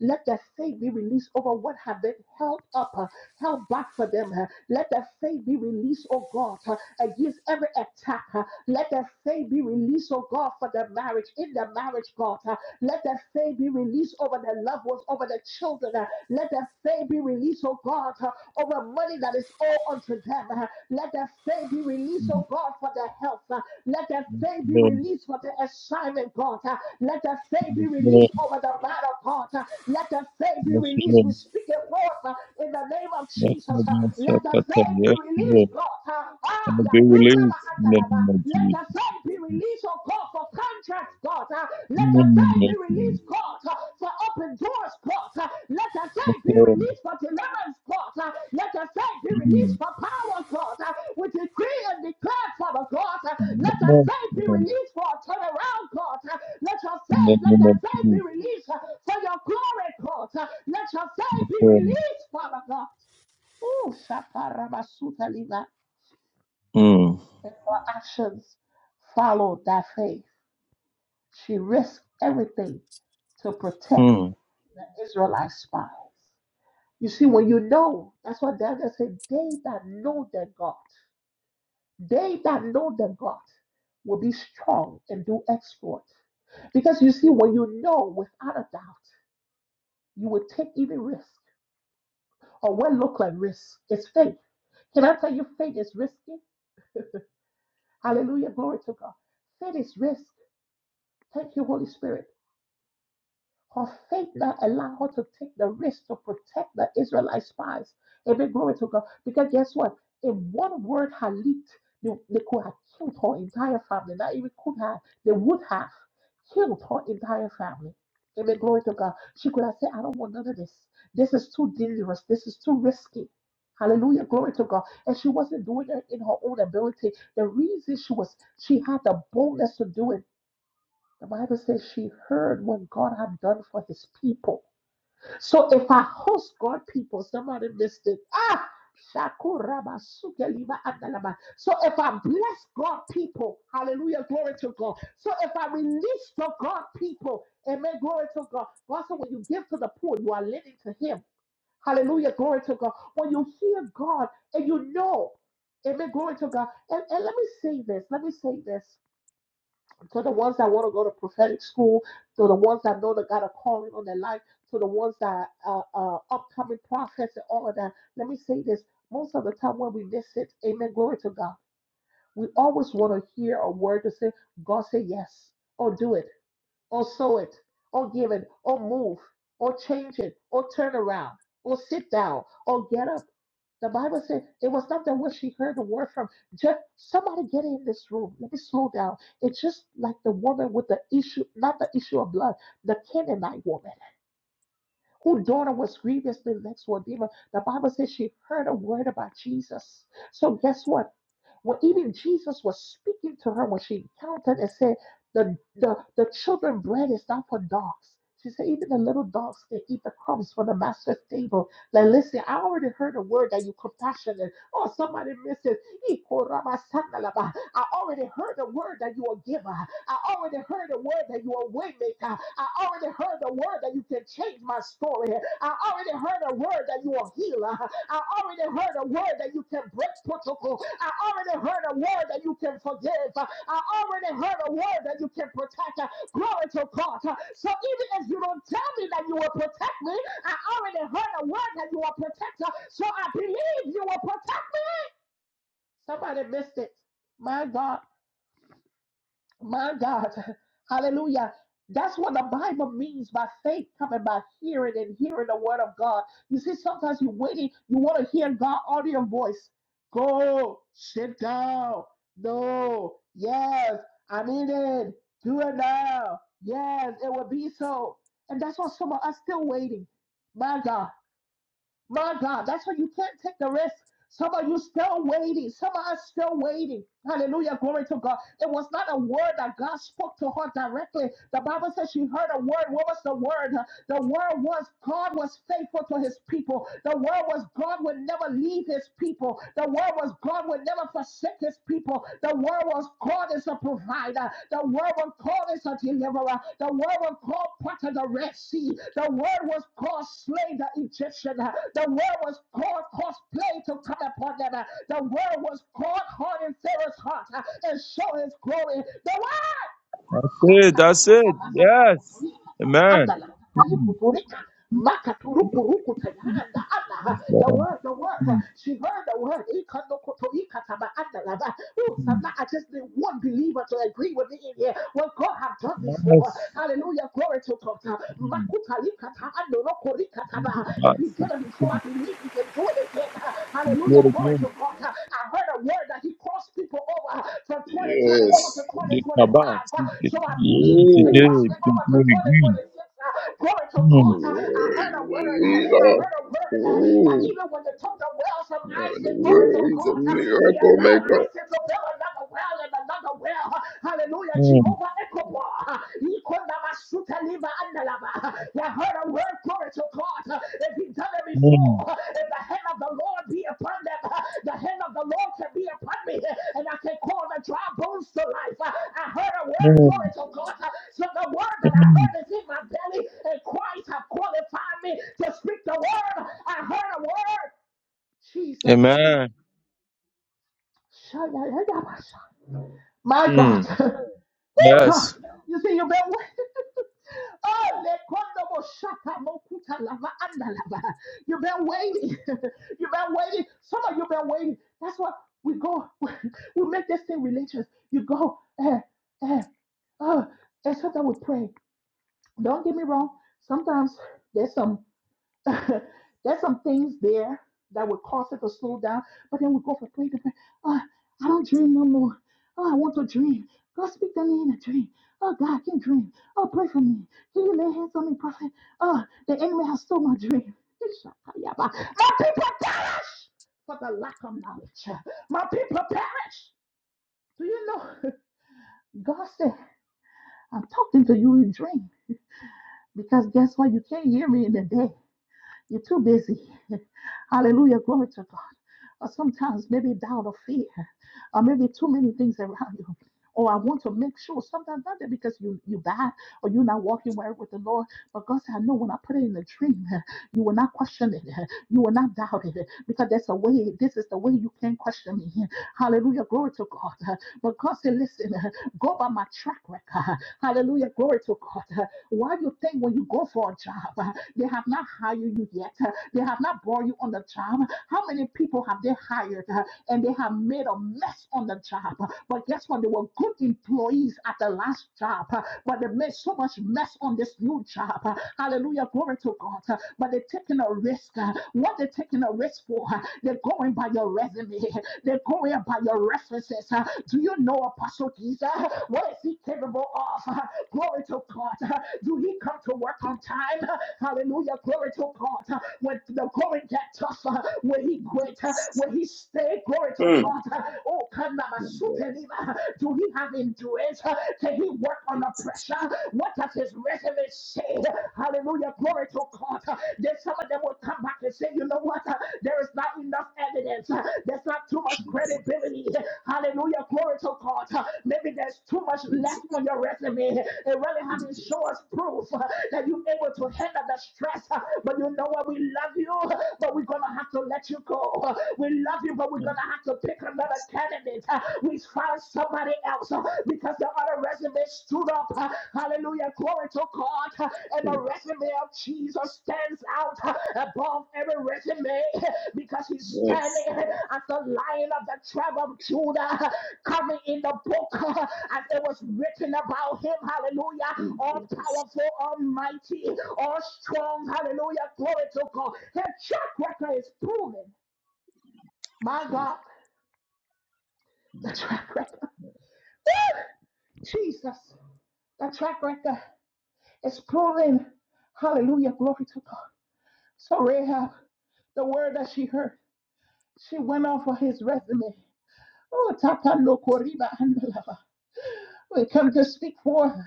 Let their faith be released over what have been held up, uh, held back for them. uh. Let their faith be released, oh God, uh, against every attack. uh, let the faith be released, oh God, for the marriage, in the marriage, God. Uh, Let the faith be released over the loved ones, over the children. Uh, Let the faith be released, oh God, uh, over money that is all unto them. Uh, Let the faith be released, oh God, for the health. Uh, Let the faith be released for the assignment, God. Uh, Let the faith be released over the matter, God. Uh, Let the faith be released. We speak it forth uh, in the name of Jesus. Uh, Let the faith be released, Ah,
be released in the name of
Let
Jesus.
your faith be released, oh God, for contracts, God. Ah, Let your faith be
Mm.
released, God, ah, for open doors, God. Ah, Let your
yes,
faith be
Lord.
released for deliverance, God. Ah, Let your faith be released
Mm,
for power, God. Ah, We decree and declare, Father God. Ah,
yes,
Let your
Lord.
faith be released for a turnaround, God. Ah, Let your
In the
faith, let
name
your
of
faith be
Jesus.
released ah, for your glory, God. Ah, Let your faith
Yes,
be
Lord.
released, Father God. Oh, Shaparabasuta Liva and her actions followed that faith. She risked everything to protect
Mm.
the Israelite spies. You see, when you know, that's what Daniel said, they that know their God, they that know their God will be strong and do exploits. Because you see, when you know without a doubt, you will take even risk or what look like risk. It's faith. Can I tell you faith is risky? Hallelujah. Glory to God. Faith is risk. Thank you, Holy Spirit. Her faith that allowed her to take the risk to protect the Israelite spies. Every glory to God. Because guess what? If one word had leaked, they, they could have killed her entire family. Not even could have. They would have killed her entire family. Every glory to God. She could have said, I don't want none of this. This is too dangerous. This is too risky. Hallelujah. Glory to God. And she wasn't doing it in her own ability. The reason she was, she had the boldness to do it the Bible says she heard what God had done for his people. So if I host God people, somebody missed it. Ah! Shakuraba sukeliba andalaba. So if I bless God people, hallelujah, glory to God. So if I release the God people, amen, glory to God. God said, when you give to the poor, you are lending to Him. Hallelujah, glory to God. When you hear God and you know, amen, glory to God. And, and let me say this, let me say this to the ones that want to go to prophetic school, to the ones that know that got a calling on their life, to the ones that are uh, upcoming prophets and all of that. Let me say this: most of the time when we miss it, Amen. Glory to God. We always want to hear a word to say, God say yes, or do it, or sow it, or give it, or move, or change it, or turn around, or sit down, or get up. The Bible said it was not that when she heard the word from just somebody get in this room. Let me slow down. It's just like the woman with the issue, not the issue of blood, the Canaanite woman, whose daughter was grievously vexed with a demon. The Bible says she heard a word about Jesus. So guess what? When even Jesus was speaking to her when she encountered and said, the, the, the children bread is not for dogs. She said, even the little dogs can eat the crumbs from the master's table. Like, listen, I already heard a word that you compassionate. Oh, somebody missed it. Ikoramasandalaba. I already heard the word that you are giver. I already heard the word that you are waymaker. I already heard the word that you can change my story. I already heard the word that you are healer. I already heard a word that you can break protocol. I already heard a word that you can forgive. I already heard a word that you can protect. Glory to God. So even if you don't tell me that you will protect me, I already heard a word that you are protector. So I believe you will protect me. Somebody missed it. My God. My God, hallelujah. That's what the Bible means by faith coming by hearing and hearing the word of God. You see, sometimes you're waiting, you want to hear God audio voice. Go, sit down. No, yes, I need it. Do it now. Yes, it will be so. And that's why some of us still waiting. My God. My God, that's why you can't take the risk. Some of you still waiting. Some of us still waiting. Hallelujah. Glory to God. It was not a word that God spoke to her directly. The Bible says she heard a word. What was the word? The word was God was faithful to his people. The word was God would never leave his people. The word was God would never forsake his people people. The word was called as a provider. The word was called as a deliverer. The word was called part of the Red Sea. The word was called slay the Egyptian. The word was called cause plague to come upon them. The word was called harden Pharaoh's heart and show his glory. The word.
Hey, that's it.
Shatayakataba
Yes.
anokotorikataba
Amen. Yes.
The
Lord.
word, the word,
Mm,
she heard the word. Ikanokotorikataba Oh, I just need one believer to agree with me in here. What God has done before.
yes.
Hallelujah. Glory to God.
Mm,
If he did it
yes.
before, I believe he can do it they
Good
Hallelujah. Glory
again.
to God. I heard a word that he crossed people over from 2024
Yes.
to
Les
2025.
cabas, qu'est-ce
So I believe
qu'il
he can
c'était
Ooh.
cross
un
me over to
peu aigu.
2026. Glory to
Mm,
God. I
Worry,
heard a word. I
believer.
heard a word that
Ooh.
even when they took the well from
Uh, the
Isaac, glory to
world is a
God, he
miracle
allowed
maker.
Isaac to build another well and another well. Hallelujah.
mm,
Jehovah. You have heard a word, glory to God. If you've done it before,
mm,
if the hand of the Lord be upon them, the hand of the Lord can be upon me, and I can call the dry bones to life. I heard a word,
mm,
glory to God. So the word that I
mm.
heard is in my belly, and Christ have qualified me to speak the word. I heard a word,
Amen.
Jesus. My God.
Mm.
Oh, God.
Yes.
You see, you better Oh, lekondo bo shaka mo kuta lava anda lava. You've been waiting. You've been waiting. Some of you been waiting. That's why we go. We make this thing religious. You go. Eh, eh, oh, and sometimes we pray. Don't get me wrong. Sometimes there's some. There's some things there that would cause it to slow down, but then we go for prayer. and Oh, I don't dream no more. Oh, I want to dream. God speak to me in a dream. Oh, God, I can dream. Oh, pray for me. Can you lay hands on me, prophet? Oh, the enemy has stole my dream. My people perish for the lack of knowledge. My people perish. Do you know? God said, I'm talking to you in dream because guess what? You can't hear me in the day. You're too busy. Hallelujah. Glory to God or sometimes maybe doubt or fear, or maybe too many things around you. Or I want to make sure sometimes not that because you you bad or you're not walking well with the Lord, but God said, I know when I put it in the dream, you will not question it, you will not doubt it, because that's the way. This is the way you can question me. Hallelujah, glory to God. But God said, listen, go by my track record. Hallelujah, glory to God. Why do you think when you go for a job, they have not hired you yet, they have not brought you on the job, how many people have they hired uh, and they have made a mess on the job? But guess what? They were good employees at the last job, uh, but they made so much mess on this new job. Uh, Hallelujah. Glory to God. Uh, But they're taking a risk. uh, What they're taking a risk for, uh, they're going by your resume, they're going by your references. uh, Do you know Apostle Giza? What is he capable of? Uh, Glory to God. Uh, Do he come to work on time? Uh, Hallelujah. Glory to God when the going get tough, uh, when he quit, uh, when he stayed, glory to
Mm.
God. uh, Oh,
Number of
Kanamasutelima, do he have endurance? uh, Can he work under
Jesus.
pressure? What does his resume say? Hallelujah, glory to God. uh, Then some of them will come back and say, you know what? uh, There is not enough evidence. uh, There's not too much credibility. uh, Hallelujah. Glory to God. Maybe there's too much
Jesus.
left on your resume. They really haven't shown us proof that you're able to handle the stress. But you know what? We love you, but we're going to have to let you go. We love you, but we're going to have to pick another candidate. We found somebody else because the other resume stood up. Hallelujah. Glory to God. God, and
Mm.
the resume of Jesus stands out above every resume because he's standing
Yes.
at the line of the tribe of Judah, coming in the book as it was written about him. Hallelujah!
Mm.
All powerful, almighty, all strong. Hallelujah! Glory to God. His track record is proven. My God, the track record. Woo! Jesus, the track record is proven. Hallelujah, glory to God. So Rahab, the word that she heard, she went off of his resume. Oh, Tapando Koriba Andalava. We come to speak for her.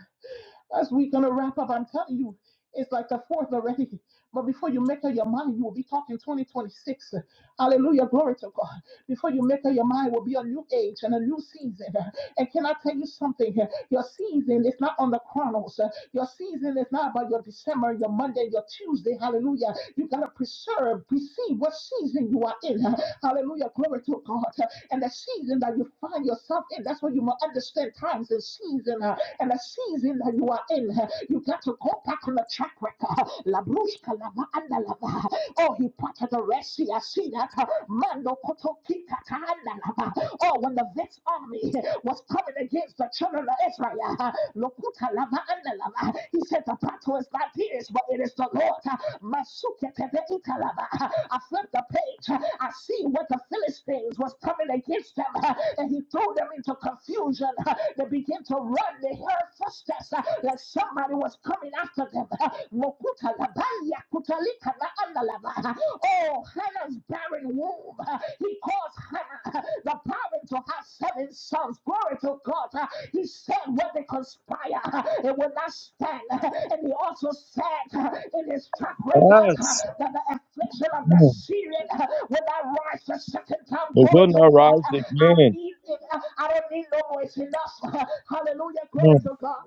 As we're going to wrap up, I'm telling you, it's like the fourth already. But before you make up your mind, you will be talking 2026. Hallelujah. Glory to God. Before you make up your mind, will be a new age and a new season. And can I tell you something? Your season is not on the chronos. Your season is not about your December, your Monday, your Tuesday. Hallelujah. You got to preserve, perceive what season you are in. Hallelujah. Glory to God and the season that you find yourself in. That's why you must understand times and season uh, and the season that you are in. uh, You got to go back on the track record. La bruska lava and lava. Oh, he parted the Red Sea. I see that. uh, Mando koto kika ta anda lava. Oh, when the vexed army was coming against the children of Israel, uh, lokuta lava and lava. He he said, The battle is not yours, but it is the Lord. Masuketebekalaba. I flipped the page. I see what the Philistines was coming against them, and he threw them into confusion. They began to run. They heard footsteps uh, like somebody was coming after them. Mokutalabaya kutalika na andalaba. Oh, Hannah's barren womb. He caused Hannah, the barren, to have seven sons. Glory to God. He said, when they conspire, it will not stand. And he also said in his track record
Yes,
that the affliction of the
mm.
Syrian will not rise the second time.
The
Glory
will
to
not
God.
rise
I
again.
need it. I don't need no more. It's enough. Hallelujah. Glory
Mm.
to God.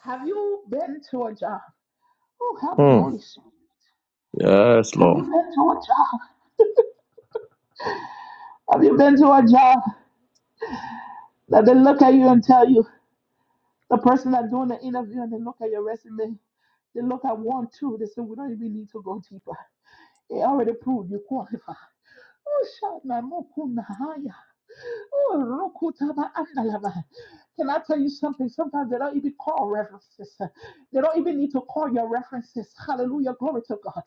Have you been to a job? Oh, help me, Holy Spirit. Have you been to a job? Have you been to a job that they look at you and tell you? The person that's doing the interview and they look at your resume, they look at one, two, they say, we don't even need to go deeper. They already proved you qualify. Oh, shot, man, more cool, nah, Oh, Rokutaba Andalava. Can I tell you something? Sometimes they don't even call references. They don't even need to call your references. Hallelujah. Glory to God.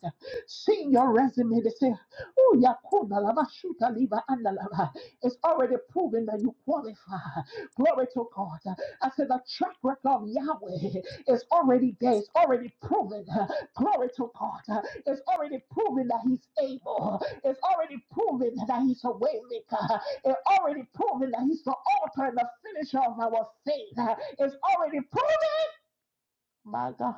Seeing your resume, they say, Oh, Yakuna Lava Shuta Liva Andalava. It's already proven that you qualify. Glory to God. I said, The track record of Yahweh is already there. It's already proven. Glory to God. It's already proven that He's able. It's already proven that He's a way maker. It's already proven that He's the author and the finisher of our faith. It's already proven, my God.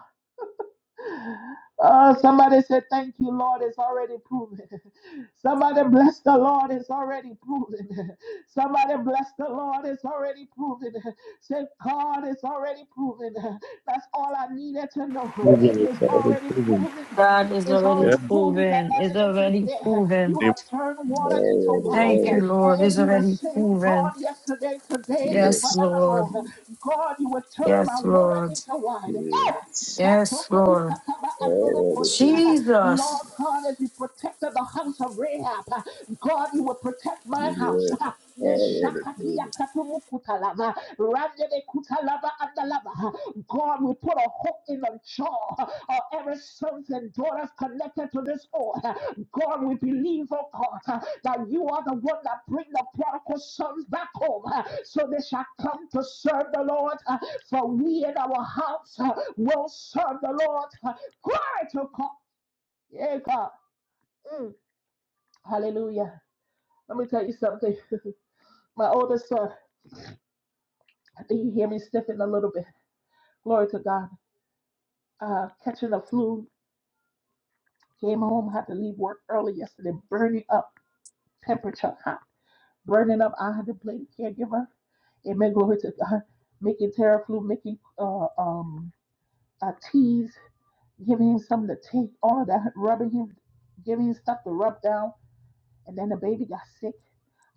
Uh, somebody said, Thank you, Lord, it's already proven. somebody bless the Lord, it's already proven. somebody bless the Lord, it's already proven. Say, God, it's already proven. That's all I needed to
uh,
know. It's already proven.
God is
It's
already
already proven that
proven. It's
evidence is
already
there.
proven.
You have turned water into
Alrighty,
wine.
Thank you,
alrighty.
And
Lord.
if
It's
Mm.
you're the
already
same God
proven.
yesterday, today, and
Yes,
Yes.
Lord.
forevermore, God, you will turn my
Yes,
water
Lord.
into wine. Eh,
Yes.
Yes, Lord.
Alrighty, baby.
Lord
Jesus.
God, as you protected the house of Rahab, uh, God, you will protect my house.
Yeah.
Uh, Yes,
already, baby.
Shakatiyakatumukutalaba, Randelekutalaba andalaba. God, we put a hook in the jaw of every sons and daughters connected to this oil. God, we believe, oh God, uh, that you are the one that bring the prodigal sons back home, uh, so they shall come to serve the Lord. uh, For we in our house uh, will serve the Lord. uh, Glory to God. Yeah, God. Hallelujah. Let me tell you something. My oldest son, I think you hear me sniffing a little bit. Glory to God. Uh, catching the flu, came home, had to leave work early yesterday, burning up temperature. high. burning up honor the plate caregiver. Amen. Glory to God. Making Terraflu, making uh, um, uh, tease, giving him something to take, all of that, rubbing him, giving him stuff to rub down. And then the baby got sick.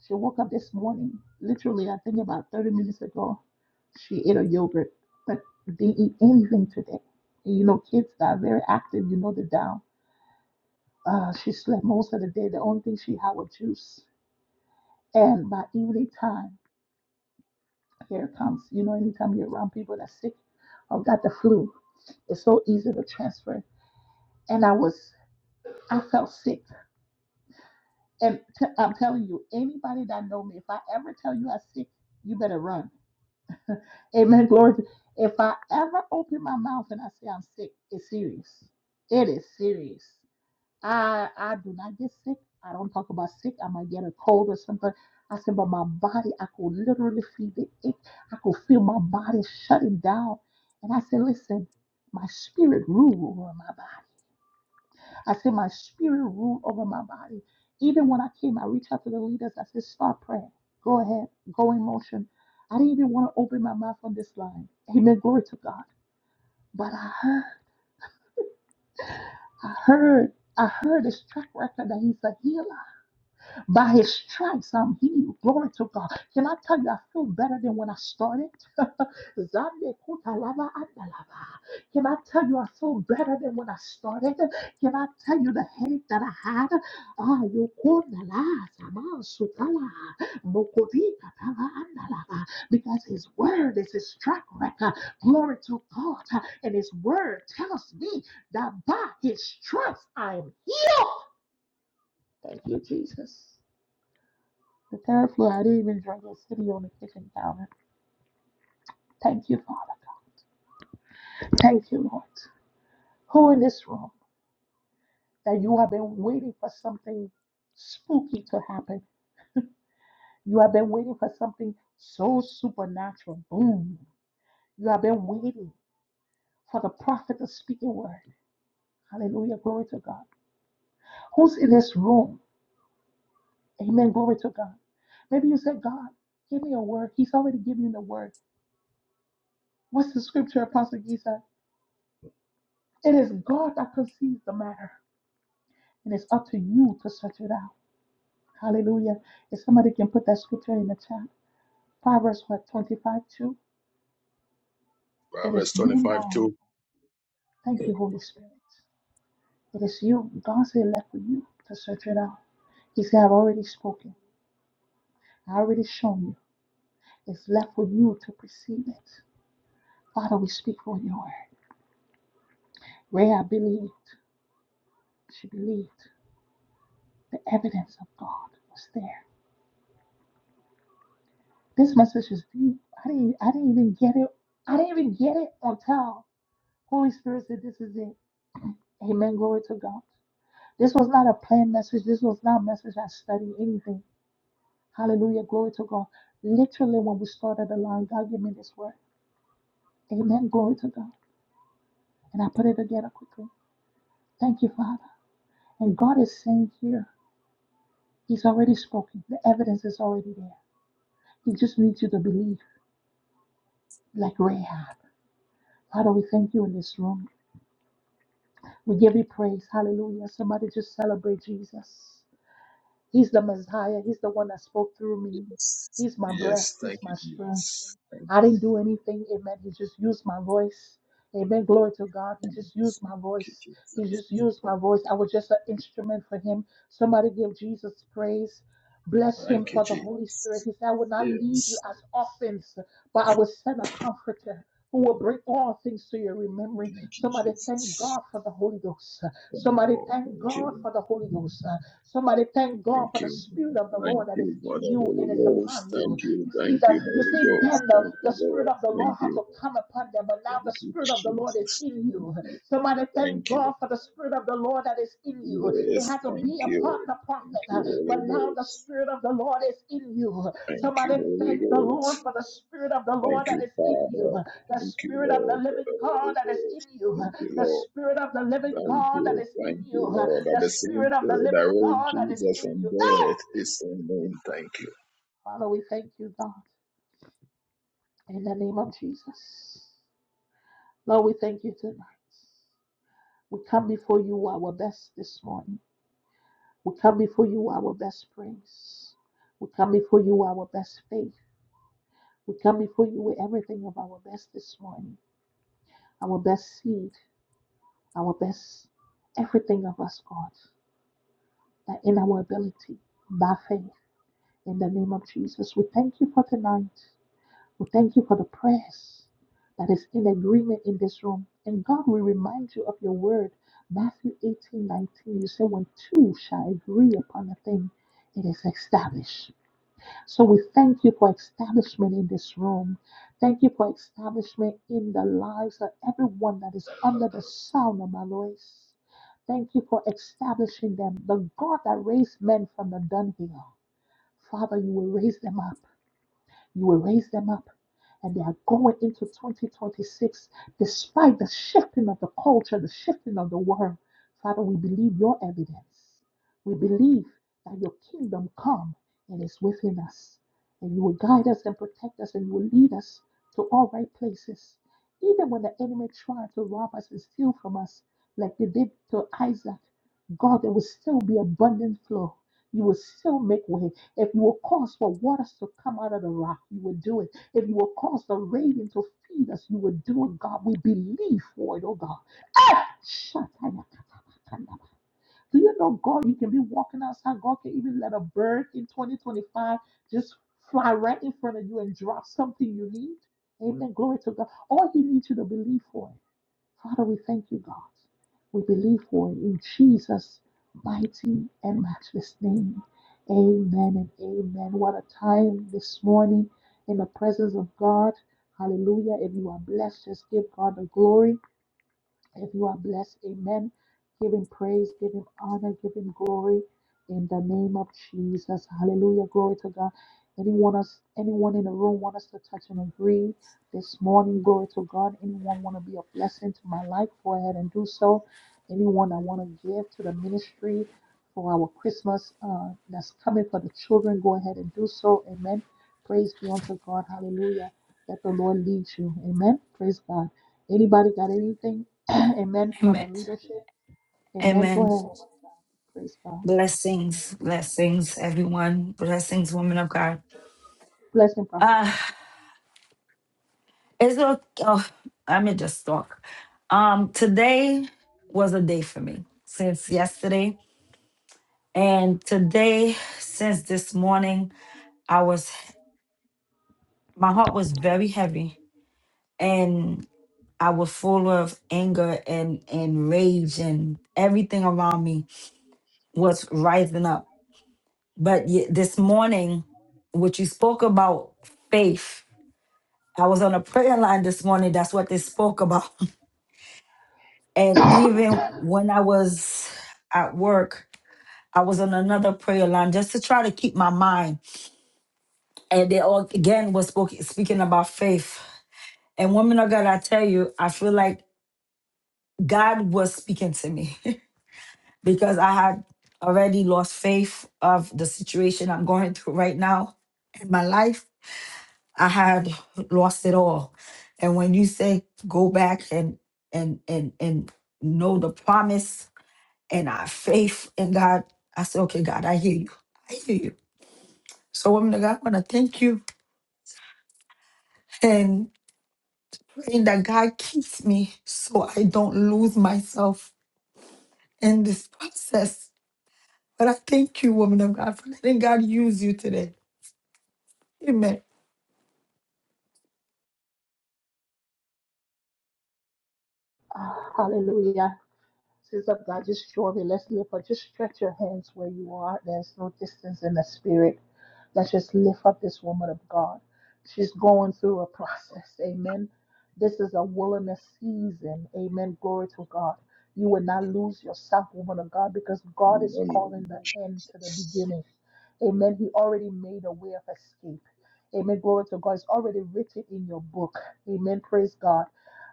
She woke up this morning, literally, I think about 30 minutes ago. She ate a yogurt, but didn't eat anything today. And you know, kids that are very active, you know, they're down. Uh, she slept most of the day. The only thing she had was juice. And by evening time, Here it comes. You know, anytime you're around people that are sick or got the flu, it's so easy to transfer. And I was, I felt sick. And t- I'm telling you, anybody that know me, if I ever tell you I'm sick, you better run. Amen. Glory. If I ever open my mouth and I say I'm sick, it's serious. It is serious. I I do not get sick. I don't talk about sick. I might get a cold or something. I said, but my body, I could literally feel the ache. I could feel my body shutting down. And I said, listen, my spirit rule over my body. I said, my spirit rule over my body. Even when I came, I reached out to the leaders. I said, start praying. Go ahead. Go in motion. I didn't even want to open my mouth on this line. Amen. Glory to God. But I heard, I heard, I heard his track record that he's a healer. By his stripes, I'm healed. Glory to God. Can I tell you, I feel better than when I started? Can I tell you, I feel better than when I started? Can I tell you the headache that I had? Ah, you kundala, sama sutala, mokodi katala andalaba. Because his word is his track record. Glory to God. And his word tells me that by his stripes I am. Thank you, Jesus. The third floor, I even drink a city on the kitchen counter. Thank you, Father. God. Thank you, Lord. Who in this room that you have been waiting for something spooky to happen? You have been waiting for something so supernatural. Boom. You have been waiting for the prophet to speak a word. Hallelujah. Glory to God. Who's in this room? Amen. Glory to God. Maybe you said, God, give me a word. He's already given you the word. What's the scripture, Apostle Giza? It is God that conceives the matter. And it's up to you to search it out. Hallelujah. If somebody can put that scripture in the chat, Proverbs what, 25 2.
Uh,
It
Verse
is you
25
now.
too.
Thank you, Holy Spirit. It is you. God said, left for you to search it out. He said, I've already spoken. I already shown you. It's left for you to perceive it. Father, we speak for your word. Rhea believed. She believed. The evidence of God was there. This message is deep. I didn't, I didn't even get it. I didn't even get it until Holy Spirit said, This is it. Amen. Glory to God. This was not a planned message. This was not a message I studied anything. Hallelujah. Glory to God. Literally, when we started the line, God gave me this word. Amen. Glory to God. And I put it together quickly. Thank you, Father. And God is saying here, He's already spoken. The evidence is already there. He just needs you to believe, like Rahab. Father, we thank you in this room. We give you praise. Hallelujah. Somebody just celebrate Jesus. He's the Messiah. He's the one that spoke through me.
Yes.
He's my
Yes.
breath. He's
Thank
my
you,
strength.
Jesus. Thank
I didn't do anything. Amen. He just used my voice. Amen. Glory to God. He
you,
just
Jesus.
used my
Thank
voice.
you, Jesus.
He just used my voice. I was just an instrument for him. Somebody give Jesus praise. Bless him
Thank you,
for the Holy Spirit.
Jesus.
He said, I will not leave you
Yes.
as orphans, but I will send a comforter who will bring all things to your remembering.
Thank you,
Somebody thank
Jesus.
God for the Holy Ghost.
Thank you,
Somebody
Lord.
thank
Thank you,
God for the Holy
Lord.
Ghost. Somebody thank God
Thank
for the
you.
Spirit of the
Thank
Lord that is
you for
in
the
you
Holy
and is
Ghost.
upon you.
Thank you.
You see
Thank
that
you,
you
Holy
see
Ghost.
then the,
Thank
the
you,
spirit
Lord.
of the
Thank
Lord had
you.
to come upon them, but now the
Thank you,
spirit of the Lord is
Jesus.
in
Thank
you.
you.
Somebody thank
Thank you.
God for the spirit of the Lord that is in you. It
Yes.
had to
Thank
be upon
you.
the
Thank
prophet, uh,
you,
but
Holy
now the
Ghost.
spirit of the Lord is in you.
Thank you,
Somebody
Holy
thank the
Ghost.
Lord for the spirit of the Lord
Thank
that
you,
is in you,
Father.
the
Thank you,
spirit of
Lord,
the
for
living
the
God
Holy
that is in
Ghost.
you,
Thank you,
the
Lord.
spirit of the living
Thank
God that
you.
is in
Thank you,
you,
Lord. That
the
the same
spirit of the
spirit that
living
rose
God that is
Jesus
in
from
you. Ah!
death is in me. Thank you.
Father, we thank you, God. In the name of Jesus. Lord, we thank you tonight. We come before you our best this morning. We come before you our best praise. We come before you our best faith. We come before you with everything of our best this morning. Our best seed, our best everything of us, God, that in our ability, by faith, in the name of Jesus. We thank you for tonight. We thank you for the prayers that is in agreement in this room. And God will remind you of your word. Matthew 18:19. you say, When two shall agree upon a thing, it is established. So we thank you for establishment in this room. Thank you for establishment in the lives of everyone that is under the sound of my voice. Thank you for establishing them. The God that raised men from the dunghill, Father, you will raise them up. You will raise them up. And they are going into 2026 despite the shifting of the culture, the shifting of the world. Father, we believe your evidence. We believe that your kingdom come and is within us. And you will guide us and protect us and you will lead us to all right places. Even when the enemy tried to rob us and steal from us, like they did to Isaac, God, there will still be abundant flow. You will still make way. If you will cause for waters to come out of the rock, you will do it. If you will cause the rain to feed us, you will do it, God. We believe for it, oh God. Ah! Do you know, God, you can be walking outside. God can even let a bird in 2025 just fly right in front of you and drop something you need. Amen. Glory to God. All He needs you to believe for. Father, we thank you, God. We believe for it in Jesus' mighty and matchless name. Amen and amen. What a time this morning in the presence of God. Hallelujah. If you are blessed, just give God the glory. If you are blessed, amen. Give him praise, give him honor, give him glory in the name of Jesus. Hallelujah. Glory to God. Anyone us anyone in the room want us to touch and agree this morning? Glory to God. Anyone want to be a blessing to my life? Go ahead and do so. Anyone that want to give to the ministry for our Christmas uh, that's coming for the children, go ahead and do so. Amen. Praise be unto God. Hallelujah. Let the Lord lead you. Amen. Praise God. Anybody got anything? Amen. From the
Amen.
leadership. Amen. Go
Amen.
ahead. Praise God.
Blessings. Blessings, everyone. Blessings, woman of God.
Blessing, Prophet
Uh,
Jackie.
it's a, oh, I'm in just talk. Um, today was a day for me since yesterday. And today, since this morning, I was. my heart was very heavy and I was full of anger and, and rage and everything around me was rising up. But ye- this morning, what you spoke about faith, I was on a prayer line this morning. That's what they spoke about. And even when I was at work, I was on another prayer line just to try to keep my mind. And they all again was spoke, speaking about faith. And women of God, I tell you, I feel like God was speaking to me because I had already lost faith of the situation I'm going through right now in my life. I had lost it all. And when you say go back and and and and know the promise and our faith in God, I said, okay, God, I hear you. I hear you. So woman of God, I want to thank you and praying that God keeps me so I don't lose myself in this process But I thank you, woman of God, for letting God use you today. Amen.
Ah, hallelujah. Says of God, just shortly, let's lift up. Just stretch your hands where you are. There's no distance in the spirit. Let's just lift up this woman of God. She's going through a process. Amen. This is a wilderness season. Amen. Glory to God. You will not lose yourself, woman of God, because
In
God
the
is
name
calling the
of
end to the beginning. Amen. He already made a way of escape. Amen. Glory to God. It's already written in your book. Amen. Praise God.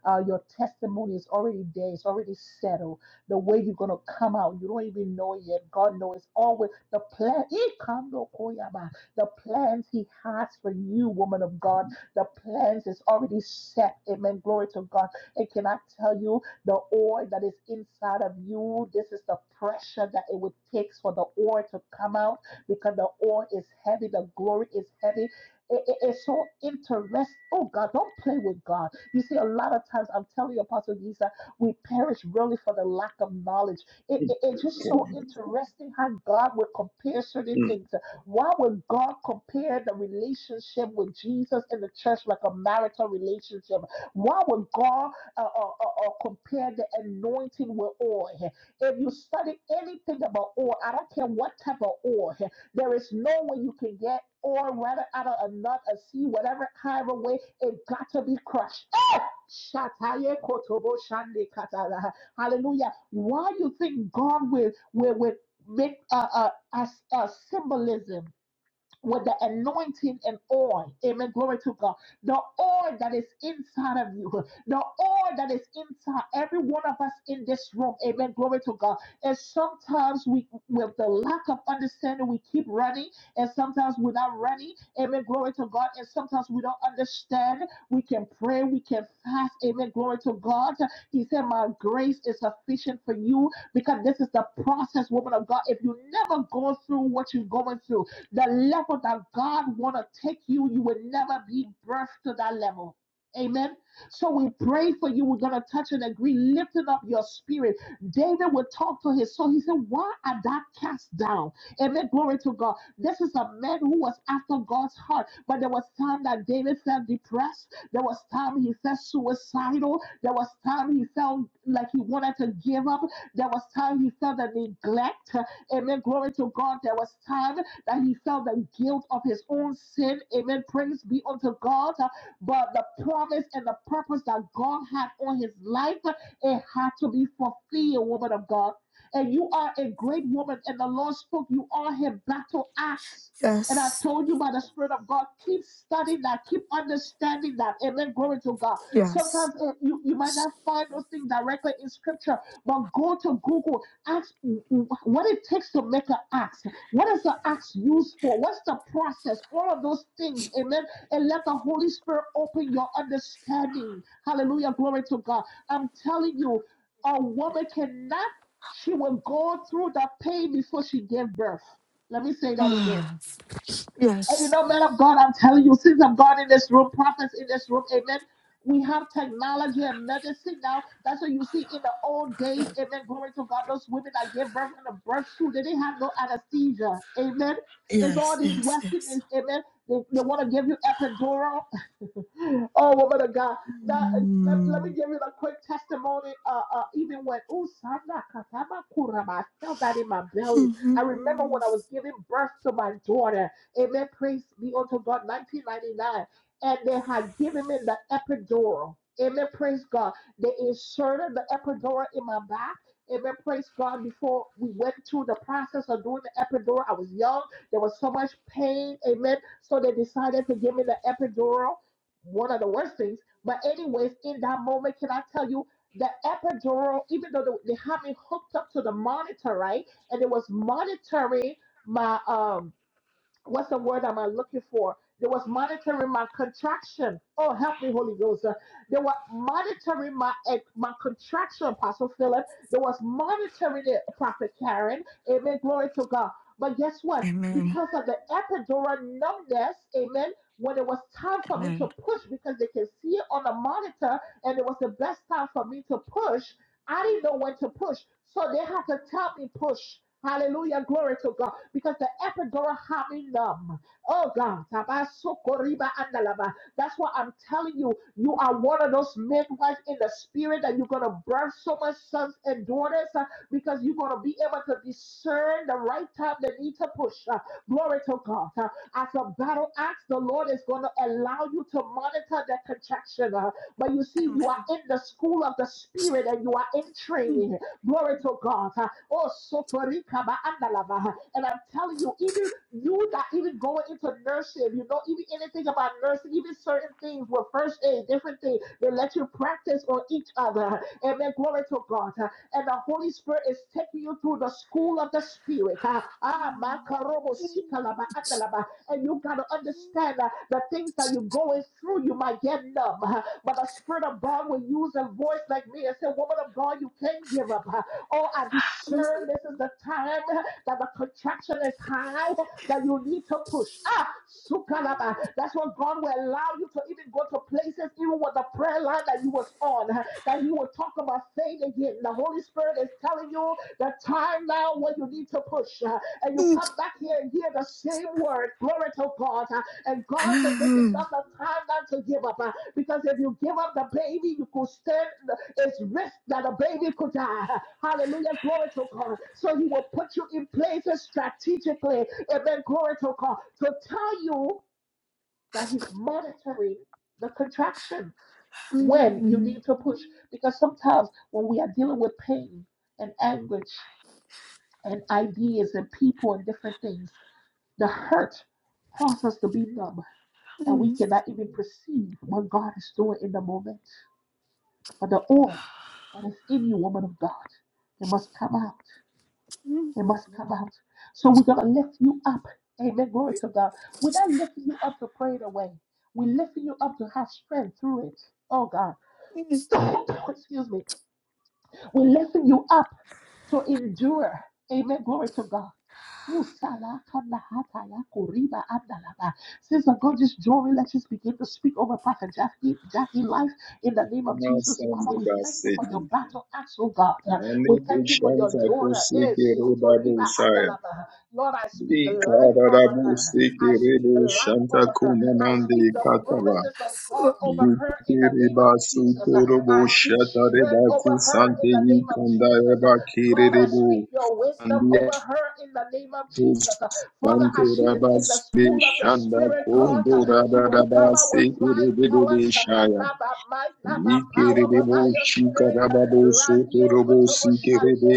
Uh, your testimony is already there. It's already settled. The way you're going to come out, you don't even know it yet. God knows always the plan. Ikandokoyaba. The plans He has for you, woman of God. The plans is already set. Amen. Glory to God. And can I tell you, the oil that is inside of you, this is the pressure that it would take for the oil to come out because the oil is heavy, the glory is heavy. It- it- it's so interesting. Oh God, don't play with God. You see, a lot of times I'm telling you, Apostle Giza, we perish really for the lack of knowledge. It, it- it's just so
Jesus.
interesting how God would compare certain
Mm.
things. Why would God compare the relationship with Jesus in the church like a marital relationship? Why would God uh, uh, uh, uh, compare the anointing with oil? If you study anything about oil, I don't care what type of oil. There is no way you can get or rather out of a nut, a sea, whatever kind of way, it got to be crushed. Eh! Hallelujah. Why do you think God will will, will make a uh, as a symbolism with the anointing and oil. Amen. Glory to God. The oil that is inside of you, the oil that is inside every one of us in this room. Amen. Glory to God. And sometimes we, with the lack of understanding, we keep running, and sometimes we're not running. Amen. Glory to God. And sometimes we don't understand. We can pray, we can fast. Amen. Glory to God. He said, My grace is sufficient for you because this is the process, woman of God. If you never go through what you're going through, the level that God want to take you, you will never be birthed to that level. Amen. So we pray for you. We're gonna touch and agree, lifting up your spirit. David would talk to his son. He said, Why are thou cast down? Amen. Glory to God. This is a man who was after God's heart. But there was time that David felt depressed. There was time he felt suicidal. There was time he felt like he wanted to give up. There was time he felt the neglect. Amen. Glory to God. There was time that he felt the guilt of his own sin. Amen. Praise be unto God. Uh, But the promise and the purpose that God had on his life, uh, it had to be fulfilled, woman of God. And you are a great woman, and the Lord spoke, you are his battle axe. And I
Yes,
told you by the Spirit of God, keep studying that, keep understanding that. Amen. Glory to God.
yes.
Sometimes uh, you, you might not find those things directly in Scripture, but go to Google, ask what it takes to make an axe. What is the axe used for? What's the process? All of those things. Amen. And let the Holy Spirit open your understanding. Hallelujah. Glory to God. I'm telling you, a woman cannot, she will go through that pain before she gave birth. Let me say that again.
Ah,
And you know, men of God, I'm telling you, sins of God in this room, prophets in this room, amen. We have technology and medicine now. That's what you see in the old days. Amen. Glory to God. Those women that gave birth in a birth suit, they didn't have no anesthesia. Amen. It's all
yes,
these
yes, yes.
Westerners. Amen. They, they want to give you epidural oh, woman of God. Now, let, let me
Mm.
give you a quick testimony. Uh, uh, even when Usana Katama Kurama, I felt that in my belly. I remember
Mhm.
when I was giving birth to my daughter. Amen. Praise be unto God, 1999. And they had given me the epidural. Amen. Praise God. They inserted the epidural in my back. Amen. Praise God. Before we went through the process of doing the epidural, I was young. There was so much pain. Amen. So they decided to give me the epidural one of the worst things. But anyways, in that moment, can I tell you the epidural, even though they, they had me hooked up to the monitor, right? And it was monitoring my um what's the word am I looking for? They was monitoring my contraction. Oh, help me, Holy Ghost. Uh, They were monitoring my eh, my contraction, Apostle Philip. They was monitoring it, Prophet Karen. Amen. Glory to God. But guess what?
Amen.
Because of the epidural numbness, amen. When it was time for me to
Amen.
push, because they can see it on the monitor, and it was the best time for me to push, I didn't know when to push, so they had to tell me push. Hallelujah, glory to God. Because the epidural had me numb. Oh God, Tabasokoriba andalaba. that's what I'm telling you. You are one of those midwives in the spirit that you're gonna birth so much sons and daughters uh, because you're gonna be able to discern the right time they need to push. Uh, glory to God. Uh, as a battle axe, the Lord is gonna allow you to monitor the contraction. Uh, but you see, you are in the school of the spirit and you are in training. Glory to God. Oh, sotorika ba andalava. And I'm telling you, even you that even going into nursing, if you know, even anything about nursing, even certain things with first aid, different things, they let you practice on each other. Amen. Glory to God. And the Holy Spirit is taking you through the school of the spirit. Ah, ah, makarobo sikalaba andalava. And you got to understand that the things that you're going through, you might get numb. But the Spirit of God will use a voice like me and say, Woman of God, you can't give up. Oh, I discern this is the time that the contraction is high, that you need to push. Ah, sukalaba. That's what God will allow you to even go to places, even with the prayer line that you was on, that He will talk about faith again. The Holy Spirit is telling you the time now when you need to push. And you come back here and hear the same word. Glory to God. And God said, This is
Mm.
not the time now to give up. Because if you give up the baby, you could stand its risk that the baby could die. Hallelujah. Glory to God. So he will put you in places strategically. Amen. Glory to God. To tell you that he's monitoring the contraction when you
Mm.
need to push. Because sometimes when we are dealing with pain and anguish and ideas and people and different things, the hurt causes us to be numb that we
Mm.
cannot even perceive what God is doing in the moment. But the oil that is in you, woman of God, it must come out.
Mm.
It must come out. So we're going to lift you up. Amen. Glory to God. We're not lifting you up to pray it away. We're lifting you up to have strength through it. Oh, God.
Mm.
Excuse me. We're lifting you up to endure. Amen. Glory to God. Sister of God, just joy, let's just begin to speak over Prophet Jackie, Jackie life in the name of
Now
Jesus.
stand
Father, we
over
thank you for your
Satan.
battle axe, oh God. Uh, We
Mani
thank you for your
kushanta
daughter. Eh,
kusiki
soto
reba
riba
busaya.
andalaba. Lord, I speak life
Ikara
over
rabu
her. I
siki
speak
rebu
life
shanta
over her. I
kumamandi
speak the
kataba.
promises of God over her in the name
Yikereba
of Jesus. Uh,
sutorobo
I speak
shatareba
strength over her in
kusante
the name of Jesus.
yikandareba
God, I
kirerebo.
speak your wisdom
Andiya
over her in the name of Jesus. Uh, Father,
kusante
as she is in
rabas
the
de
school of the
shanda
Spirit, God,
kondo
uh, she will
radaraba
come out with flying
sekerebe
colors, uh,
shaya.
not by might, not by power, but
Ikerebo
by your Spirit. Uh,
shikarababo soto robo sikerebe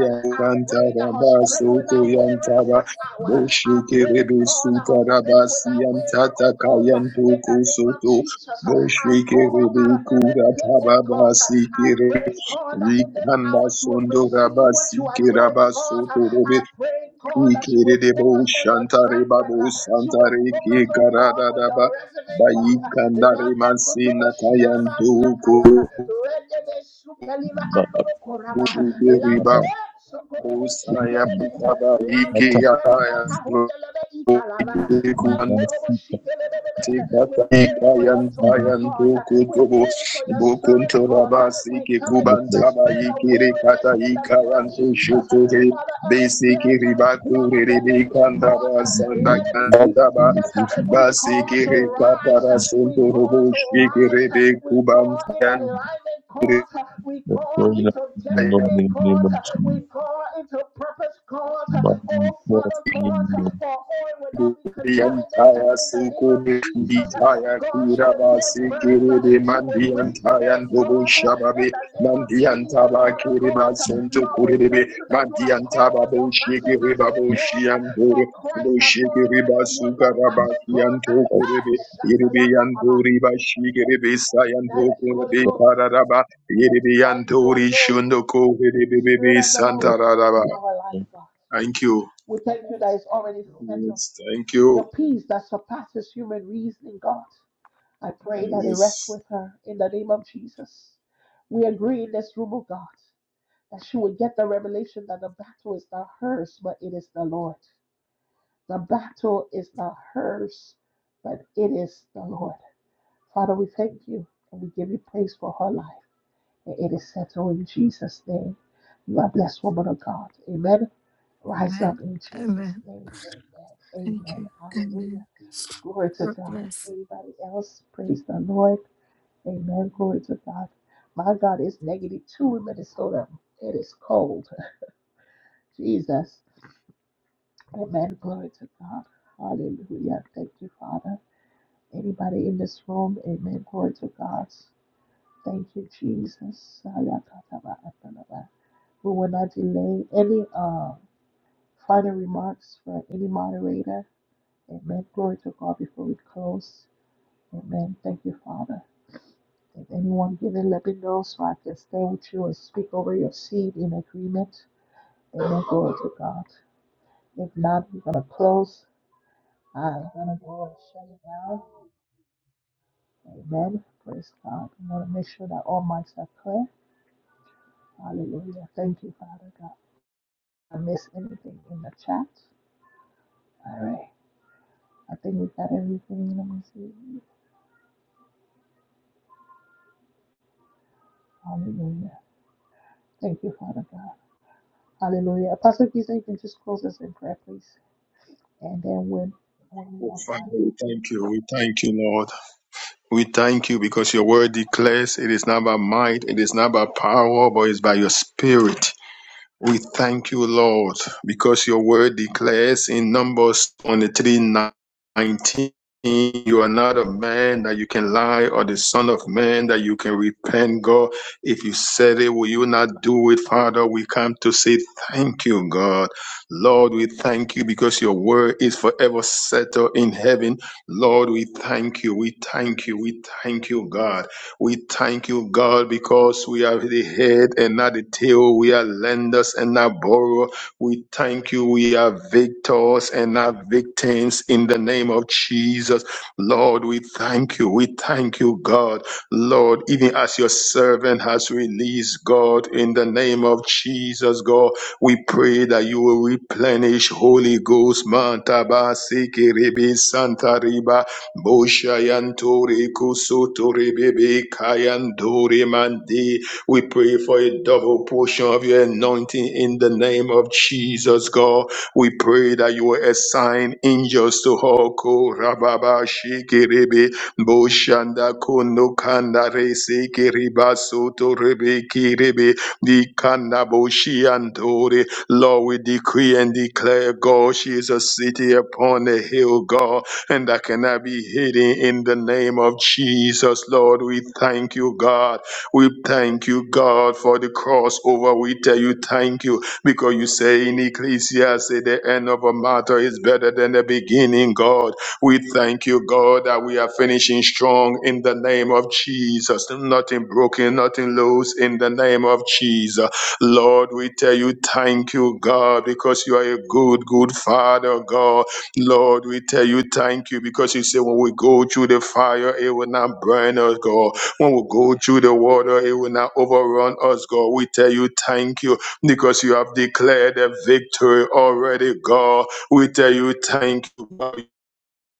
Uh, I
kanta
pray that her
raba
strength will
soto
not waver in
yantaba
this
bo
hour. Uh, I pray,
shikerebe
God, that
suta
her
raba
faith will not waver,
siyantata
oh God, uh,
kayanto
in
ko
the name of
soto
Jesus. Uh,
bo
I call her
shikerebe
out of every
kura
pit, oh
tababa
God. I
sikere
pray, God, that in this
rikanda
hour she will
sondo raba
perceive what you are doing,
sikeraba
God.
soto robe
I pray,
Ikere
God,
de
that she will
Ikiridebo
focus on your
Shantare
track
Babu
record. She will
Santare
focus, oh God, on your
Kikaradadaba
resume, God.
Bayikandare
Lando
Mansina
kotobo shialaba
Tayantu
diakaya. Rendebe sukeliva andoro koraba. Lando
riba
de
Babu
sokotobo
Saya
mm,
shekelebe.
Baba
uh,
Lambus
Ikiyaya
Kalibata Hundalebe Italava,
Sro
Mankorobo
uh,
Shikelebe. We pray for your
mm, mm,
Torah God. We pray for your servant God. We come against
mm,
the spirit of weariness in the name of Jesus. Father, every plan,
Basiki
every
ribaku
plot of the
ribi
enemy
kandaba
mm,
God,
sanda
mm,
let it be
kandaba
mm,
defeated. We call
basiki
to rise.
rikapara sunto
We call to
rubushiki
rise.
ribi
We call
kubanta.
in alignment God. We call
well,
into
mm, mm, mm,
destiny
mm, mm, mm,
God. We call into purpose God.
mm, mm, mm, mm, mm, mm, mm, mm, mm, mm, mm,
Oh, Father God,
mm, mm, mm, mm,
our oil will not be contaminated
Yantaya
in the name of
Sukuri
Jesus.
Nitaya
God, she will give
Kirabasi
birth.
Kiridi
She will bring
Mandiantaya
forth,
Ndobu
God, in
Shababi
the name of Jesus,
Mandiantaba
Father
Kiriba
God.
Sunto
Lord, we
Kuribi
thank you that you have
Mandiantaba
called your battle
Bushiki
and
Riba
so
Bushi
God,
and
for
Duru
Christ have
Bushiki Riba
already won the battle,
Sukarabaki
God.
and
Hey!
Tokuribi Iribi and Duriba Shikiribi Sayanto
Thank you, Holy
Kuribi
Ghost.
Kararaba Iribi and
Thank you,
Duri
Holy Ghost.
Shundoko
Spirit
Ribi
of the Lord,
mm,
we thank you
Santararaba.
for our life, God.
Thank you.
We thank you that it's already settled.
Yes, thank
Your
you.
peace that surpasses human reasoning, God. I pray that it rests
Yes.
with her in the name of Jesus. We agree in this room, oh God, that she will get the revelation that the battle is not hers, but it is the Lord. The battle is not hers, but it is the Lord. Father, we thank you and we give you praise for her life. And it is settled in Jesus' name. You are blessed, woman of God. Amen. Rise up
Amen.
in Jesus'
Amen.
name. Amen.
Thank
Amen.
you.
Hallelujah.
Amen.
Glory to
God
God.
bless.
Anybody else? Praise the Lord. Amen. Glory to God. My God is negative two in Minnesota. It is cold. Jesus. Amen. Glory to God. Hallelujah. Thank you, Father. Anybody in this room? Amen. Glory to God. Thank you, Jesus. We will not delay any uh, final remarks for any moderator. Amen. Glory to God before we close. Amen. Thank you, Father. If anyone given, let me know so I can stay with you and speak over your seed in agreement. Amen. Glory to God. If not, we're going to close. I'm going to go and shut it down. Amen. Praise God. I want to make sure that all mics are clear. Hallelujah. Thank you, Father God. I miss anything in the chat. All right. I think we got everything. Let me see. Hallelujah. Thank you, Father God. Hallelujah. Apostle Giza, you can just close us in prayer, please. And then when when we
Oh,
don't
Father,
mind.
we thank you. We thank you, Lord. We thank you because your word declares it is not by might, it is not by power, but it's by your spirit. We thank you, Lord, because your word declares in Numbers 23 19, you are not a man that you can lie, or the son of man that you can repent, God. If you said it, will you not do it, Father? We come to say thank you, God. Lord, we thank you because your word is forever settled in heaven. Lord, we thank you. We thank you. We thank you, God. We thank you, God, because we are the head and not the tail. We are lenders and not borrowers. We thank you. We are victors and not victims in the name of Jesus. Lord, we thank you. We thank you, God. Lord, even as your servant has released, God, in the name of Jesus, God, we pray that you will replenish Holy Ghost, Manta Ba Siki Ribi Santa Riba Boshayantore kusutore bebe kayandore mandi. We pray for a double portion of your anointing in the name of Jesus, God. We pray that you will assign angels to Hoko Rababa Shikiribi Boshanda Kono Kanda Resi Kiriba Soto Rebe Kiribi Di Kanda Boshiantore. Lord, we decree and declare, God, she is a city upon a hill, God and that cannot be hidden in the name of Jesus, Lord. We thank you, God. We thank you, God, for the crossover. We tell you thank you because you say in Ecclesiastes, the end of a matter is better than the beginning, God. We thank you, God, that we are finishing strong in the name of Jesus. Nothing broken, nothing loose in the name of Jesus. Lord, we tell you thank you, God, because you are a good, good Father, God Lord, we tell you thank you because you say when we go through the fire, it will not burn us, God. When we go through the water, it will not overrun us, God. We tell you thank you because you have declared a victory already, God. We tell you thank you.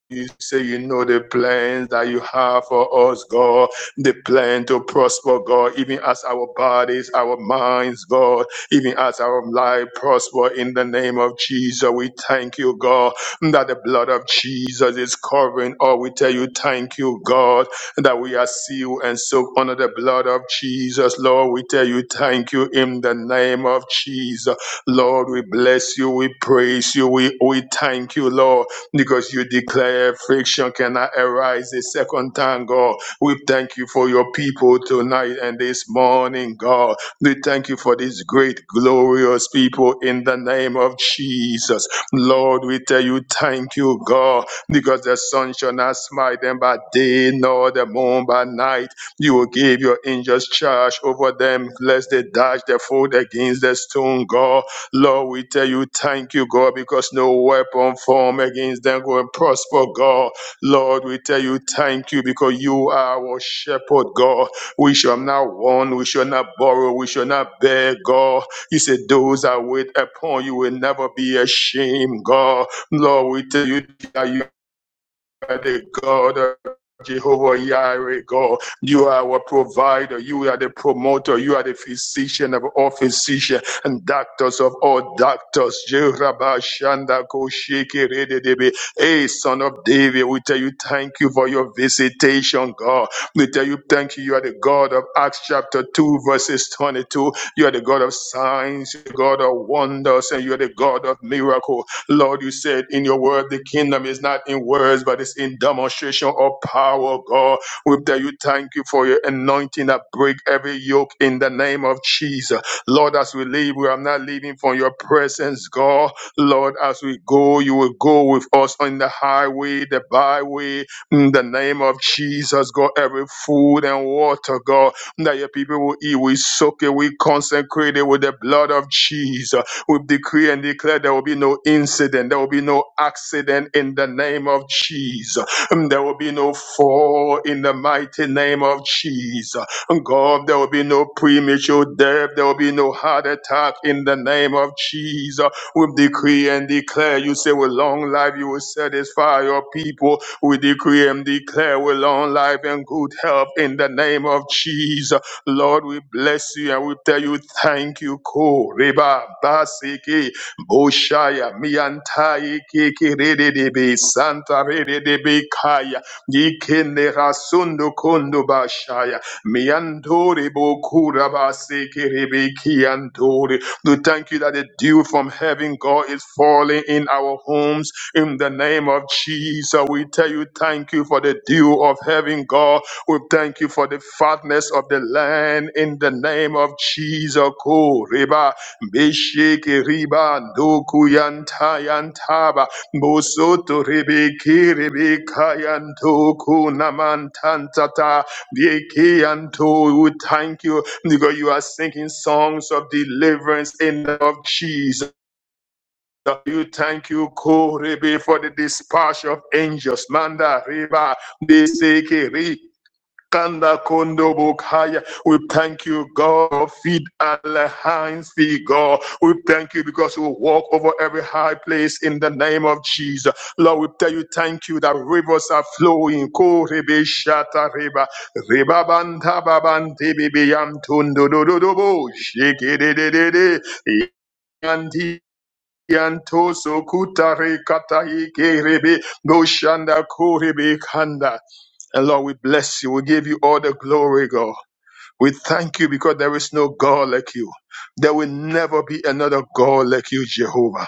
You say you know the plans that you have for us, God. The plan to prosper, God, even as our bodies, our minds, God, even as our life prosper in the name of Jesus. We thank you, God, that the blood of Jesus is covering. all. we tell you, thank you, God, that we are sealed and soaked under the blood of Jesus. Lord, we tell you, thank you in the name of Jesus. Lord, we bless you. We praise you. We, we thank you, Lord, because you declare friction cannot arise a second time, God. We thank you for your people tonight and this morning, God. We thank you for this great, glorious people in the name of Jesus. Lord, we tell you thank you, God, because the sun shall not smite them by day nor the moon by night. You will give your angels charge over them, lest they dash their foot against the stone, God. Lord, we tell you thank you, God, because no weapon formed against them will prosper, God. Lord, we tell you thank you because you are our shepherd, God. We shall not want, we shall not borrow, we shall not beg, God. You said those that wait upon you will never be ashamed, God. Lord, we tell you that you the God of Jehovah Yahweh God, you are our provider, you are the promoter, you are the physician of all physicians and doctors of all doctors. Jehovah Shanda Rededebe. Hey, son of David, we tell you thank you for your visitation, God. We tell you thank you. You are the God of Acts chapter 2, verses 22. You are the God of signs, you are the God of wonders, and you are the God of miracles. Lord, you said in your word, the kingdom is not in words, but it's in demonstration of power, God. We tell you thank you for your anointing that break every yoke in the name of Jesus. Lord, as we leave, we are not leaving from your presence, God. Lord, as we go, you will go with us on the highway, the byway, in the name of Jesus, God. Every food and water, God, that your people will eat, we soak it, we consecrate it with the blood of Jesus. We decree and declare there will be no incident, there will be no accident in the name of Jesus. Um, There will be no fall in the mighty name of Jesus. Um, God, there will be no premature death, there will be no heart attack in the name of Jesus. We decree and declare, you say with long life you will satisfy your people. We decree and declare with long life and good health in the name of Jesus. Lord, we bless you and we tell you thank you. Ko reba basiki boshaya miantai kiki rededebe santa rededebe kaya yikende rasundo kondo bashaya miantore bokura basiki rebeki andore we thank you that the dew from heaven, God, is falling in our homes in the name of Jesus. We tell you, thank you for the dew of heaven, God. We thank you for the fatness of the land in the name of Jesus. Ko Reba, Besheke Riba, Ndoku Yanta Yantaba, Bosoto Rebeke Rebeka Yantoku Namantantata, Yeke Yanto. We thank you because you are singing songs of deliverance in the name of Jesus. You thank you, Korebe, for the dispatch of angels. Manda riba de sekeri Kanda kondo bokaya. We thank you, God. Feed our hands, feed God. We thank you because we walk over every high place in the name of Jesus. Lord, we tell you, thank you that rivers are flowing. Korebe shata riba. Riba banta babante bibi yam tundo do do do bo. Shiki de de de de. Yanto so kutare katahi kerebe boshanda korebe kanda. And Lord, we bless you. We give you all the glory, God. We thank you because there is no God like you. There will never be another God like you, Jehovah.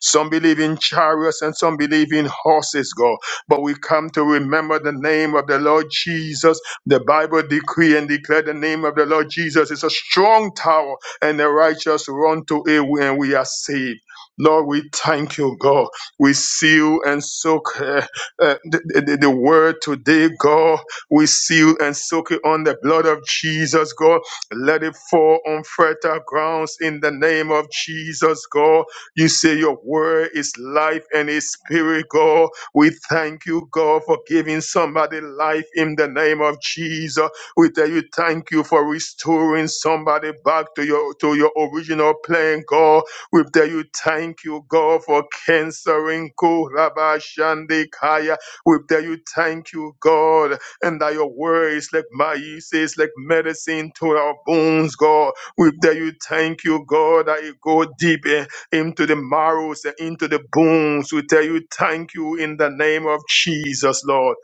Some believe in chariots and some believe in horses, God. But we come to remember the name of the Lord Jesus. The Bible decree and declare the name of the Lord Jesus is a strong tower, and the righteous run to it when we are saved. Lord, we thank you, God. We seal and soak uh, uh, the, the the word today, God. We seal and soak it on the blood of Jesus, God. Let it fall on fertile grounds in the name of Jesus, God. You say your word is life and is spirit, God. We thank you, God, for giving somebody life in the name of Jesus. We tell you thank you for restoring somebody back to your to your original plan, God. We tell you thank you, God, for cancering Kurabashandikaya. We tell you thank you, God and that your word is like mice, it's like medicine to our bones, God. We tell you thank you, God, that it go deep in, into the marrows and into the bones. We tell you thank you in the name of Jesus, Lord.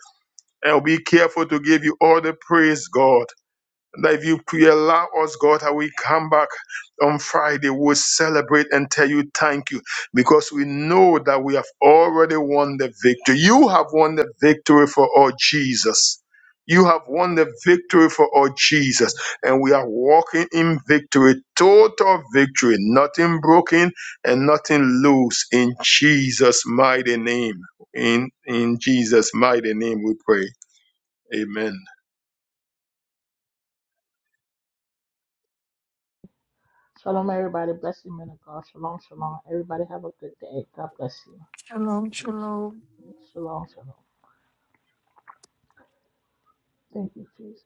And be careful to give you all the praise, God that if you pray, allow us, God, that we come back on Friday, we'll celebrate and tell you thank you because we know that we have already won the victory. You have won the victory for our Jesus. You have won the victory for our Jesus, and we are walking in victory, total victory, nothing broken and nothing loose in Jesus' mighty name. In in Jesus' mighty name we pray. Amen.
Shalom, everybody. Blessing, men of God. Shalom, shalom. Everybody have a good day. God bless you.
Shalom, shalom.
Shalom, shalom. Thank you, Jesus.